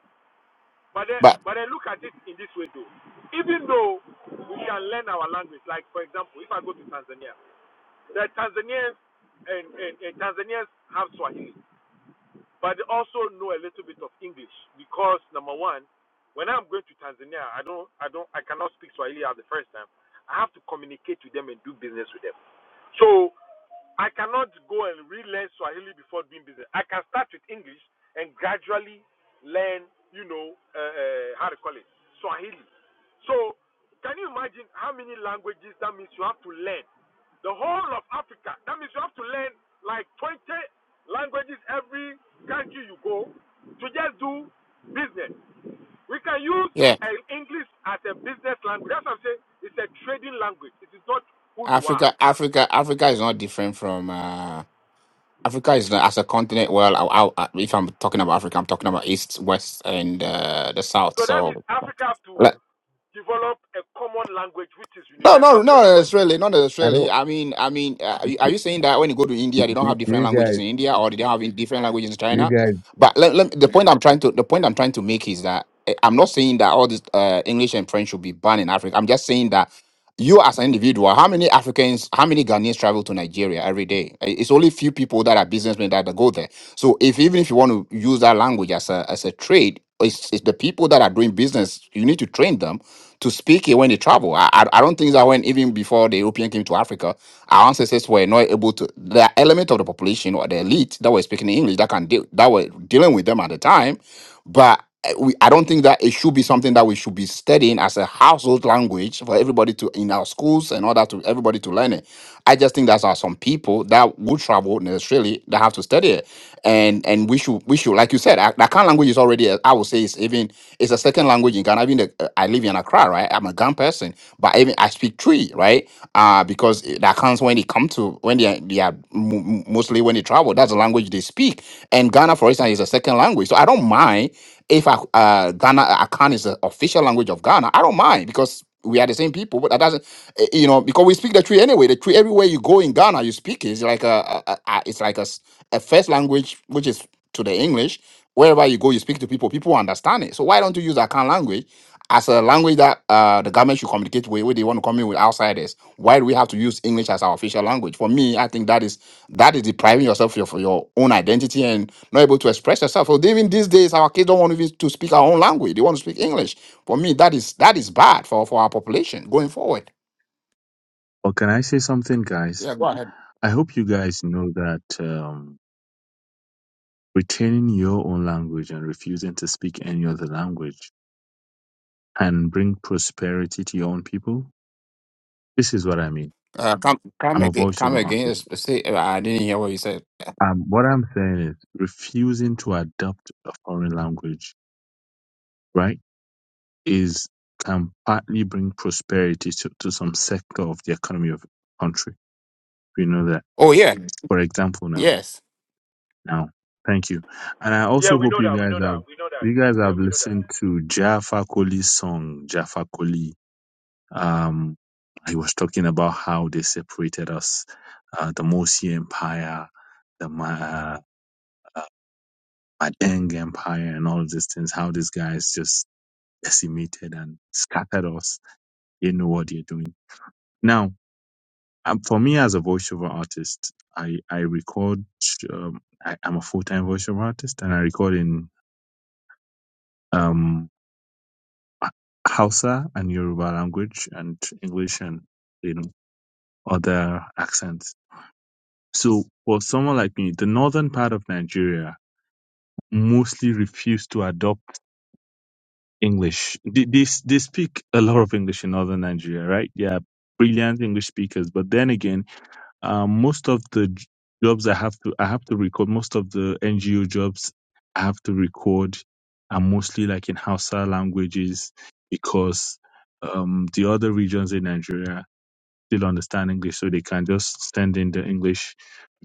L: but then
J: but
L: but then look at it in this way though. Even though we can learn our language, like for example, if I go to Tanzania, the Tanzanians and, and, and Tanzanians have Swahili. but they also know a little bit of English because number one, when I'm going to Tanzania, I don't, I don't, I cannot speak Swahili at the first time. I have to communicate with them and do business with them. So I cannot go and relearn Swahili before doing business. I can start with English and gradually learn, you know, uh, uh, how to call it Swahili. So can you imagine how many languages that means you have to learn? the whole of Africa. That means you have to learn like 20 languages every country you go to just do business. We can use
J: yeah,
L: uh, English as a business language. That's what I'm saying. It's a trading language. It is not who you are.
J: Africa Africa Africa is not different from uh, Africa is not as a continent. Well, I, I, I- if I'm talking about Africa, I'm talking about East, West, and uh, the South.
L: So that means
J: So
L: Africa have to
J: like,
L: develop a common language which is
J: No, no,
L: universal to
J: not
L: everybody.
J: necessarily. Not
G: I
J: necessarily.
G: don't.
J: I mean, I mean, uh, are you are you saying that when you go to
G: Do,
J: India, they don't
G: do
J: have
G: do
J: different
G: you
J: languages
G: guys?
J: in India, or they don't have in- different languages in
G: Do you
J: China?
G: guys?
J: But let, let, the point I'm trying to the point I'm trying to make is that eh, I'm not saying that all this uh, English and French should be banned in Africa. I'm just saying that you as an individual, how many Africans, how many Ghanaians travel to Nigeria every day? I- It's only few people that are businessmen that, that go there. So if even if you want to use that language as a as a trade, it's, it's the people that are doing business. You need to train them to speak it when they travel. I, I I don't think that when even before the European came to Africa, our ancestors were not able to. The element of the population or the elite that were speaking English that can deal that were dealing with them at the time, but. I- we, I don't think that it should be something that we should be studying as a household language for everybody to in our schools and all that to everybody to learn it. I just think there are some people that would travel necessarily that have to study it, and and we should we should like you said, Ak- Akan language is already a- I would say it's even it's a second language in Ghana. Even the, uh, I live in Accra, right? I'm a Ghan person, but even I speak three, right? Uh because the Akans when they come to when they are, they are mo- mo- mostly when they travel, that's the language they speak. And Ghana, for instance, is a second language, so I don't mind. If I, uh, Ghana uh, Akan is the official language of Ghana, I don't mind because we are the same people. But that doesn't, eh, you know, because we speak the tree anyway. The tree everywhere you go in Ghana, you speak it. It's like a, a, a it's like a, s- a first language which is to the English. Wherever you go, you speak to people. People understand it. So why don't you use Akan language? as a language that uh, the government should communicate with, where they want to communicate with outsiders. Why do we have to use English as our official language? For me, I think that is that is depriving yourself of your own identity and not able to express yourself. So even these days, our kids don't want even to speak our own language; they want to speak English. For me, that is that is bad for for our population going forward.
G: Or can I say something, guys?
J: Yeah, go ahead.
G: I hope you guys know that um, retaining your own language and refusing to speak any other language can bring prosperity to your own people. This is what I mean.
J: Uh, come
G: I'm
J: come
G: a
J: again. Come
G: voiceover
J: again.
G: artist.
J: s- Say, uh, I didn't hear what you said.
G: Um, what I'm saying is refusing to adopt a foreign language, right, is can partly bring prosperity to, to some sector of the economy of a country. We know that.
J: Oh yeah,
G: for example now
J: yes.
G: now thank you and i also
L: Yeah, we
G: hope
L: know
G: you
L: that. We
G: guys
L: know that.
G: have
L: We know that.
G: you guys
L: Yeah,
G: have
L: we know that.
G: listened to jaffa Koli's song jaffa Koli. um he was talking about how they separated us uh, the mosi empire the Ma- uh, madeng empire and all of these things how these guys just decimated and scattered us they know what they're doing now um, for me as a voiceover artist i i record um, I, i'm a full-time voiceover artist and i record in um, Hausa and Yoruba language and English and you know other accents. So for someone like me, the northern part of Nigeria mostly refuse to adopt English. They, they they speak a lot of English in northern Nigeria, right? Yeah, brilliant English speakers. But then again, Um, most of the j- jobs I have to I have to record. Most of the NGO jobs I have to record are mostly like in Hausa languages because um, the other regions in Nigeria still understand English, so they can just send in the English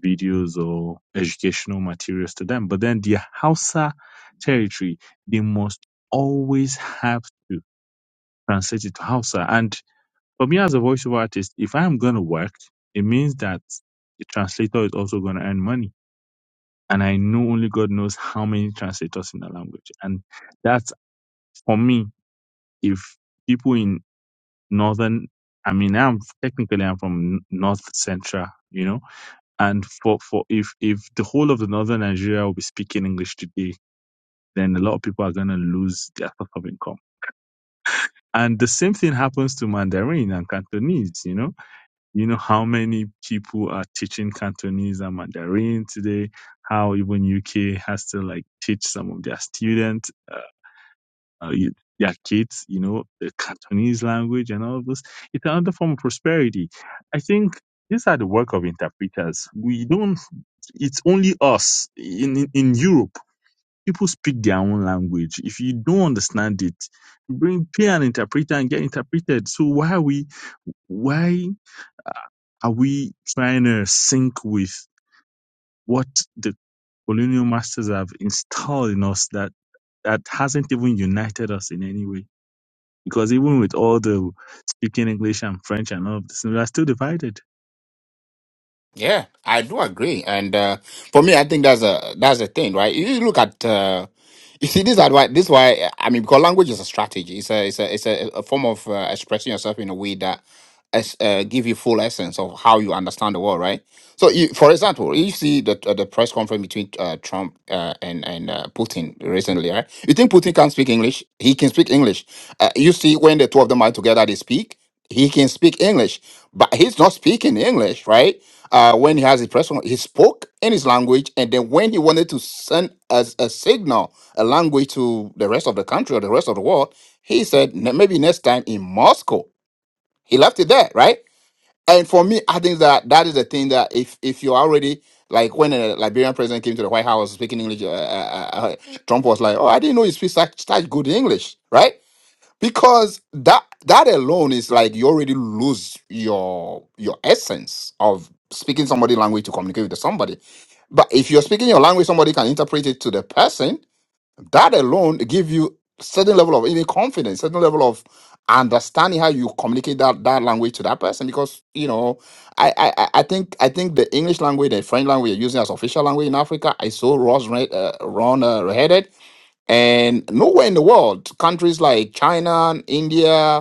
G: videos or educational materials to them. But then the Hausa territory, they must always have to translate it to Hausa, and for me as a voiceover artist, if I'm gonna work, it means that the translator is also gonna earn money. And I know only God knows how many translators in the language. And that's for me, if people in northern I mean I'm technically I'm from north central, you know. And for, for if if the whole of the northern Nigeria will be speaking English today, then a lot of people are gonna lose their source of income. And the same thing happens to Mandarin and Cantonese, you know You know how many people are teaching Cantonese and Mandarin today? How even UK has to like teach some of their students, uh, uh, their kids, you know, the Cantonese language and all of this. It's another form of prosperity. I think these are the work of interpreters. We don't. It's only us in in in Europe. People speak their own language. If you don't understand it, bring pay an interpreter and get interpreted. So why are we? Why? Are we trying to sync with what the colonial masters have installed in us that, that hasn't even united us in any way? Because even with all the speaking English and French and all of this, we are still divided.
J: Yeah, I do agree, and uh, for me, I think that's a that's a thing, right? You look at uh, you see this is why this is why I mean because language is a strategy. It's a it's a it's a, a form of uh, expressing yourself in a way that es- uh, give you full essence of how you understand the world, right? So, you, for example, you see the uh, the press conference between uh, Trump uh, and and uh, Putin recently, right? You think Putin can speak English? He can speak English. Uh, you see when the two of them are together, they speak. He can speak English, but he's not speaking English, right? uh, when he has his press, con- he spoke in his language, and then when he wanted to send as a signal, a language to the rest of the country or the rest of the world, he said "Ne- maybe next time in Moscow. He left it there, right? And for me, I think that that is the thing that if if you're already like when a Liberian president came to the White House speaking English, uh, uh, uh, uh, Trump was like, "Oh, I didn't know you speak such, such good English," right? because that that alone is like you already lose your your essence of speaking somebody language to communicate with somebody but if you're speaking your language somebody can interpret it to the person that alone give you certain level of even confidence certain level of understanding how you communicate that that language to that person because you know i i i I think i think the english language the french language you're using as official language in africa is so rose uh, run uh, headed and nowhere in the world, countries like China, India,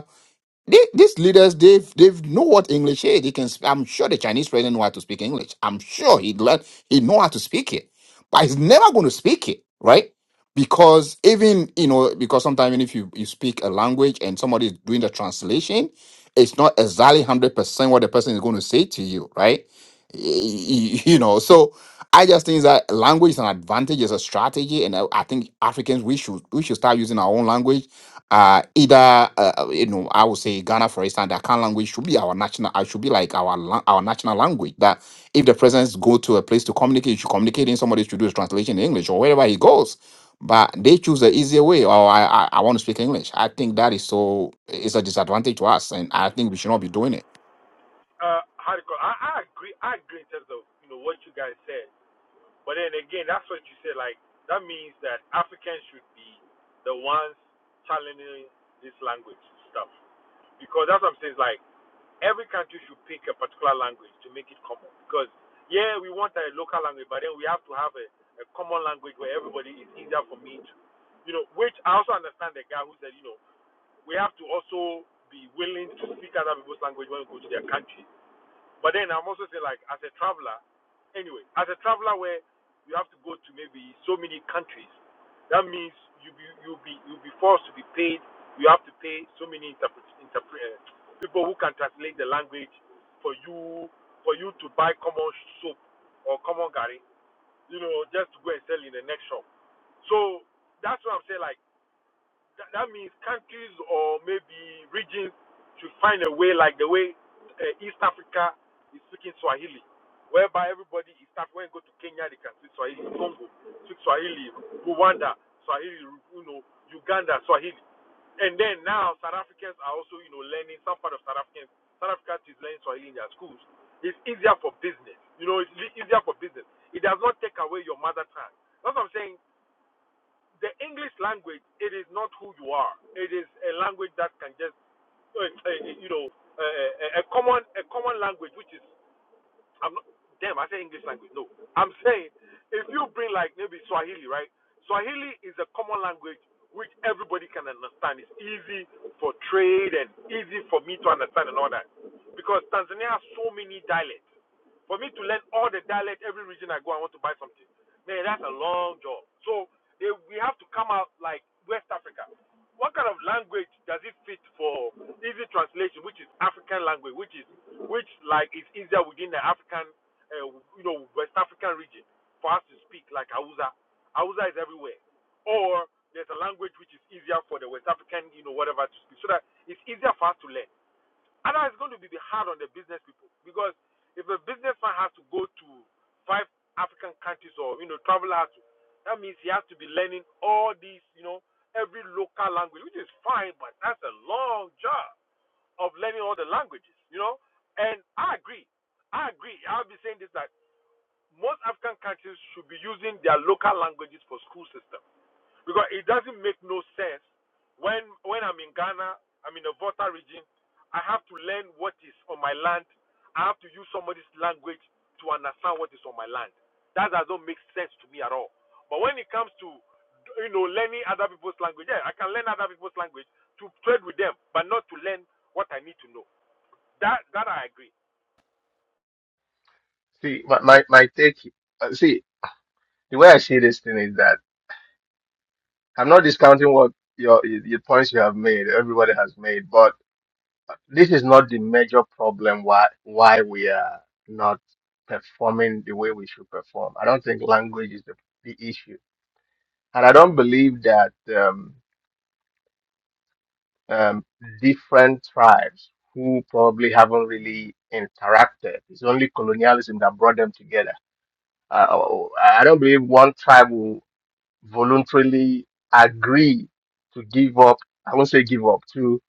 J: they, these leaders, they've they've know what English is. They can. sp- I'm sure the Chinese president know how to speak English. I'm sure he learn. He know how to speak it, but he's never going to speak it, right? Because even you know, because sometimes even if you you speak a language and somebody is doing the translation, it's not exactly hundred percent what the person is going to say to you, right? Y- y- You know, so I just think that language is an advantage, is a strategy, and I I think Africans we should we should start using our own language uh, either uh, uh, you know I would say Ghana, for instance, the Akan language should be our national. I should be like our la- our national language. That if the presidents go to a place to communicate, you should communicate in somebody should do his translation in English or wherever he goes. But they choose the easier way. Or I, I I want to speak English. I think that is so. It's a disadvantage to us, and I think we should not be doing it.
L: Uh, how do you call? it? I, I agree. I agree in terms of you know what you guys said. But then again, that's what you said. Like that means that Africans should be the ones challenging this language stuff because that's what I'm saying. It's like every country should pick a particular language to make it common. Because yeah, we want a local language, but then we have to have a, a common language where everybody is easier for me to, you know. Which I also understand the guy who said, you know, we have to also be willing to speak other people's language when we go to their country but then I'm also saying, like, as a traveler, anyway, as a traveler where you have to go to maybe so many countries, that means you be you will be you will be forced to be paid. You have to pay so many interpret, interpret eh, people who can translate the language for you for you to buy common soap or common gari, you know, just to go and sell in the next shop. So that's what I'm saying. Like that, that means countries or maybe regions should find a way, like the way uh, East Africa is speaking Swahili, whereby everybody is Af- when you go to Kenya they can speak Swahili, Congo speak Swahili, Rwanda Swahili, you know Uganda Swahili, and then now South Africans are also you know learning some part of South Africans South Africa is learning Swahili in their schools. It's easier for business, you know, it's li- easier for business. It does not take away your mother tongue. That's what I'm saying the English language, it is not who you are. It is a language that can just, uh, uh, you know, uh, uh, a common a common language, which is, I'm not, damn, I say English language. No, I'm saying if you bring like maybe Swahili, right? Swahili is a common language which everybody can understand. It's easy for trade and easy for me to understand and all that. Because Tanzania has so many dialects for me to learn all the dialect every region I go, I want to buy something. Man, that's a long job. So they, we have to come out like West Africa. What kind of language does it fit for easy translation, which is African language, which is which like is easier within the African, uh, you know, West African region for us to speak like Hausa. Hausa is everywhere. Or there's a language which is easier for the West African, you know, whatever to speak, so that it's easier for us to learn. Otherwise, it's going to be hard on the business people because if a businessman has to go to five African countries or you know travel out, that means he has to be learning all these you know every local language, which is fine, but that's a long job of learning all the languages, you know. And I agree, I agree. I'll be saying this that most African countries should be using their local languages for school system because it doesn't make no sense when when I'm in Ghana, I'm in the Volta region, I have to learn what is on my land. I have to use somebody's language to understand what is on my land. That doesn't make sense to me at all. But when it comes to you know learning other people's language, yeah, I can learn other people's language to trade with them, but not to learn what I need to know. That that I agree.
M: See, my, my, my take, uh, see, the way I see this thing is that I'm not discounting what your, your points you have made, everybody has made, but this is not the major problem why, why we are not performing the way we should perform. I don't think language is the, the issue. And I don't believe that, um, um, different tribes who probably haven't really interacted, it's only colonialism that brought them together. Uh, I I don't believe one tribe voluntarily agree to give up. I won't say give up to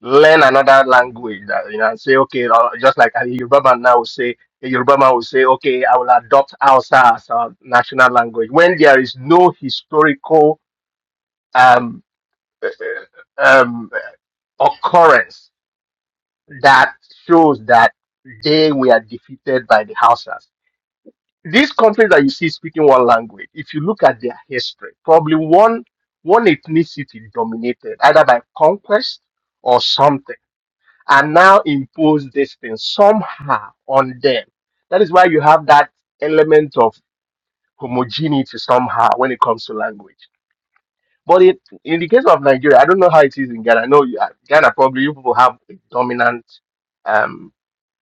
M: learn another language. That you know, and say okay, uh, just like a Yoruba man now will say, a Yoruba man will say, okay, I will adopt Hausa as our national language when there is no historical um, uh, uh, um, occurrence that shows that they were defeated by the Hausas these countries that you see speaking one language, if you look at their history, probably one one ethnicity dominated either by conquest or something, and now impose this thing somehow on them. That is why you have that element of homogeneity somehow when it comes to language. But it, in the case of Nigeria, I don't know how it is in Ghana. I know you, Ghana probably you people have a dominant um,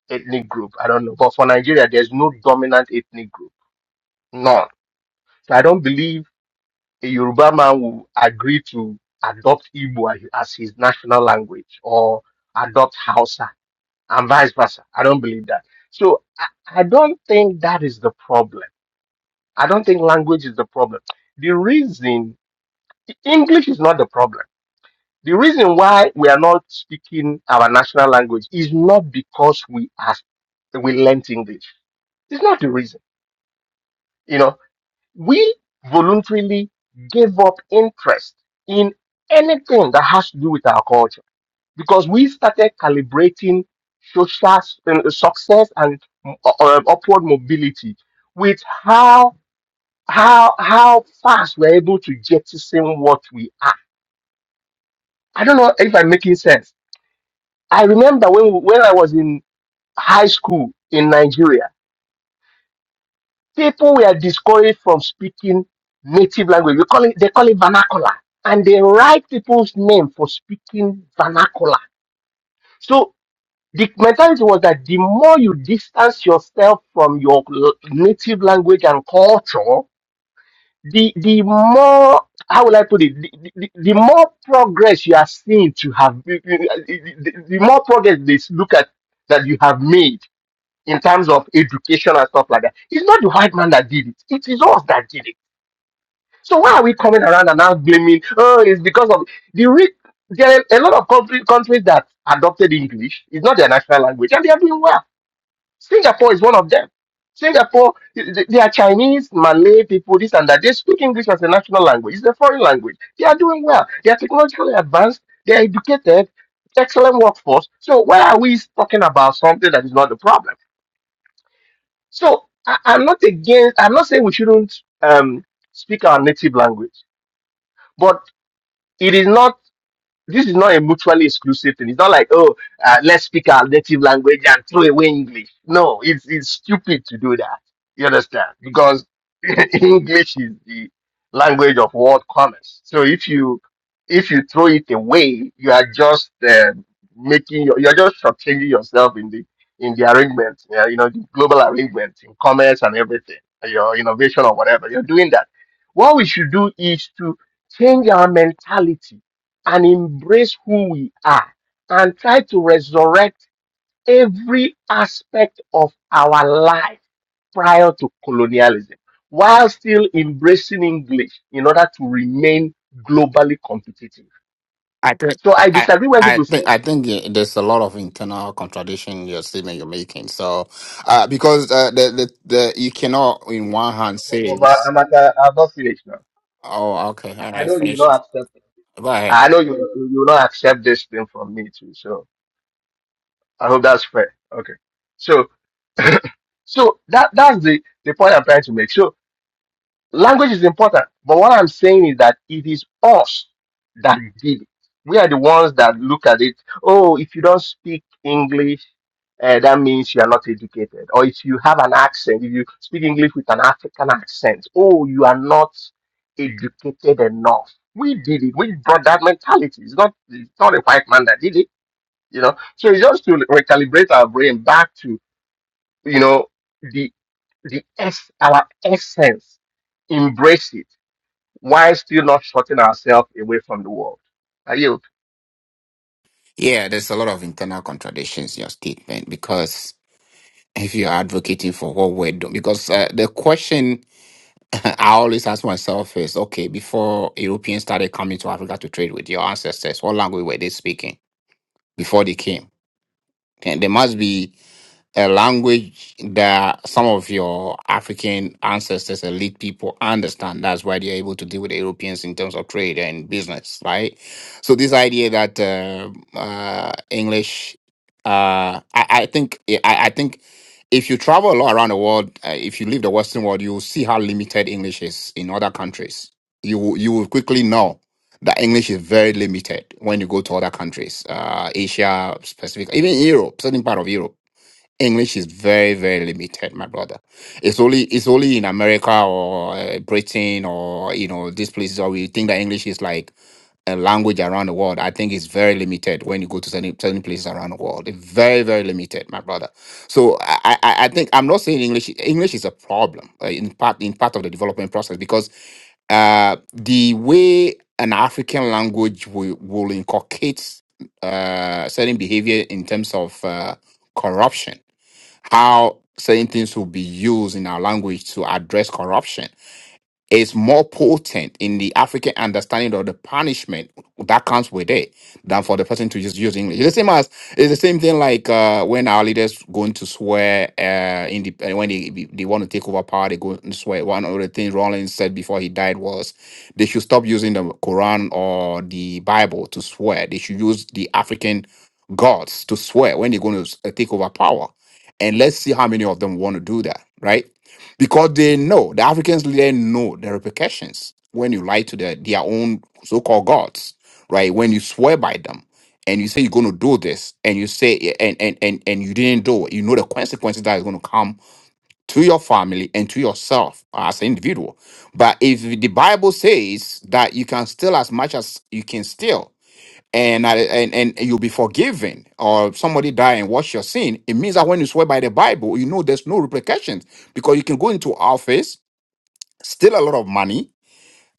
M: ethnic group. I don't know, but for Nigeria, there's no dominant ethnic group, none. So I don't believe a Yoruba man will agree to adopt Igbo as as his national language or adopt Hausa and vice versa. I don't believe that. So I, I don't think that is the problem. I don't think language is the problem. The reason English is not the problem. The reason why we are not speaking our national language is not because we are we learnt English. It's not the reason. You know, we voluntarily gave up interest in anything that has to do with our culture because we started calibrating social s- uh, success and mm, uh, uh, upward mobility with how how how fast we're able to jettison what we are. I don't know if I'm making sense. I remember when when I was in high school in Nigeria. People were discouraged from speaking native language. We call it, they call it vernacular. And they write people's name for speaking vernacular. So the mentality was that the more you distance yourself from your l- native language and culture, the the more how will I put it? The, the, the the more progress you are seen to have, the, the the more progress they look at that you have made in terms of education and stuff like that. It's not the white man that did it. It is us that did it So why are we coming around and now blaming? Oh, it's because of the re- there are a lot of country, countries that adopted English. It's not their national language, and they are doing well. Singapore is one of them. Singapore, th- they are Chinese, Malay people, this and that. They speak English as a national language. It's a foreign language. They are doing well. They are technologically advanced. They are educated. Excellent workforce. So why are we talking about something that is not the problem? So I, I'm not against. I'm not saying we shouldn't um, speak our native language. but it is not this is not a mutually exclusive thing. It's not like oh, uh, let's speak our native language and throw away English. No, it's it's stupid to do that. You understand? Because English is the language of world commerce. So if you if you throw it away, you are just uh, making your, you're just shortchanging yourself in the in the arrangement, uh, you know, the global arrangement in commerce and everything, your innovation or whatever. You're doing that. What we should do is to change our mentality and embrace who we are and try to resurrect every aspect of our life prior to colonialism while still embracing English in order to remain globally competitive.
J: I think
M: So I
J: I.
M: disagree when
J: I
M: people say,
J: think I think eh, there's a lot of internal contradiction in your statement you're making. So, uh, because uh, the, the the you cannot in one hand
M: "Oh,
J: say
M: but I'm, at, uh, i not finished now.
J: Oh, okay. All
M: I I
J: right.
M: know you will
J: Finish.
M: not accept it.
J: Go ahead.
M: I know you, you will not accept this thing from me too. So I hope that's fair. Okay. So so that that's the, the point I'm trying to make. So Language is important, but what I'm saying is that it is us that did it. We are the ones that look at it. Oh, if you don't speak English, uh, that means you are not educated. Or if you have an accent, if you speak English with an African accent, oh, you are not educated enough. We did it. We brought that mentality. It's not it's not a white man that did it, you know. So it's just to recalibrate our brain back to you know the the es- our essence. Embrace it while still not shutting ourselves away from the world. I yield.
J: Yeah, there's a lot of internal contradictions in your statement because if you're advocating for what we're doing, because uh, the question I always ask myself is okay, before Europeans started coming to Africa to trade with your ancestors, what language were they speaking before they came? And there must be a language that some of your African ancestors, elite people understand. That's why they're able to deal with Europeans in terms of trade and business, right? So this idea that uh, uh, English, uh, I, I think, yeah, I, I think. If you travel a lot around the world, uh, if you leave the Western world, you will see how limited English is in other countries. You will- you will quickly know that English is very limited when you go to other countries, uh, Asia, specific, even Europe, certain part of Europe English is very, very limited, my brother. It's only it's only in America or uh, Britain or you know these places where we think that English is like a language around the world. I think it's very limited when you go to certain, certain places around the world. It's very, very limited, my brother. So I, I, I think I'm not saying English English is a problem uh, in part in part of the development process because uh, the way an African language will, will inculcate uh, certain behavior in terms of uh, corruption how certain things will be used in our language to address corruption is more potent in the African understanding of the punishment that comes with it than for the person to just use English. It's the same as it's the same thing like uh, when our leaders going to swear uh, in the uh, when they they want to take over power, they go and swear. One of the things Rollins said before he died was they should stop using the Quran or the Bible to swear. They should use the African gods to swear when they're going to take over power, and let's see how many of them want to do that, right? because they know the Africans they know the repercussions when you lie to their, their own so-called gods, right? When you swear by them and you say you're going to do this and you say eh, and and and and you didn't do it, you know the consequences that is going to come to your family and to yourself as an individual. But if the Bible says that you can steal as much as you can steal and I- and and you'll be forgiven or somebody die and wash your sin it means that when you swear by the bible you know there's no repercussions because you can go into office steal a lot of money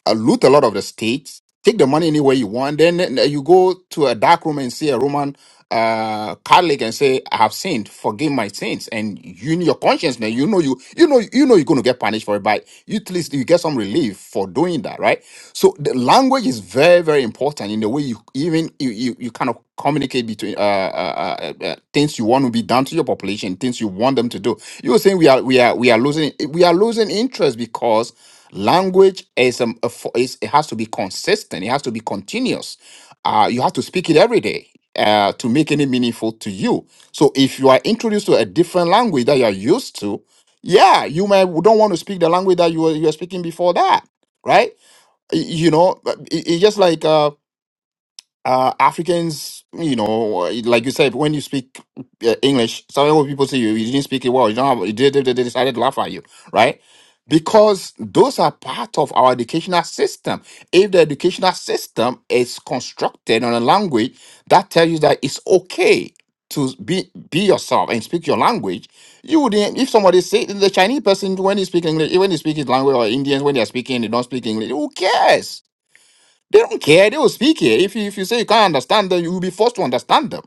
J: uh, loot a lot of the states, take the money anywhere you want. Then uh, you go to a dark room and see a Roman uh, Catholic and say, "I have sinned. Forgive my sins." And you in your conscience now, you know you you know you know you're going to get punished for it, but you, at least you get some relief for doing that, right? So the language is very very important in the way you even you you, you kind of communicate between uh, uh, uh, uh, uh, things you want to be done to your population, things you want them to do. You were saying we are we are we are losing we are losing interest because Language is, um, a fo- is it has to be consistent. It has to be continuous. Uh, you have to speak it every day uh, to make any meaningful to you. So if you are introduced to a different language that you are used to, yeah, you may w- don't want to speak the language that you were you were speaking before that, right? Y- You know, but it- it's just like uh, uh, Africans, you know, like you said, when you speak uh, English, some of people say you, you didn't speak it well. You don't have, you did, they decided to laugh at you, right? Because those are part of our educational system. If the educational system is constructed on a language that tells you that it's okay to be be yourself and speak your language, you wouldn't. If somebody say the Chinese person when he speak English, when he speak his language, or Indians when they are speaking, they don't speak English. Who cares? They don't care. They will speak it. If you, if you say you can't understand them, you will be forced to understand them,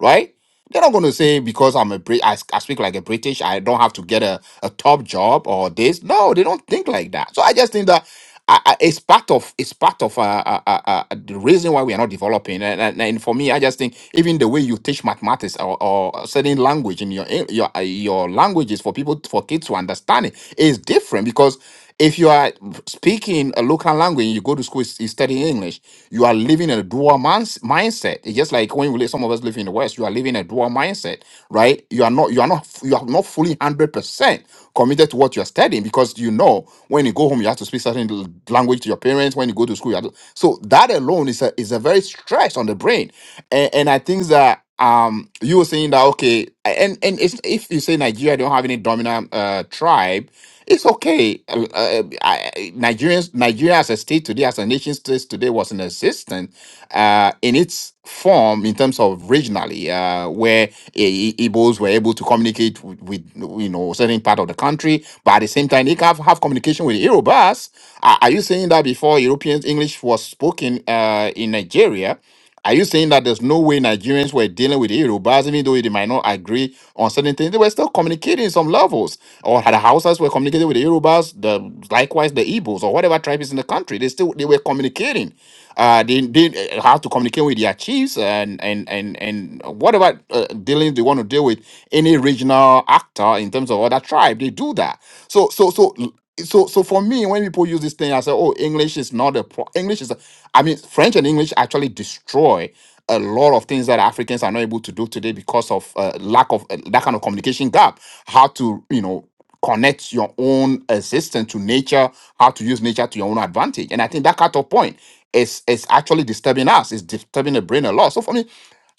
J: right? They're not going to say because I'm a Brit, I, s- I speak like a British. I don't have to get a, a top job or this. No, they don't think like that. So I just think that I, I, it's part of it's part of uh, uh, uh, uh, the reason why we are not developing. And, and, and for me, I just think even the way you teach mathematics or, or certain language in your your uh, your languages for people for kids to understand it is different because if you are speaking a local language and you go to school you study english you are living a dual mans- mindset it's just like when we live, some of us live in the west you are living a dual mindset right you are not you are not you are not fully 100% committed to what you're studying because you know when you go home you have to speak certain l- language to your parents when you go to school you have to, so that alone is a is a very stress on the brain and, and i think that um you were saying that okay and and it's, if you say nigeria don't have any dominant uh tribe it's okay. Uh, uh, um, I, I- Nigerians, Nigeria as a state today, as a nation state today, was in existence uh, in its form in terms of regionally, uh, where I- I- Igbos were able to communicate with, with you know certain part of the country, but at the same time, they have, have communication with Yorubas. Are, are you saying that before European English was spoken uh, in Nigeria? Are you saying that there's no way Nigerians were dealing with Yorubas, even though they might not agree on certain things? They were still communicating in some levels. Or the Hausas were communicating with the Yorubas, the likewise the Igbos or whatever tribe is in the country. They still they were communicating. Uh, they did uh, have to communicate with their chiefs and and and and whatever uh, dealing they want to deal with any regional actor in terms of other tribe. They do that. So so so so so for me when people use this thing i say oh english is not a pro- english is a, i mean french and english actually destroy a lot of things that africans are not able to do today because of uh, lack of uh, that kind of communication gap how to you know connect your own existence to nature how to use nature to your own advantage and i think that cut off point is is actually disturbing us it's disturbing the brain a lot so for me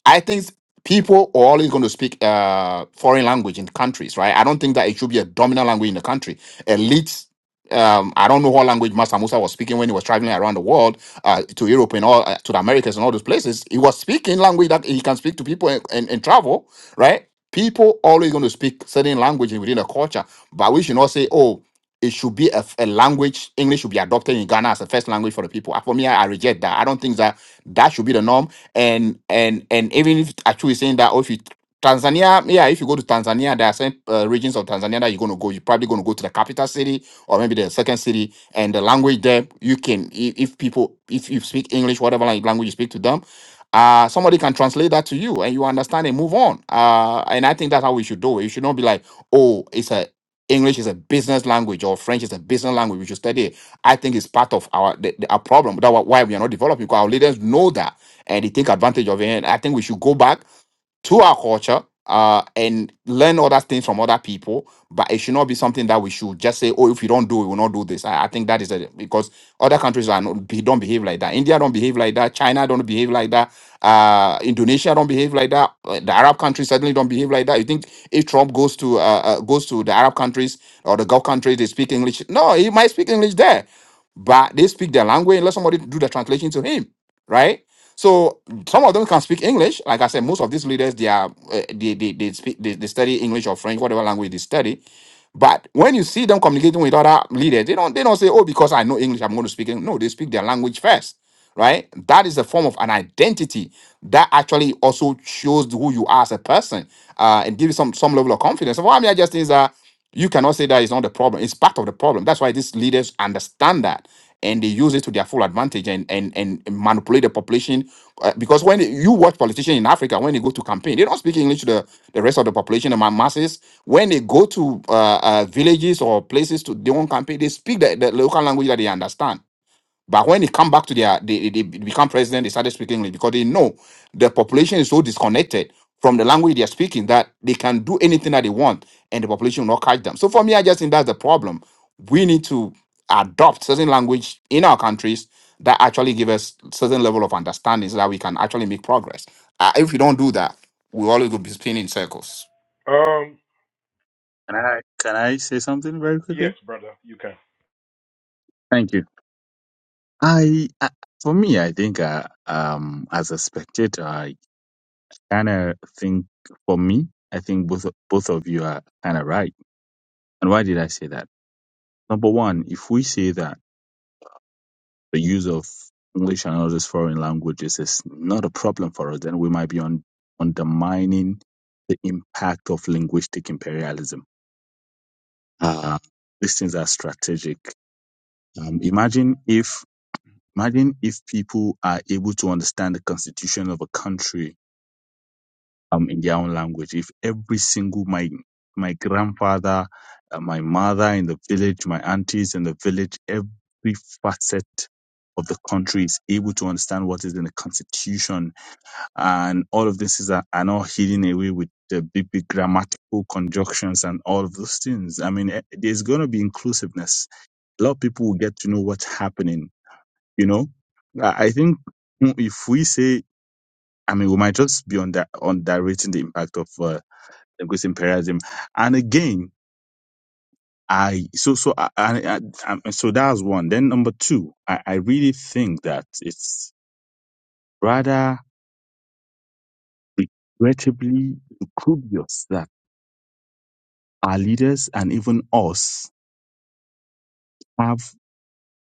J: I think people are always going to speak uh, foreign language in countries, right? I don't think that it should be a dominant language in the country. Elites, um, I don't know what language Master Musa was speaking when he was traveling around the world uh, to Europe and all, uh, to the Americas and all those places. He was speaking language that he can speak to people and, and, and travel, right? People always going to speak certain languages within a culture, but we should not say, "Oh, it should be a, f- a language. English should be adopted in Ghana as a first language for the people. Uh, For me, I, I reject that. I don't think that that should be the norm. And and and even if actually saying that, or if you Tanzania, yeah, if you go to Tanzania, there are some uh, regions of Tanzania that you're going to go. You're probably going to go to the capital city or maybe the second city, and the language there, you can, if, if people, if you speak English, whatever lang- language you speak to them, uh, somebody can translate that to you and you understand and move on. Uh, and I think that's how we should do it. You should not be like, oh, it's a English is a business language or French is a business language. We should study it. I think it's part of our the, the- our problem. That's why we are not developing because our leaders know that and they take advantage of it. And I think we should go back to our culture uh, and learn other things from other people. But it should not be something that we should just say, "Oh, if you don't do, it, we will not do this." I, I think that is a, because other countries are not be- don't behave like that. India don't behave like that. China don't behave like that. Uh, Indonesia don't behave like that. Uh, The Arab countries certainly don't behave like that. You think if Trump goes to uh, uh, goes to the Arab countries or the Gulf countries, they speak English? No, he might speak English there, but they speak their language. Let somebody do the translation to him, right? So some of them can speak English. Like I said, most of these leaders, they are uh, they they they, speak, they they study English or French, whatever language they study. But when you see them communicating with other leaders, they don't they don't say, "Oh, because I know English, I'm going to speak." English. No, they speak their language first right? That is a form of an identity that actually also shows who you are as a person uh, and gives you some some level of confidence. So what I mean, I just think is that you cannot say that it's not the problem. It's part of the problem. That's why these leaders understand that and they use it to their full advantage and and and manipulate the population. Uh, because when you watch politicians in Africa, when they go to campaign, they don't speak English to the, the rest of the population, the ma- masses. When they go to uh, uh, villages or places to their own campaign, they speak the, the local language that they understand but when it come back to their, they, they they become president, they started speaking English because they know the population is so disconnected from the language they are speaking that they can do anything that they want and the population will not catch them. So for me, I just think that's the problem. We need to adopt certain language in our countries that actually give us certain level of understanding so that we can actually make progress. Uh, if we don't do that, we always will be spinning in circles.
L: Um,
G: Can I can I say something very
L: yes,
G: quickly?
L: brother, you can.
G: Thank you. I, I for me, I think uh, um as a spectator, kind of think for me, I think both both of you are kind of right. And why did I say that? Number one, if we say that the use of English and other foreign languages is not a problem for us, then we might be on, undermining the impact of linguistic imperialism. Uh, these things are strategic. Um, imagine if imagine if people are able to understand the constitution of a country um, in their own language. If every single my my grandfather, uh, my mother in the village, my aunties in the village, every facet of the country is able to understand what is in the constitution, and all of this is are, are not hidden away with the big big grammatical conjunctions and all of those things. I mean, eh, there's going to be inclusiveness. A lot of people will get to know what's happening. You know, I I think mm, if we say I mean, we might just be on that on underrating the impact of uh, linguistic imperialism. And again, I so so I, I, I I- so that's one. Then number two, I, I really think that it's rather regrettably dubious that our leaders and even us have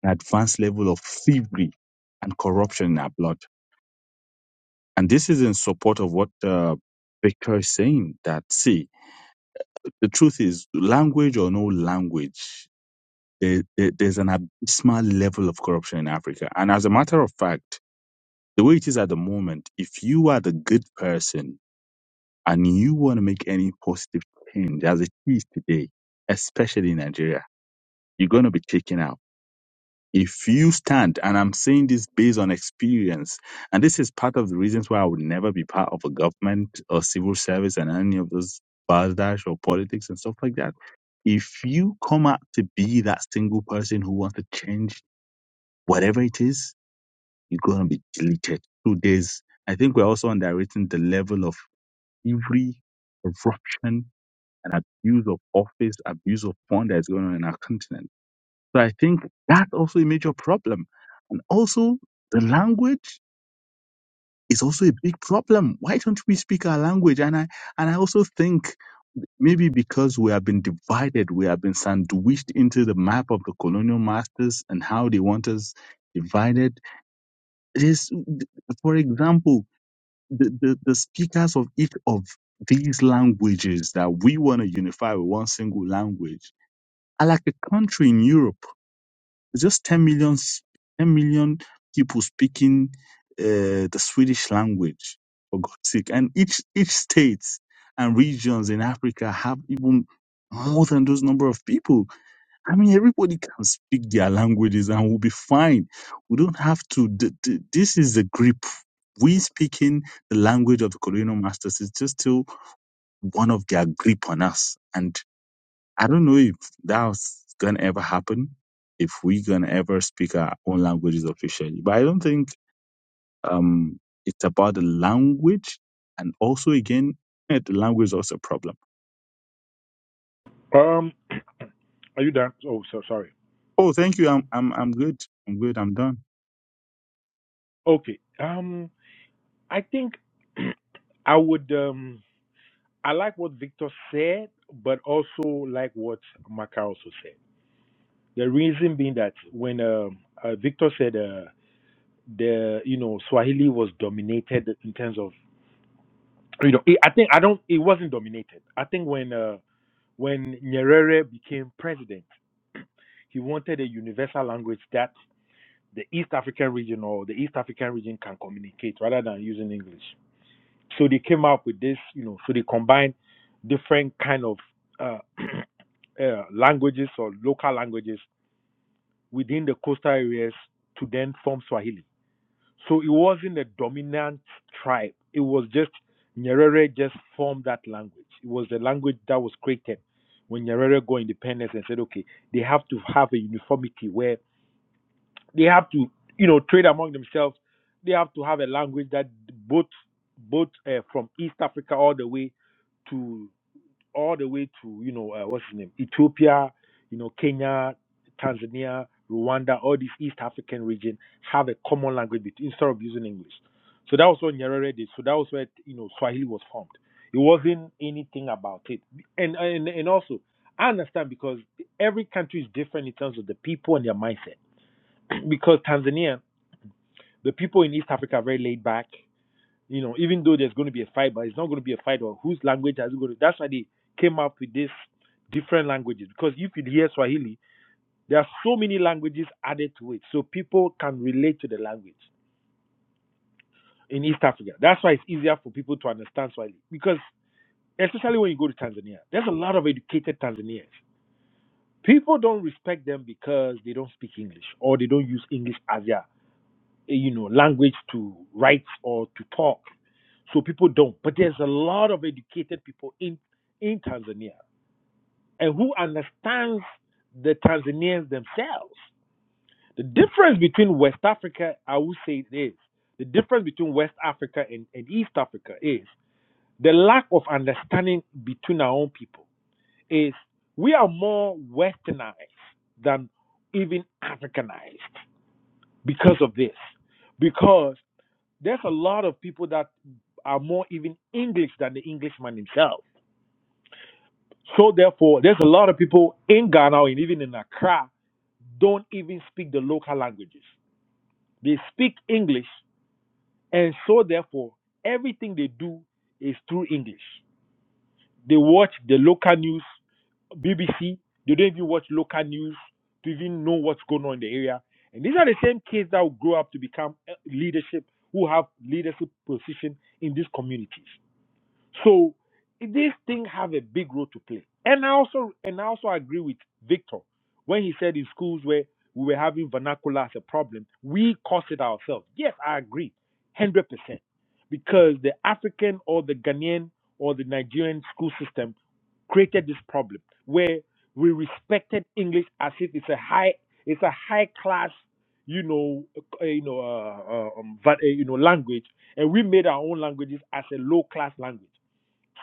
G: an advanced level of thievery and corruption in our blood. And this is in support of what uh, Victor is saying. That see, the truth is, language or no language, there, there, there's an abysmal level of corruption in Africa. And as a matter of fact the way it is at the moment, if you are the good person and you want to make any positive change as it is today, especially in Nigeria, you're going to be taken out. If you stand, and I'm saying this based on experience, and this is part of the reasons why I would never be part of a government or civil service and any of those bardash or politics and stuff like that. If you come out to be that single person who wants to change whatever it is, you're going to be deleted. So there's, I think we're also underrating the level of every corruption and abuse of office, abuse of fund that's going on in our continent. So I think that's also a major problem. And also the language is also a big problem. Why don't we speak our language? And I, and I also think maybe because we have been divided, we have been sandwiched into the map of the colonial masters and how they want us divided. This, for example, the, the, the speakers of each of these languages that we want to unify with one single language are like a country in Europe. It's just 10 million, s- 10 million people speaking uh, the Swedish language, for God's sake. And each, each state and regions in Africa have even more than those number of people. I mean, everybody can speak their languages and we'll be fine. We don't have to. th- th- this is the grip. We speaking the language of the colonial masters is just still one of their grip on us. And I don't know if that's going to ever happen, if we're going to ever speak our own languages officially. But I don't think um, it's about the language. And also, again, eh, the language is also a problem.
L: Um, are you done? Oh, so sorry.
G: Oh, thank you. I'm, I'm, I'm good. I'm good. I'm done.
L: Okay. Um, I think. I would um I like what Victor said, but also like what Maka also said. The reason being that when um uh, Victor said uh, the you know Swahili was dominated in terms of you know it, I think I don't it wasn't dominated. I think when uh, when Nyerere became president, he wanted a universal language that the East African region or the East African region can communicate rather than using English. So they came up with this, you know, so they combined different kind of uh, uh, languages or local languages within the coastal areas to then form Swahili. So it wasn't a dominant tribe. It was just Nyerere just formed that language. It was the language that was created when Nyerere got independence and said, okay, they have to have a uniformity where they have to, you know, trade among themselves. They have to have a language that both, both uh, from East Africa all the way to all the way to you know uh, what's his name Ethiopia, you know Kenya, Tanzania, Rwanda, all these East African region have a common language bet- instead of using English. So that was what Nyerere did. So that was where you know Swahili was formed. It wasn't anything about it, and and and also I understand because every country is different in terms of the people and their mindset because Tanzania, the people in East Africa are very laid back. You know, even though there's going to be a fight, but it's not going to be a fight or whose language has it going to. That's why they came up with this different languages because if you hear Swahili, there are so many languages added to it, so people can relate to the language in East Africa. That's why it's easier for people to understand Swahili because, especially when you go to Tanzania, there's a lot of educated Tanzanians. People don't respect them because they don't speak English or they don't use English as their eh, you know, language to write or to talk. So people don't. But there's a lot of educated people in in Tanzania and who understands the Tanzanians themselves. The difference between West Africa, I would say this, the difference between West Africa and, and East Africa is the lack of understanding between our own people is we are more westernized than even Africanized because of this. Because There's a lot of people that are more even English than the Englishman himself. So therefore, there's a lot of people in Ghana and even in Accra don't even speak the local languages. They speak English, and so therefore, everything they do is through English. They watch the local news, BBC. They don't even watch local news to even know what's going on in the area. And these are the same kids that will grow up to become uh, leadership, who have leadership position in these communities. So this thing have a big role to play. And I also and I also agree with Victor when he said in schools where we were having vernacular as a problem, we caused it ourselves. Yes, I agree, hundred percent, because the African or the Ghanaian or the Nigerian school system created this problem where we respected English as if it's a high it's a high class you know uh, you know uh, uh, um, va- uh, you know language and we made our own languages as a low class language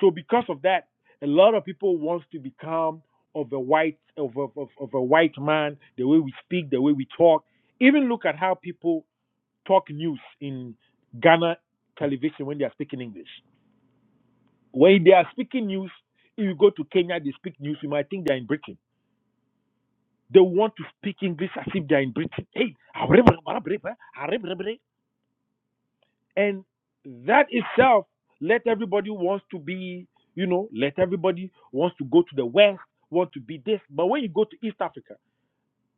L: so because of that, a lot of people wants to become of a white of, of, of, of a white man, the way we speak, the way we talk. Even look at how people talk news in Ghana television when they are speaking English. When they are speaking news, if you go to Kenya, they speak news, you might think they're in Britain. They want to speak English as if they're in Britain. Hey, and that itself let everybody wants to be you know let everybody wants to go to the west want to be this but when you go to east africa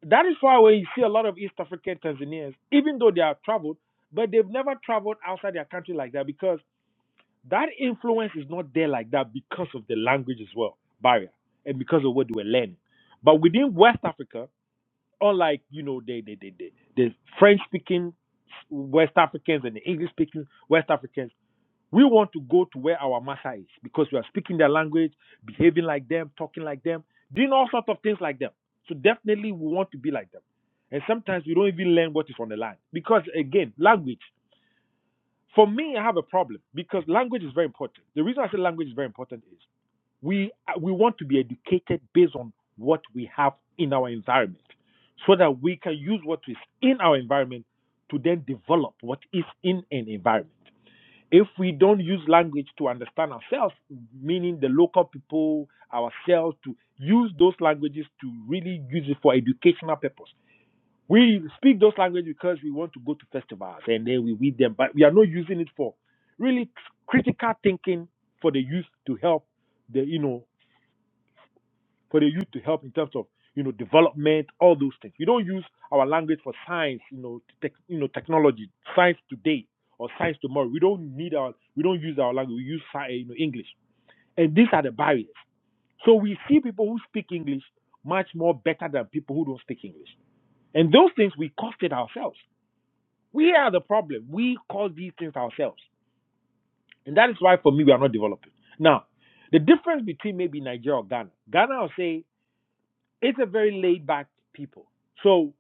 L: that is why when you see a lot of east african tanzanians even though they are traveled but they've never traveled outside their country like that because that influence is not there like that because of the language as well barrier and because of what they were learning but within west africa unlike you know the the the, the, the french speaking west africans and the english speaking west africans we want to go to where our master is because we are speaking their language, behaving like them, talking like them, doing all sorts of things like them. So definitely we want to be like them. And sometimes we don't even learn what is on the line. Because again, language. For me, I have a problem because language is very important. The reason I say language is very important is we we want to be educated based on what we have in our environment so that we can use what is in our environment to then develop what is in an environment if we don't use language to understand ourselves, meaning the local people, ourselves, to use those languages to really use it for educational purpose. We speak those languages because we want to go to festivals and then we read them, but we are not using it for really critical thinking for the youth to help the you know for the youth to help in terms of you know development, all those things. We don't use our language for science, you know, tech, you know, technology, science today or science tomorrow. We don't need our we don't use our language. We use sci- you know, English, and these are the barriers. So we see people who speak English much more better than people who don't speak English, and those things we caused it ourselves. We are the problem. We cause these things ourselves, and that is why for me we are not developing now. The difference between maybe Nigeria or Ghana, Ghana will say it's a very laid back people. So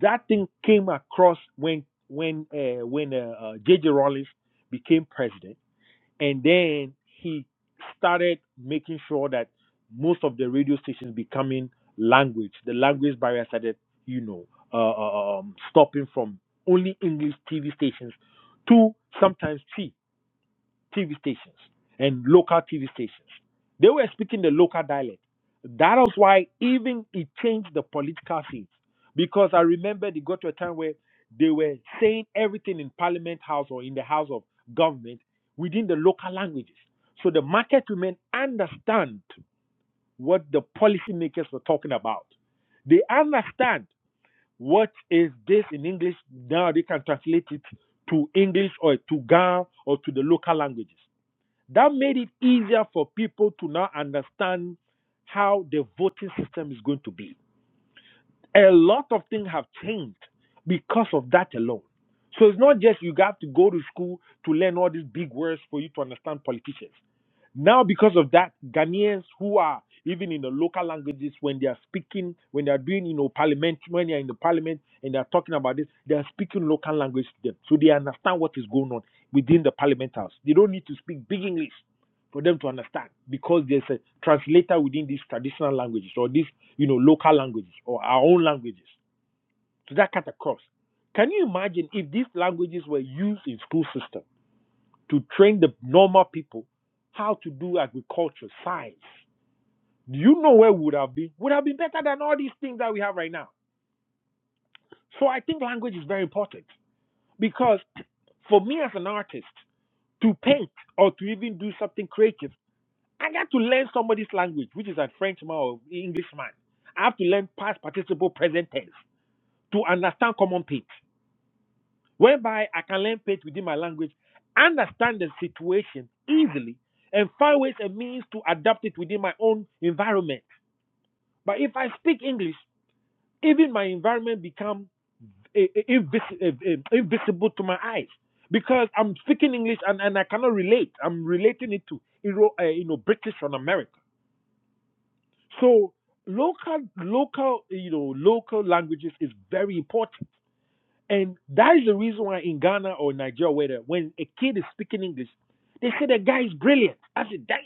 L: that thing came across when when uh, when J J. uh, uh, J.J. Rollins became president, and then he started making sure that most of the radio stations becoming language, the language barrier started, you know, uh, uh, um, stopping from only English TV stations to sometimes three. TV stations and local TV stations. They were speaking the local dialect. That was why even it changed the political scene. Because I remember they got to a time where they were saying everything in Parliament House or in the House of Government within the local languages. So the market women understand what the policymakers were talking about. They understand what is this in English. Now they can translate it to English or to Ga or to the local languages. That made it easier for people to now understand how the voting system is going to be. A lot of things have changed because of that alone. So it's not just you have to go to school to learn all these big words for you to understand politicians. Now, because of that, Ghanaians who are even in the local languages, when they are speaking, when they are doing, you know, parliament, when they are in the parliament and they are talking about this, they are speaking local language to them. So they understand what is going on within the parliament house. They don't need to speak big English for them to understand because there's a translator within these traditional languages or these you know local languages or our own languages so that cut across can you imagine if these languages were used in school system to train the normal people how to do agriculture science do you know where we would have been would have been better than all these things that we have right now so i think language is very important because for me as an artist to paint or to even do something creative I got to learn somebody's language, which is a Frenchman or Englishman. I have to learn past participle present tense to understand common pitch, whereby I can learn pitch within my language, understand the situation easily, and find ways and means to adapt it within my own environment. But if I speak English, even my environment become eh, eh, eh, eh, invisible to my eyes because I'm speaking English and, and I cannot relate. I'm relating it to you know, eh, British from America So local, local, you know, local languages is very important, and that is the reason why in Ghana or Nigeria, where the- when a kid is speaking English, they say the guy is brilliant. I said, damn.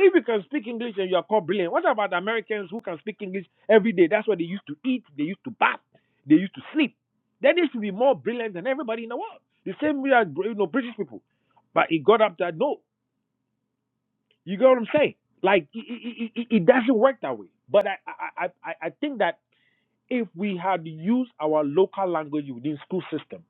L: If you can speak English and you are called brilliant, what about the Americans who can speak English every day? That's what they used to eat, they used to bath, they used to sleep. Then they should be more brilliant than everybody in the world. The same way as you know British people. But it got up that no. You get what I'm saying? Like it, it, it, it doesn't work that way. But I, I I I I think that if we had used our local language within school system,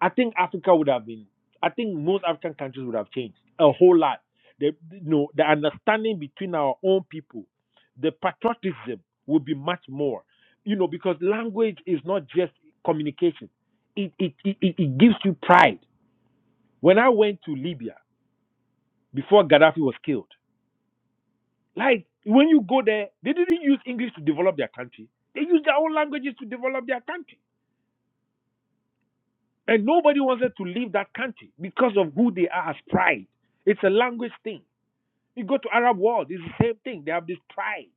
L: I think Africa would have been. I think most African countries would have changed a whole lot. The you know the understanding between our own people, the patriotism would be much more. You know because language is not just communication. It it it, it it gives you pride. When I went to Libya before Gaddafi was killed. Like when you go there, they didn't use English to develop their country. They used their own languages to develop their country. And nobody wanted to leave that country because of who they are as pride. It's a language thing. You go to Arab world, it's the same thing. They have this pride.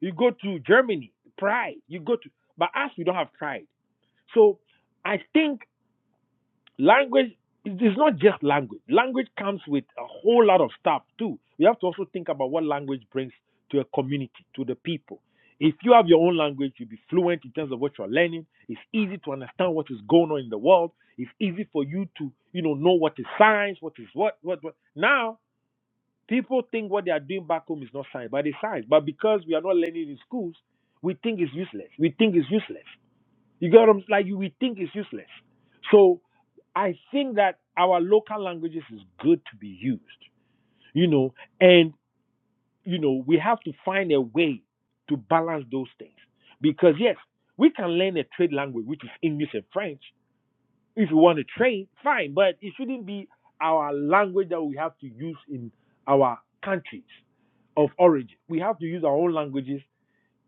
L: You go to Germany, pride. You go to but us we don't have pride. So I think language it is not just language language comes with a whole lot of stuff too we have to also think about what language brings to a community to the people if you have your own language you'll be fluent in terms of what you're learning it's easy to understand what is going on in the world it's easy for you to you know know what is science what is what what, what. now people think what they are doing back home is not science but it's science but because we are not learning in schools we think it's useless we think it's useless you get what I'm like? You we think it's useless. So I think that our local languages is good to be used, you know, and you know we have to find a way to balance those things because yes, we can learn a trade language which is English and French if you want to trade, fine, but it shouldn't be our language that we have to use in our countries of origin. We have to use our own languages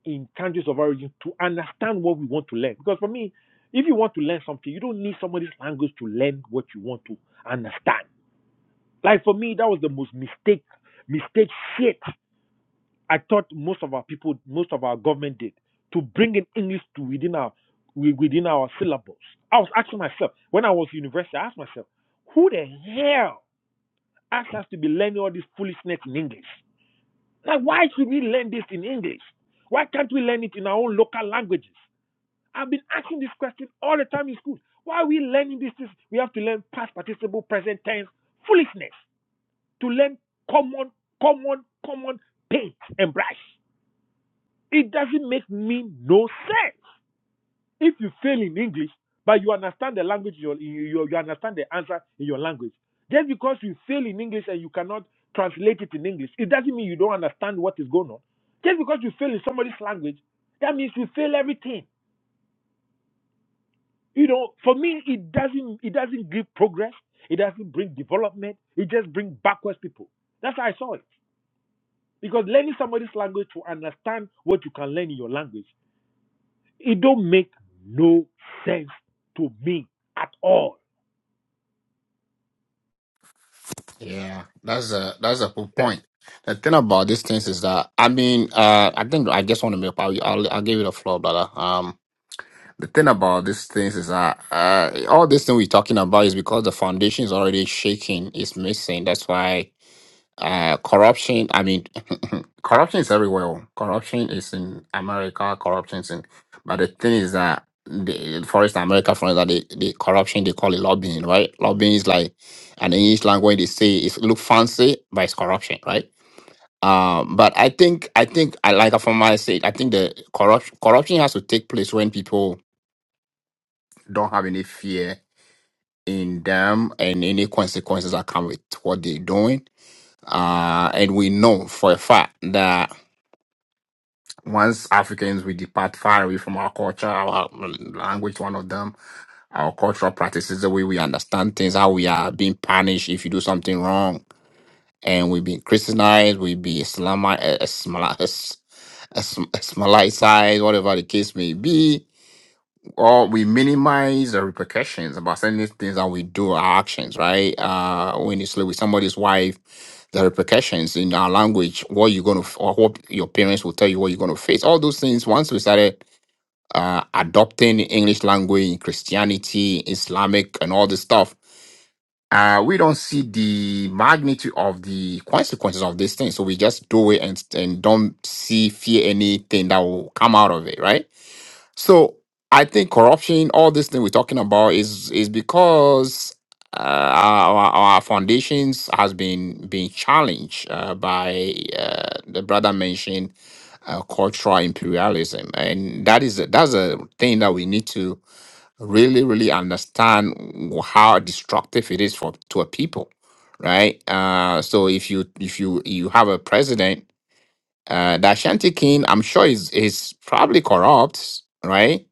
L: in countries of origin to understand what we want to learn. Because for me, if you want to learn something, you don't need somebody's language to learn what you want to understand. Like for me, that was the most mistake, mistake shit I thought most of our people, most of our government did to bring in English to within our within our syllables. I was asking myself when I was in university, I asked myself, who the hell asked us to be learning all this foolishness in English? Like, why should we learn this in English? Why can't we learn it in our own local languages? I've been asking this question all the time in school. Why are we learning these things? We have to learn past participle, present tense, foolishness to learn common, common, common paint and brush. It doesn't make me no sense. If you fail in English, but you understand the language, you, you, you understand the answer in your language. Just because you fail in English and you cannot translate it in English, it doesn't mean you don't understand what is going on. Just because you fail in somebody's language, that means you fail everything. You know, for me, it doesn't it doesn't give progress. It doesn't bring development. It just brings backwards people. That's how I saw it. Because learning somebody's language to understand what you can learn in your language, it don't make no sense to me at all.
J: Yeah, that's a that's a good
G: Okay.
J: point. The thing about these things is that I mean, uh, I think I just want to make. I'll, I'll I'll give you the floor, brother. Um, the thing about these things is that uh, all this thing we're talking about is because the foundation is already shaking, it's missing. That's why uh, corruption, I mean, corruption is everywhere. Corruption is in America, corruption is in, but the thing is that the for instance, America, for instance, the, the corruption they call it lobbying, right? Lobbying is like an English language they say it look fancy, but it's corruption, right? Um, but I think I think I like from my sake, I think the corruption corruption has to take place when people don't have any fear in them and any consequences that come with what they're doing uh, and we know for a fact that once Africans we depart far away from our culture, our language, one of them, our cultural practices, the way we understand things, how we are being punished if you do something wrong, and we being Christianized, we be Islamized, Islamized, whatever the case may be or we minimize the repercussions about certain things that we do, our actions, right? Uh, when you sleep with somebody's wife, the repercussions in our language, what you're going to, or what your parents will tell you, what you're going to face. All those things, once we started uh, adopting English language Christianity, Islamic, and all this stuff, uh, we don't see the magnitude of the consequences of these things. So we just do it and, and don't see, fear anything that will come out of it, right? So I think corruption, all this thing we're talking about, is is because uh, our, our foundations has been been challenged uh, by uh, the brother mentioned uh, cultural imperialism, and that is a, that's a thing that we need to really really understand how destructive it is for to a people, right? Uh, so if you if you you have a president, uh, the Ashanti king, I'm sure is is probably corrupt, right?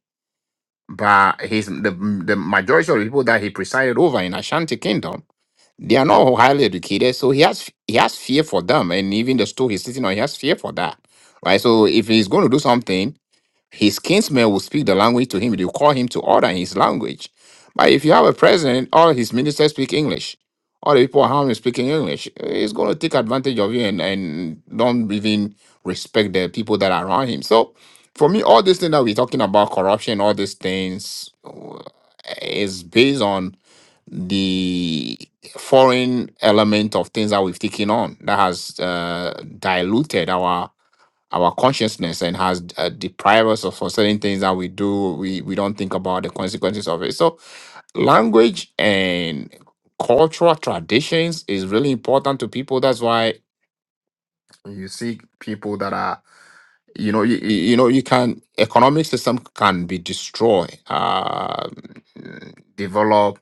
J: but he's the, the majority of the people that he presided over in Ashanti Kingdom, they are not highly educated, so he has he has fear for them, and even the stool he's sitting on, he has fear for that, right? So if he's going to do something, his kinsmen will speak the language to him. They will call him to order in his language. But if you have a president, all his ministers speak English. All the people around him speaking English. He's going to take advantage of you and, and don't even respect the people that are around him. So for me, all this thing that we're talking about, corruption, all these things, uh, is based on the foreign element of things that we've taken on that has uh, diluted our our consciousness and has uh, deprived us of for certain things that we do we we don't think about the consequences of it so language and cultural traditions is really important to people that's why you see people that are you know you, you you know you can economic system can be destroyed uh develop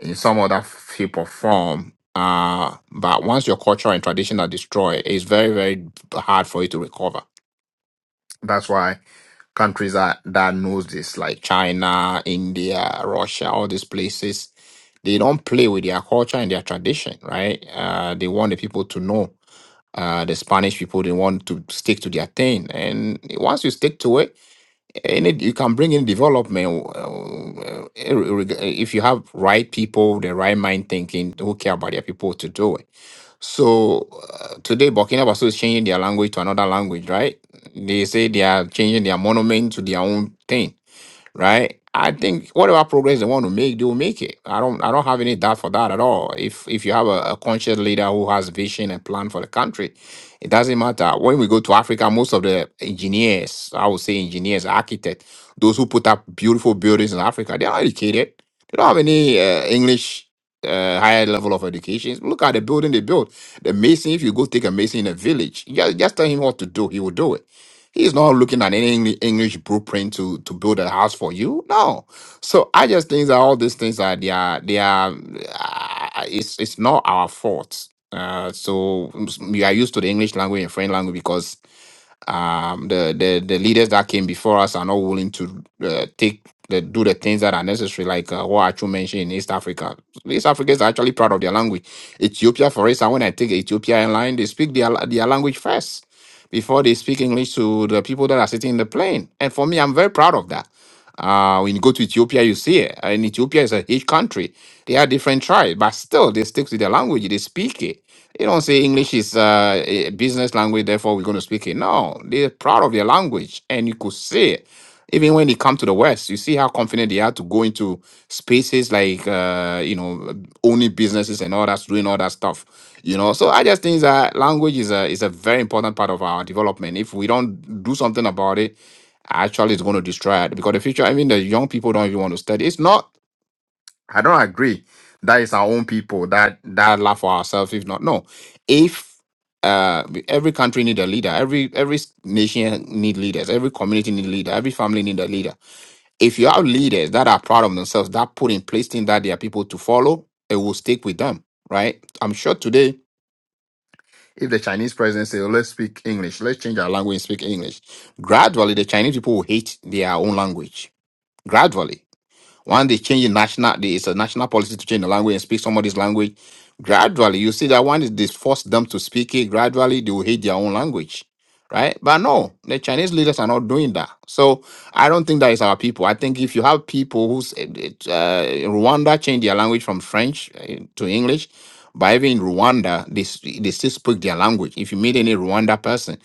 J: in some other shape or form uh but once your culture and tradition are destroyed it's very very hard for you to recover that's why countries that that knows this like china india russia all these places they don't play with their culture and their tradition right uh, they want the people to know uh, the spanish people they want to stick to their thing and once you stick to it any you can bring in development uh, uh, if you have right people the right mind thinking who care about their people to do it so uh, today, Burkina Faso is changing their language to another language, right? They say they are changing their monument to their own thing right? I think whatever progress they want to make, they will make it. I don't I don't have any doubt for that at all. If if you have a, a conscious leader who has vision and plan for the country, it doesn't matter. When we go to Africa, most of the engineers, I would say engineers, architects, those who put up beautiful buildings in Africa, they're not educated. They don't have any uh, English uh, higher level of education. Look at the building they built. The mason, if you go take a mason in a village, you just, just tell him what to do, he will do it He's not looking at any Eng- English blueprint to to build a house for you. No. So I just think that all these things are they are they are uh, it's it's not our fault. Uh, so s- we are used to the English language and French language because um, the, the the leaders that came before us are not willing to uh, take the do the things that are necessary, like uh, what Achu mentioned in East Africa. East Africans are actually proud of their language Ethiopia, for instance, when I take Ethiopia airline, they speak their, their language first before they speak English to the people that are sitting in the plane. And for me, I'm very proud of that. Uh, when you go to Ethiopia, you see it. And Ethiopia is a huge country. They are different tribes, but still they stick to their language. They speak it. They don't say English is uh, a business language, therefore we're going to speak it. No, they're proud of their language, and you could see it. Even when they come to the West, you see how confident they are to go into spaces like uh, you know owning businesses and all that, doing all that stuff. You know, so I just think that language is a is a very important part of our development. If we don't do something about it, actually, it's going to destroy it because the future. I mean, the young people don't even want to study. It's not I don't agree. That is our own people that that laugh for ourselves. If not, no. If uh, every country need a leader, every every nation need leaders, every community need leader, every family need a leader. If you have leaders that are proud of themselves, that put in place things that their people to follow, it will stick with them, right? I'm sure today, if the Chinese president say, "Let's speak English, let's change our language and speak English," gradually the Chinese people will hate their own language. Gradually when they change the national, the- it's a national policy to change the language and speak somebody's language. Gradually, you see that when they force them to speak it, gradually they will hate their own language, right? But no, the Chinese leaders are not doing that. So I don't think that is our people. I think if you have people who's uh, uh, Rwanda changed their language from French uh, to English, but even in Rwanda, they, s- they still speak their language. If you meet any Rwanda person,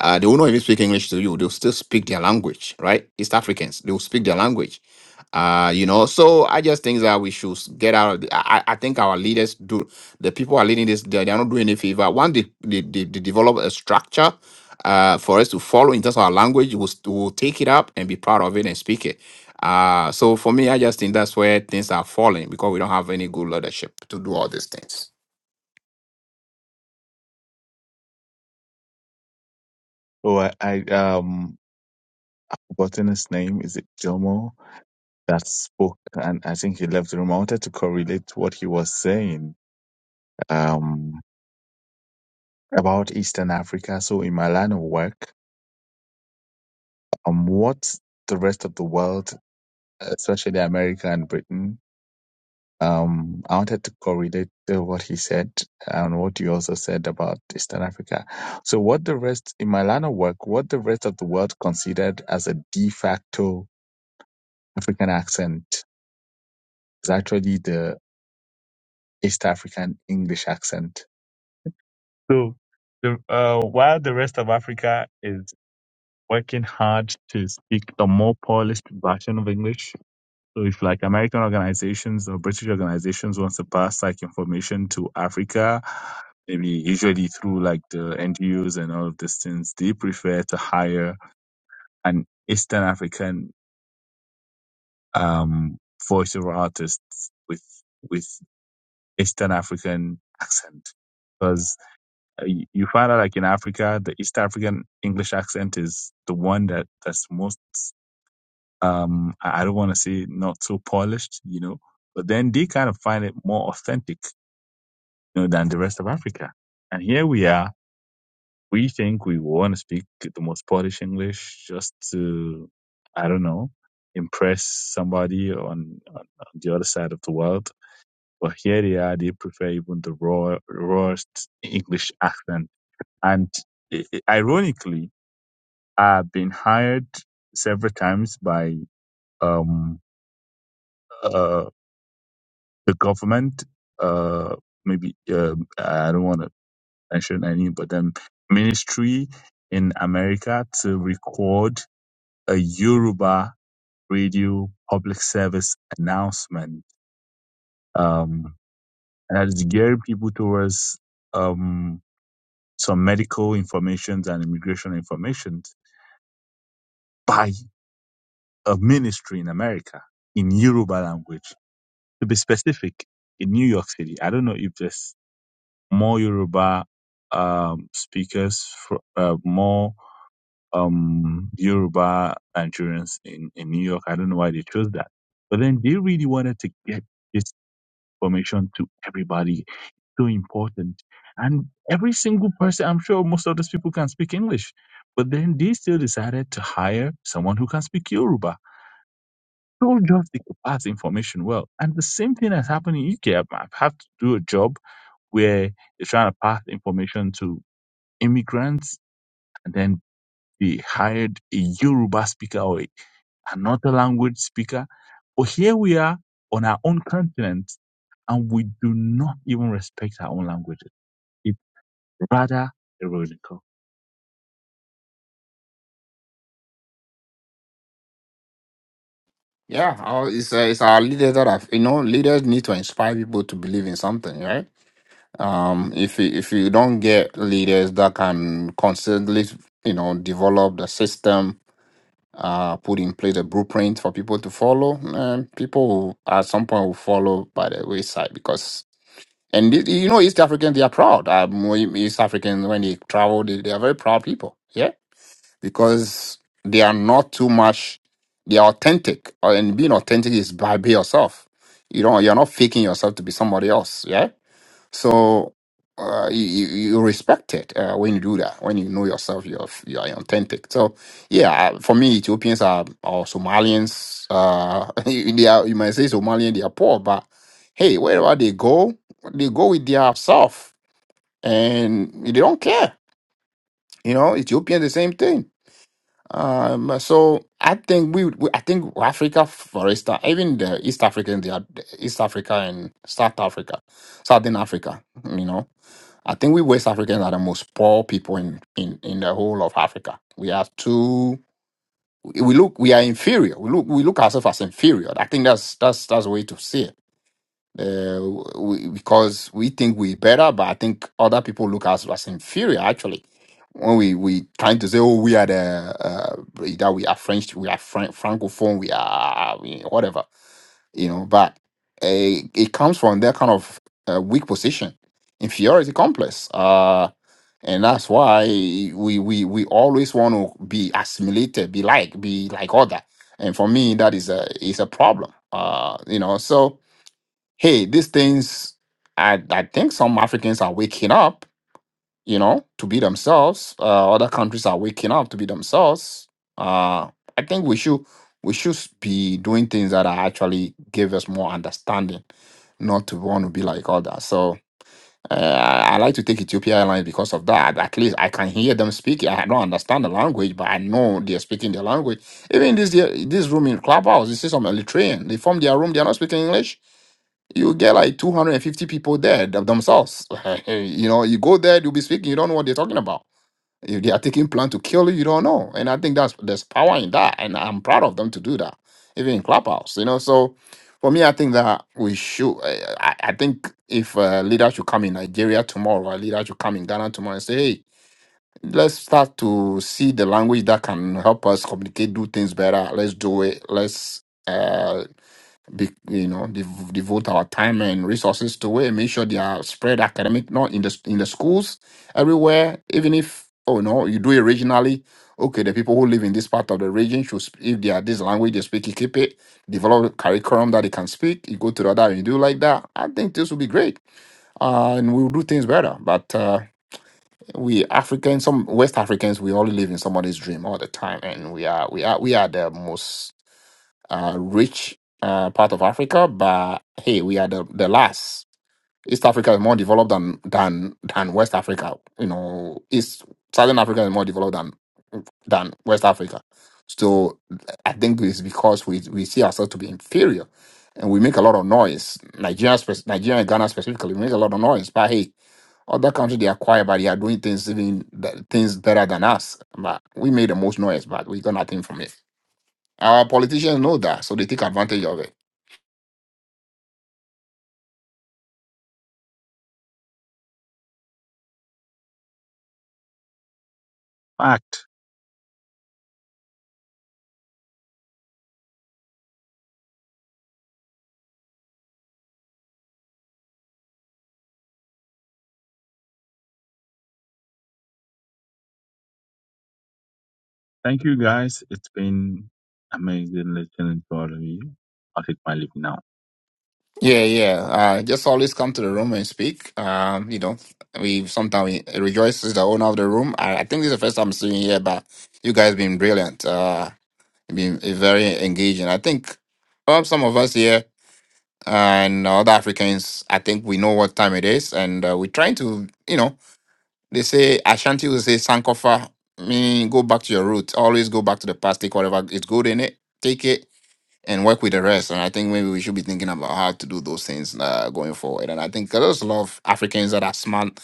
J: uh, they will not even speak English to you. They'll still speak their language, right? East Africans, they will speak their language uh you know so i just think that we should get out of the, I, I I think our leaders do the people who are leading this they, they are not doing any favor once they, they, they, they develop a structure uh for us to follow in terms of our language we'll, st- we'll take it up and be proud of it and speak it uh so for me i just think that's where things are falling because we don't have any good leadership to do all these things
G: Oh, I, I um forgotten his name. Is it Jomo that spoke? And I think he left the room. I wanted to correlate what he was saying um, about Eastern Africa. So in my line of work, um, what the rest of the world, especially America and Britain, um, I wanted to correlate to what he said and what you also said about Eastern Africa. So what the rest in my line of work, what the rest of the world considered as a de facto African accent is actually the East African English accent. So, the, uh, while the rest of Africa is working hard to speak the more polished version of English, so if like American organizations or British organizations wants to pass like information to Africa, maybe usually through like the NGOs and all of these things, they prefer to hire an Eastern African um, voiceover artist with with Eastern African accent because. Uh, You you find out like in Africa, the East African English accent is the one that that's most. Um, I I don't want to say not so polished, you know, but then they kind of find it more authentic, you know, than the rest of Africa. And here we are. We think we want to speak the most polished English just to, I don't know, impress somebody on, on, on the other side of the world. But here they are, they prefer even the raw, rawest English accent. And i- i- ironically, I've been hired several times by um, uh, the government. Uh, maybe uh, I don't want to mention any, but um, ministry in America to record a Yoruba radio public service announcement, um, and that is gearing people towards um, some medical information and immigration information by a ministry in America in Yoruba language to be specific, in New York City, I don't know if there's more Yoruba um, speakers, fr- uh, more um, Yoruba Nigerians in, in New York. I don't know why they chose that. But then they really wanted to get this information to everybody. So important. And every single person, I'm sure most of those people can speak English. But then they still decided to hire someone who can speak Yoruba don't just take the past information well. And the same thing has happened in UK. I've I've had to do a job where they're trying to pass information to immigrants, and then they hired a Yoruba speaker or a, another language speaker. But here we are on our own continent, and we do not even respect our own languages. It's rather ironical.
J: yeah our- it's, uh, it's our leaders that have you know leaders need to inspire people to believe in something right Um, if you, if you don't get leaders that can constantly, you know, develop the system, uh, put in place a blueprint for people to follow, um, people will, at some point will follow by the wayside because. And y- you know, East Africans they are proud. Um, we- East Africans when they travel, they, they are very proud people. Yeah, because they are not too much. They are authentic, and being authentic is by be yourself. You don't. You're not faking yourself to be somebody else. Yeah so uh, you, you you respect it uh, when you do that, when you know yourself, you're, f- you are authentic. So, yeah, uh, for me, Ethiopians are or Somalians. Uh, they are, you might say Somalian, they are poor, but hey, wherever they go, they go with their self and they don't care. You know, Ethiopians, the same thing. Um, so I think we, we, I think Africa, for instance, even the East Africans, they are East Africa and South Africa, Southern Africa, you know I think we West Africans are the most poor people in, in, in the whole of Africa. We have two. We look. We are inferior. We look. We look ourselves as inferior. I think that's that's that's the way to see it. Uh, we, because we think we're better, but I think other people look at us as inferior. Actually, when we we trying to say, oh, we are the uh, that we are French, we are Fran- francophone, we are we- whatever, you know. But uh, it comes from that kind of uh, weak position, inferiority complex. Uh, and that's why we we we always want to be assimilated, be like, be like other. And for me, that is a is a problem. Uh, you know, so hey, these things I I think some Africans are waking up, you know, to be themselves. Uh, other countries are waking up to be themselves. Uh, I think we should we should be doing things that are actually give us more understanding, not to want to be like others. So uh, I, like to take Ethiopia Airlines because of that. At least I can hear them speaking. I don't understand the language, but I know they're speaking their language. Even this here- this room in Clubhouse, you see some Eritrean. They form their room. They are not speaking English. You get like 250 people there them- themselves. you know, you go there, you'll be speaking. You don't know what they're talking about. If they are taking plan to kill you, you don't know. And I think that's there's power in that. And I'm proud of them to do that, even in Clubhouse, you know. So for me, I think that we should. I, I I think if a leader should come in Nigeria tomorrow, a leader should come in Ghana tomorrow and say, hey, let's start to see the language that can help us communicate, do things better. Let's do it. Let's. eh, be, you know, dev- devote our time and resources to it, and make sure they are spread academic, not in the in the schools everywhere. Even if oh no, you do it regionally. Okay, the people who live in this part of the region should, sp- if they are this language they speak, you keep it. Develop a curriculum that they can speak. You go to the other and you do like that. I think this will be great, uh, and we'll do things better. But uh, we Africans, some West Africans, we only live in somebody's dream all the time, and we are we are we are the most uh, rich uh, part of Africa, but hey, we are the, the last. East Africa is more developed than than than West Africa. You know, East Southern Africa is more developed than than West Africa. So I think it's because we we see ourselves to be inferior, and we make a lot of noise. Nigeria, spec- Nigeria, and Ghana specifically, we make a lot of noise. But hey, other countries they are quiet, but they are doing things even th- things better than us. But we made the most noise, but we got nothing from it. Our politicians know that, so they take advantage of it.
G: Fact. Thank you, guys. It's been amazing listening to all of you. I'll take my leave now.
J: Yeah, yeah. Uh, just always come to the room and speak. Um, you know, we sometimes we rejoice as the owner of the room. I, I think this is the first time I'm seeing you here, but you guys been brilliant. Uh, been uh, very engaging. I think um, some of us here and other Africans, I think we know what time it is, and uh, we're trying to, you know, they say Ashanti will say Sankofa, meaning go back to your roots. Always go back to the past. Take whatever is good in it. Take it and work with the rest. And I think maybe we should be thinking about how to do those things uh, going forward. And I think there's a lot of Africans that are smart,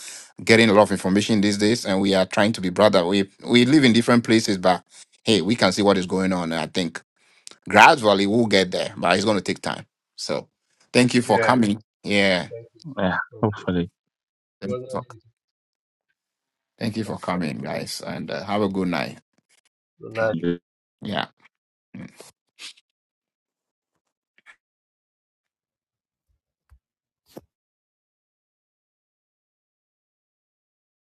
J: getting a lot of information these days, and we are trying to be brother. We we live in different places, but hey, we can see what is going on. And I think gradually we'll get there, but it's going to take time. So thank you for
M: Yeah,
J: coming. Yeah,
M: thank you,
G: Yeah,
M: thank you.
G: hopefully
M: It
J: thank
M: was
J: you
M: nice
J: for,
M: meeting
J: thank you
M: you.
J: for
M: Thank you.
J: coming, guys, and uh, have a good night.
M: Good night.
G: you
J: Yeah.